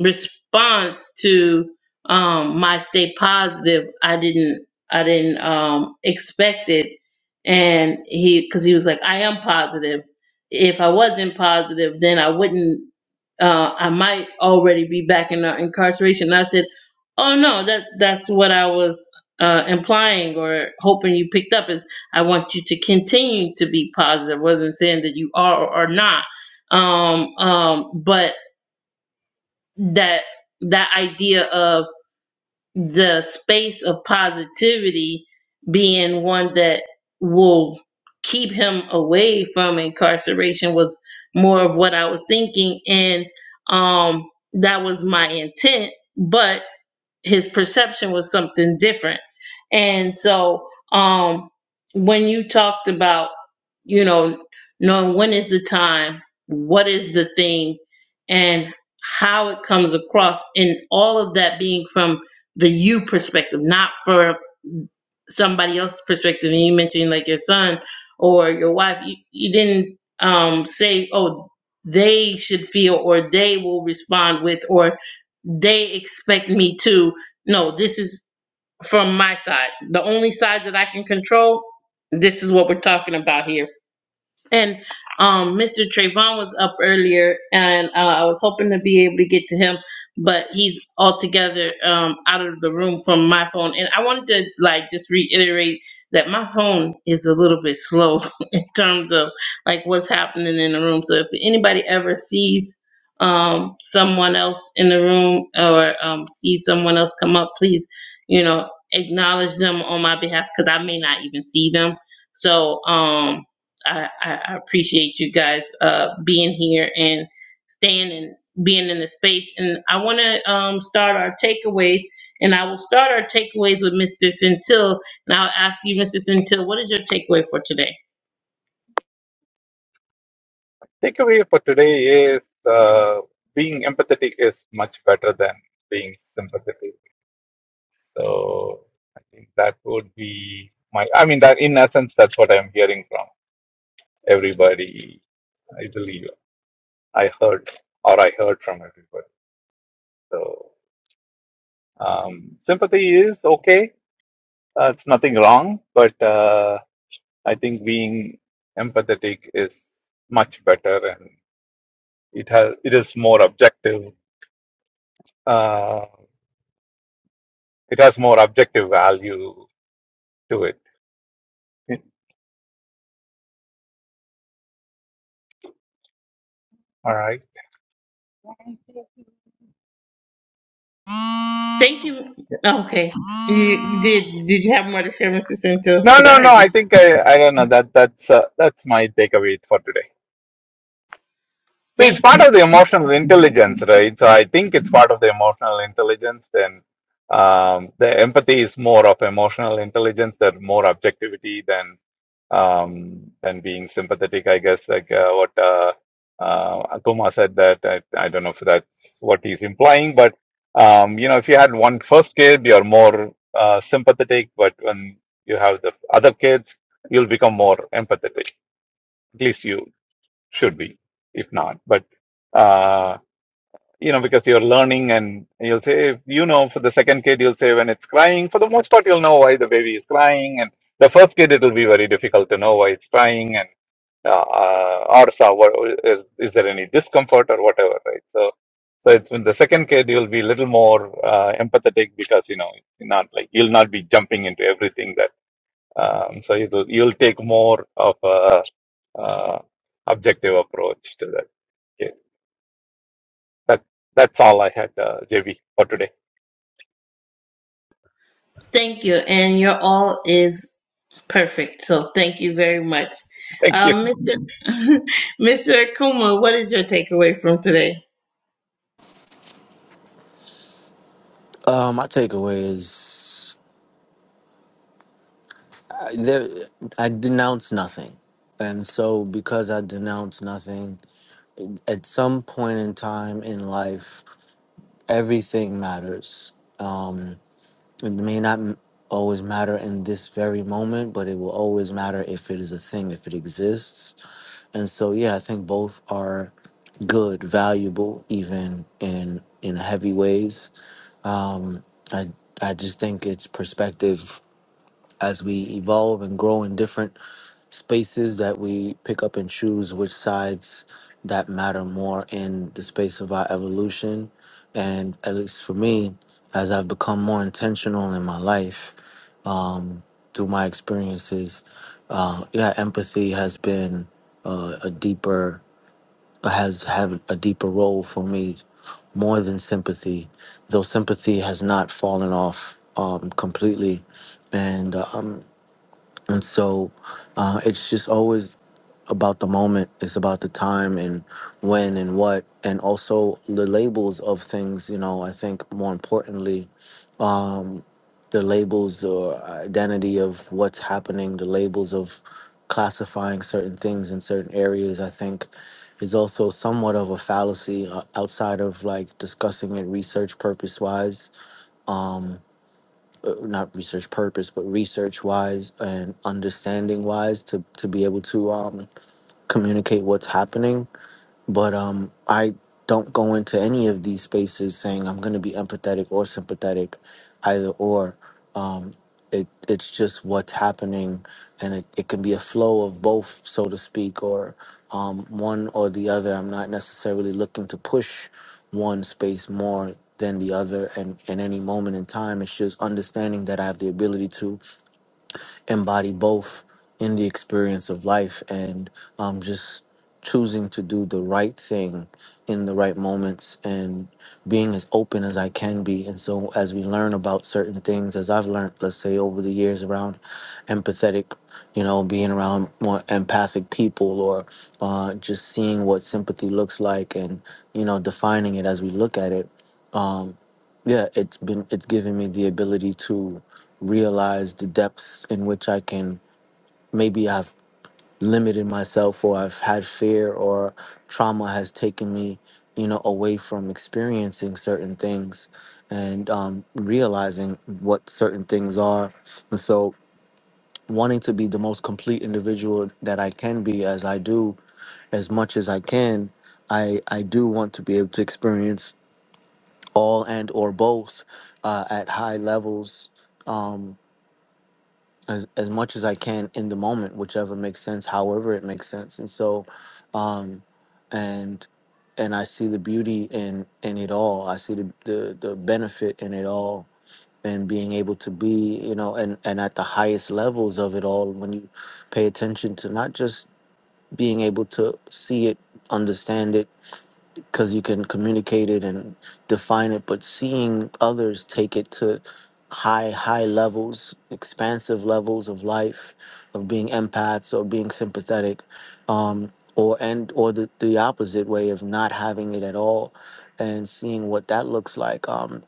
[SPEAKER 1] response to um my stay positive i didn't i didn't um expect it and he because he was like i am positive if i wasn't positive then i wouldn't uh i might already be back in uh, incarceration and i said oh no that that's what i was uh implying or hoping you picked up is i want you to continue to be positive wasn't saying that you are or are not um um but that that idea of the space of positivity being one that will keep him away from incarceration was more of what I was thinking and um that was my intent but his perception was something different. And so um when you talked about, you know, knowing when is the time, what is the thing, and how it comes across and all of that being from the you perspective, not for somebody else's perspective and you mentioned like your son or your wife you, you didn't um say oh they should feel or they will respond with or they expect me to no this is from my side the only side that i can control this is what we're talking about here and um, Mr. Trayvon was up earlier, and uh, I was hoping to be able to get to him, but he's altogether um, out of the room from my phone. And I wanted to like just reiterate that my phone is a little bit slow in terms of like what's happening in the room. So if anybody ever sees um, someone else in the room or um, sees someone else come up, please, you know, acknowledge them on my behalf because I may not even see them. So um I, I I appreciate you guys uh, being here and staying and being in the space. And I want to um, start our takeaways, and I will start our takeaways with Mr. Centil. And I'll ask you, Mr. Centil, what is your takeaway for today?
[SPEAKER 7] Takeaway for today is uh, being empathetic is much better than being sympathetic. So I think that would be my. I mean, that in essence, that's what I'm hearing from. everybody, I believe, I heard or I heard from everybody. So um, sympathy is okay. Uh, it's nothing wrong, but uh, I think being empathetic is much better, and it has it is more objective. Uh, it has more objective value to it. All right.
[SPEAKER 1] Thank you.
[SPEAKER 7] Yeah.
[SPEAKER 1] Okay, you, did did you have more to share, Mr. Centil?
[SPEAKER 7] No,
[SPEAKER 1] Because I
[SPEAKER 7] no, no.
[SPEAKER 1] heard
[SPEAKER 7] I
[SPEAKER 1] you.
[SPEAKER 7] think I, I don't know that that's uh, that's my takeaway for today. So it's
[SPEAKER 1] Thank
[SPEAKER 7] part of the emotional intelligence, right? So I think it's part of the emotional intelligence. Then um, the empathy is more of emotional intelligence, that more objectivity than um, than being sympathetic. I guess like uh, what uh, uh, Akuma said that I, I don't know if that's what he's implying, but um, you know, if you had one first kid, you're more uh, sympathetic, but when you have the other kids, you'll become more empathetic. At least you should be, if not. But uh, you know, because you're learning, and you'll say, you know, for the second kid, you'll say when it's crying. For the most part, you'll know why the baby is crying, and the first kid, it'll be very difficult to know why it's crying, and uh, uh, or so, what, is is there any discomfort or whatever, right? So. So it's when the second kid you'll be a little more uh, empathetic because you know you're not like you'll not be jumping into everything that um, so you do, you'll take more of a uh, objective approach to that. Okay. That that's all I had, uh, JB, for today.
[SPEAKER 1] thank you, and your all is perfect. So thank you very much,
[SPEAKER 7] Thank you.
[SPEAKER 1] um, Mr. Mr. Akuma. What is your takeaway from today?
[SPEAKER 6] Uh, my takeaway is. there i denounce nothing and so because i denounce nothing at some point in time in life everything matters um it may not m- always matter in this very moment but it will always matter if it is a thing if it exists and so yeah i think both are good valuable even in in heavy ways um i i just think it's perspective as we evolve and grow in different spaces that we pick up and choose which sides that matter more in the space of our evolution. And at least for me, as I've become more intentional in my life um, through my experiences, uh, yeah, empathy has been uh, a deeper has had a deeper role for me more than sympathy, though sympathy has not fallen off um, completely, and um, and so uh, it's just always about the moment, it's about the time and when and what, and also the labels of things. You know, I think more importantly, um, the labels or identity of what's happening, the labels of classifying certain things in certain areas, I think is also somewhat of a fallacy uh, outside of like discussing it research purpose wise. Um, uh, not research purpose, but research wise and understanding wise to, to be able to um, communicate what's happening but um i don't go into any of these spaces saying i'm going to be empathetic or sympathetic either or um it it's just what's happening and it, it can be a flow of both so to speak or um one or the other i'm not necessarily looking to push one space more than the other and in any moment in time it's just understanding that i have the ability to embody both in the experience of life and um, just choosing to do the right thing in the right moments and being as open as I can be. And so, as we learn about certain things, as I've learned, let's say over the years around empathetic, you know, being around more empathic people or uh, just seeing what sympathy looks like and, you know, defining it as we look at it. um, yeah it's been it's given me the ability to realize the depths in which i can maybe i've limited myself or i've had fear or trauma has taken me you know away from experiencing certain things and um, realizing what certain things are and so wanting to be the most complete individual that i can be as i do as much as i can i i do want to be able to experience all and or both uh, at high levels um, as, as much as I can in the moment, whichever makes sense, however it makes sense. And so, um, and and I see the beauty in in it all. I see the the, the benefit in it all. And being able to be, you know, and, and at the highest levels of it all, when you pay attention to not just being able to see it, understand it, because you can communicate it and define it but seeing others take it to high high levels expansive levels of life of being empaths or being sympathetic um, or and or the, the opposite way of not having it at all and seeing what that looks like um,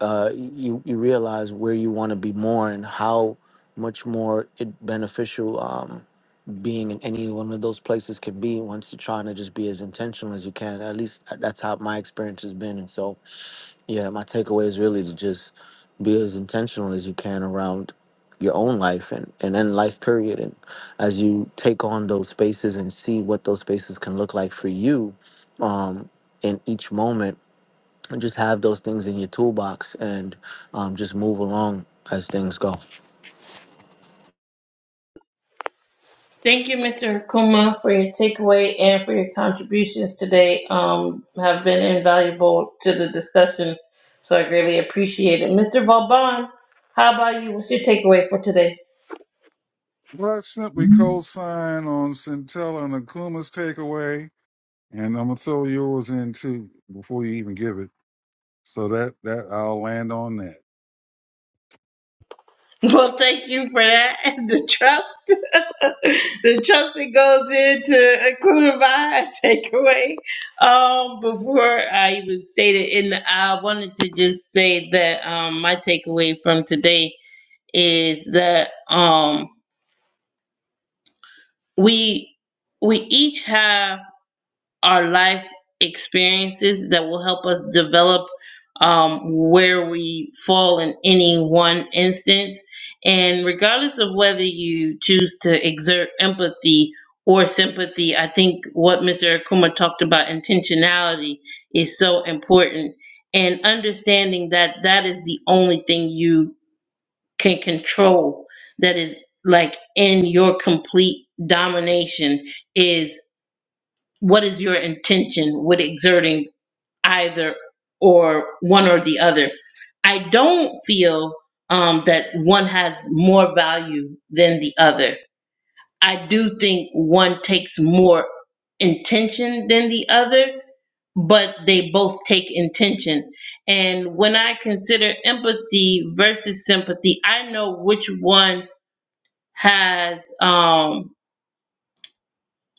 [SPEAKER 6] uh, you, you realize where you want to be more and how much more it beneficial um, being in any one of those places can be once you're trying to just be as intentional as you can. At least uh, that's how my experience has been. And so, yeah, my takeaway is really to just be as intentional as you can around your own life and, and then life period. And as you take on those spaces and see what those spaces can look like for you in each moment, and just have those things in your toolbox and um, just move along as things go.
[SPEAKER 1] Thank you, Mr. Kuma, for your takeaway and for your contributions today. Um, have been invaluable to the discussion, so I greatly appreciate it. Mr. Vauban, how about you? What's your takeaway for today?
[SPEAKER 4] But I simply co-sign on Centella and Akuma's takeaway, and I'm gonna throw yours in too before you even give it. So that that I'll land on that.
[SPEAKER 1] Well, thank you for that. The trust, the trust that goes into including my takeaway. Um, before I even stated, and I wanted to just say that um, my takeaway from today is that um. we we each have our life experiences that will help us develop um, where we fall in any one instance and regardless of whether you choose to exert empathy or sympathy i think what mr akuma talked about intentionality is so important and understanding that that is the only thing you can control that is like in your complete domination is what is your intention with exerting either or one or the other i don't feel um, that one has more value than the other i do think one takes more intention than the other but they both take intention and when i consider empathy versus sympathy i know which one has um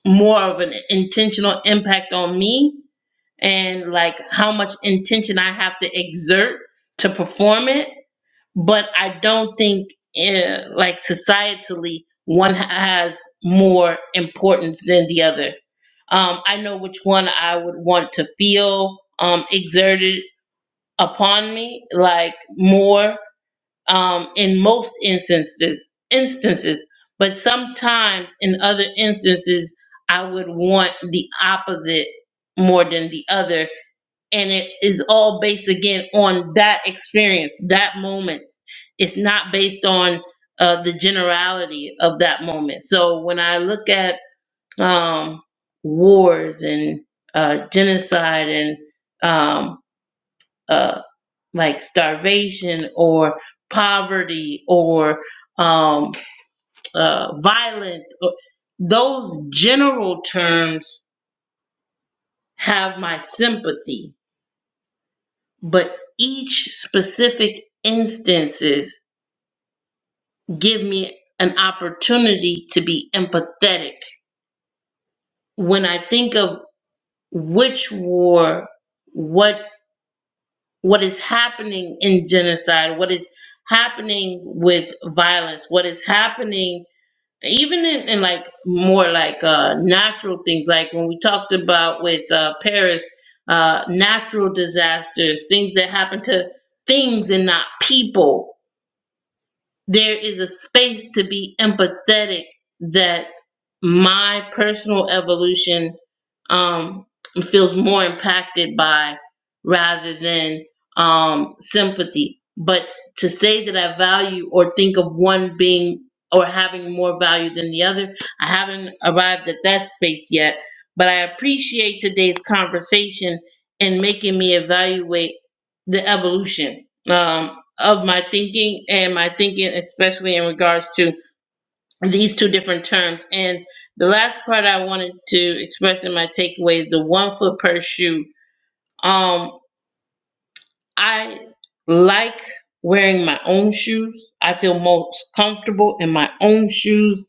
[SPEAKER 1] more of an intentional impact on me and like how much intention I have to exert to perform it. But I don't think eh, like societally one has more importance than the other. Um, I know which one I would want to feel um, exerted upon me like more um, in most instances instances but sometimes in other instances i would want the opposite more than the other and it is all based again on that experience that moment it's not based on uh, the generality of that moment so when i look at um, wars and uh, genocide and um, uh, like starvation or poverty or um, uh, violence. Those general terms have my sympathy, but each specific instances give me an opportunity to be empathetic. When I think of which war, what what is happening in genocide, what is happening with violence, what is happening even in, in like more like uh natural things like when we talked about with uh paris uh natural disasters things that happen to things and not people there is a space to be empathetic that my personal evolution um, and feels more impacted by rather than um, sympathy. But to say that I value or think of one being or having more value than the other, I haven't arrived at that space yet. But I appreciate today's conversation and making me evaluate the evolution um, of my thinking and my thinking, especially in regards to these two different terms. And the last part I wanted to express in my takeaway is the one foot per shoe. Um, I like wearing my own shoes. I feel most comfortable in my own shoes.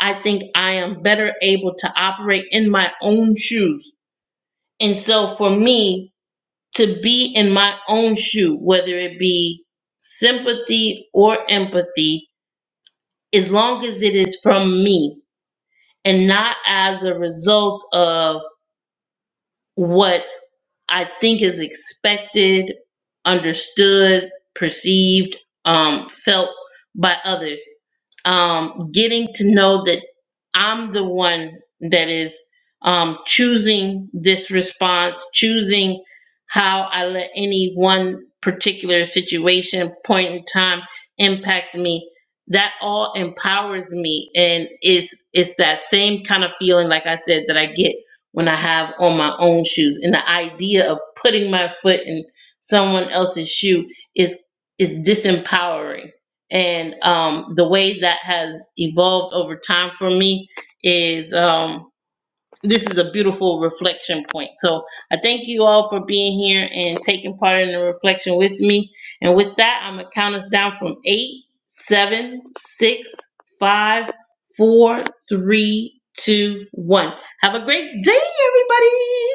[SPEAKER 1] I think I am better able to operate in my own shoes. And so for me to be in my own shoe, whether it be sympathy or empathy, as long as it is from me, and not as a result of what I think is expected, understood, perceived, um, felt by others. Um, getting to know that I'm the one that is um, choosing this response, choosing how I let any one particular situation, point in time impact me. That all empowers me, and it's it's that same kind of feeling, like I said, that I get when I have on my own shoes. And the idea of putting my foot in someone else's shoe is is disempowering. And um, the way that has evolved over time for me is. Um, this is a beautiful reflection point. So I thank you all for being here and taking part in the reflection with me. And with that, I'm gonna count us down from eight, seven, six, five, four, three, two, one. Have a great day, everybody.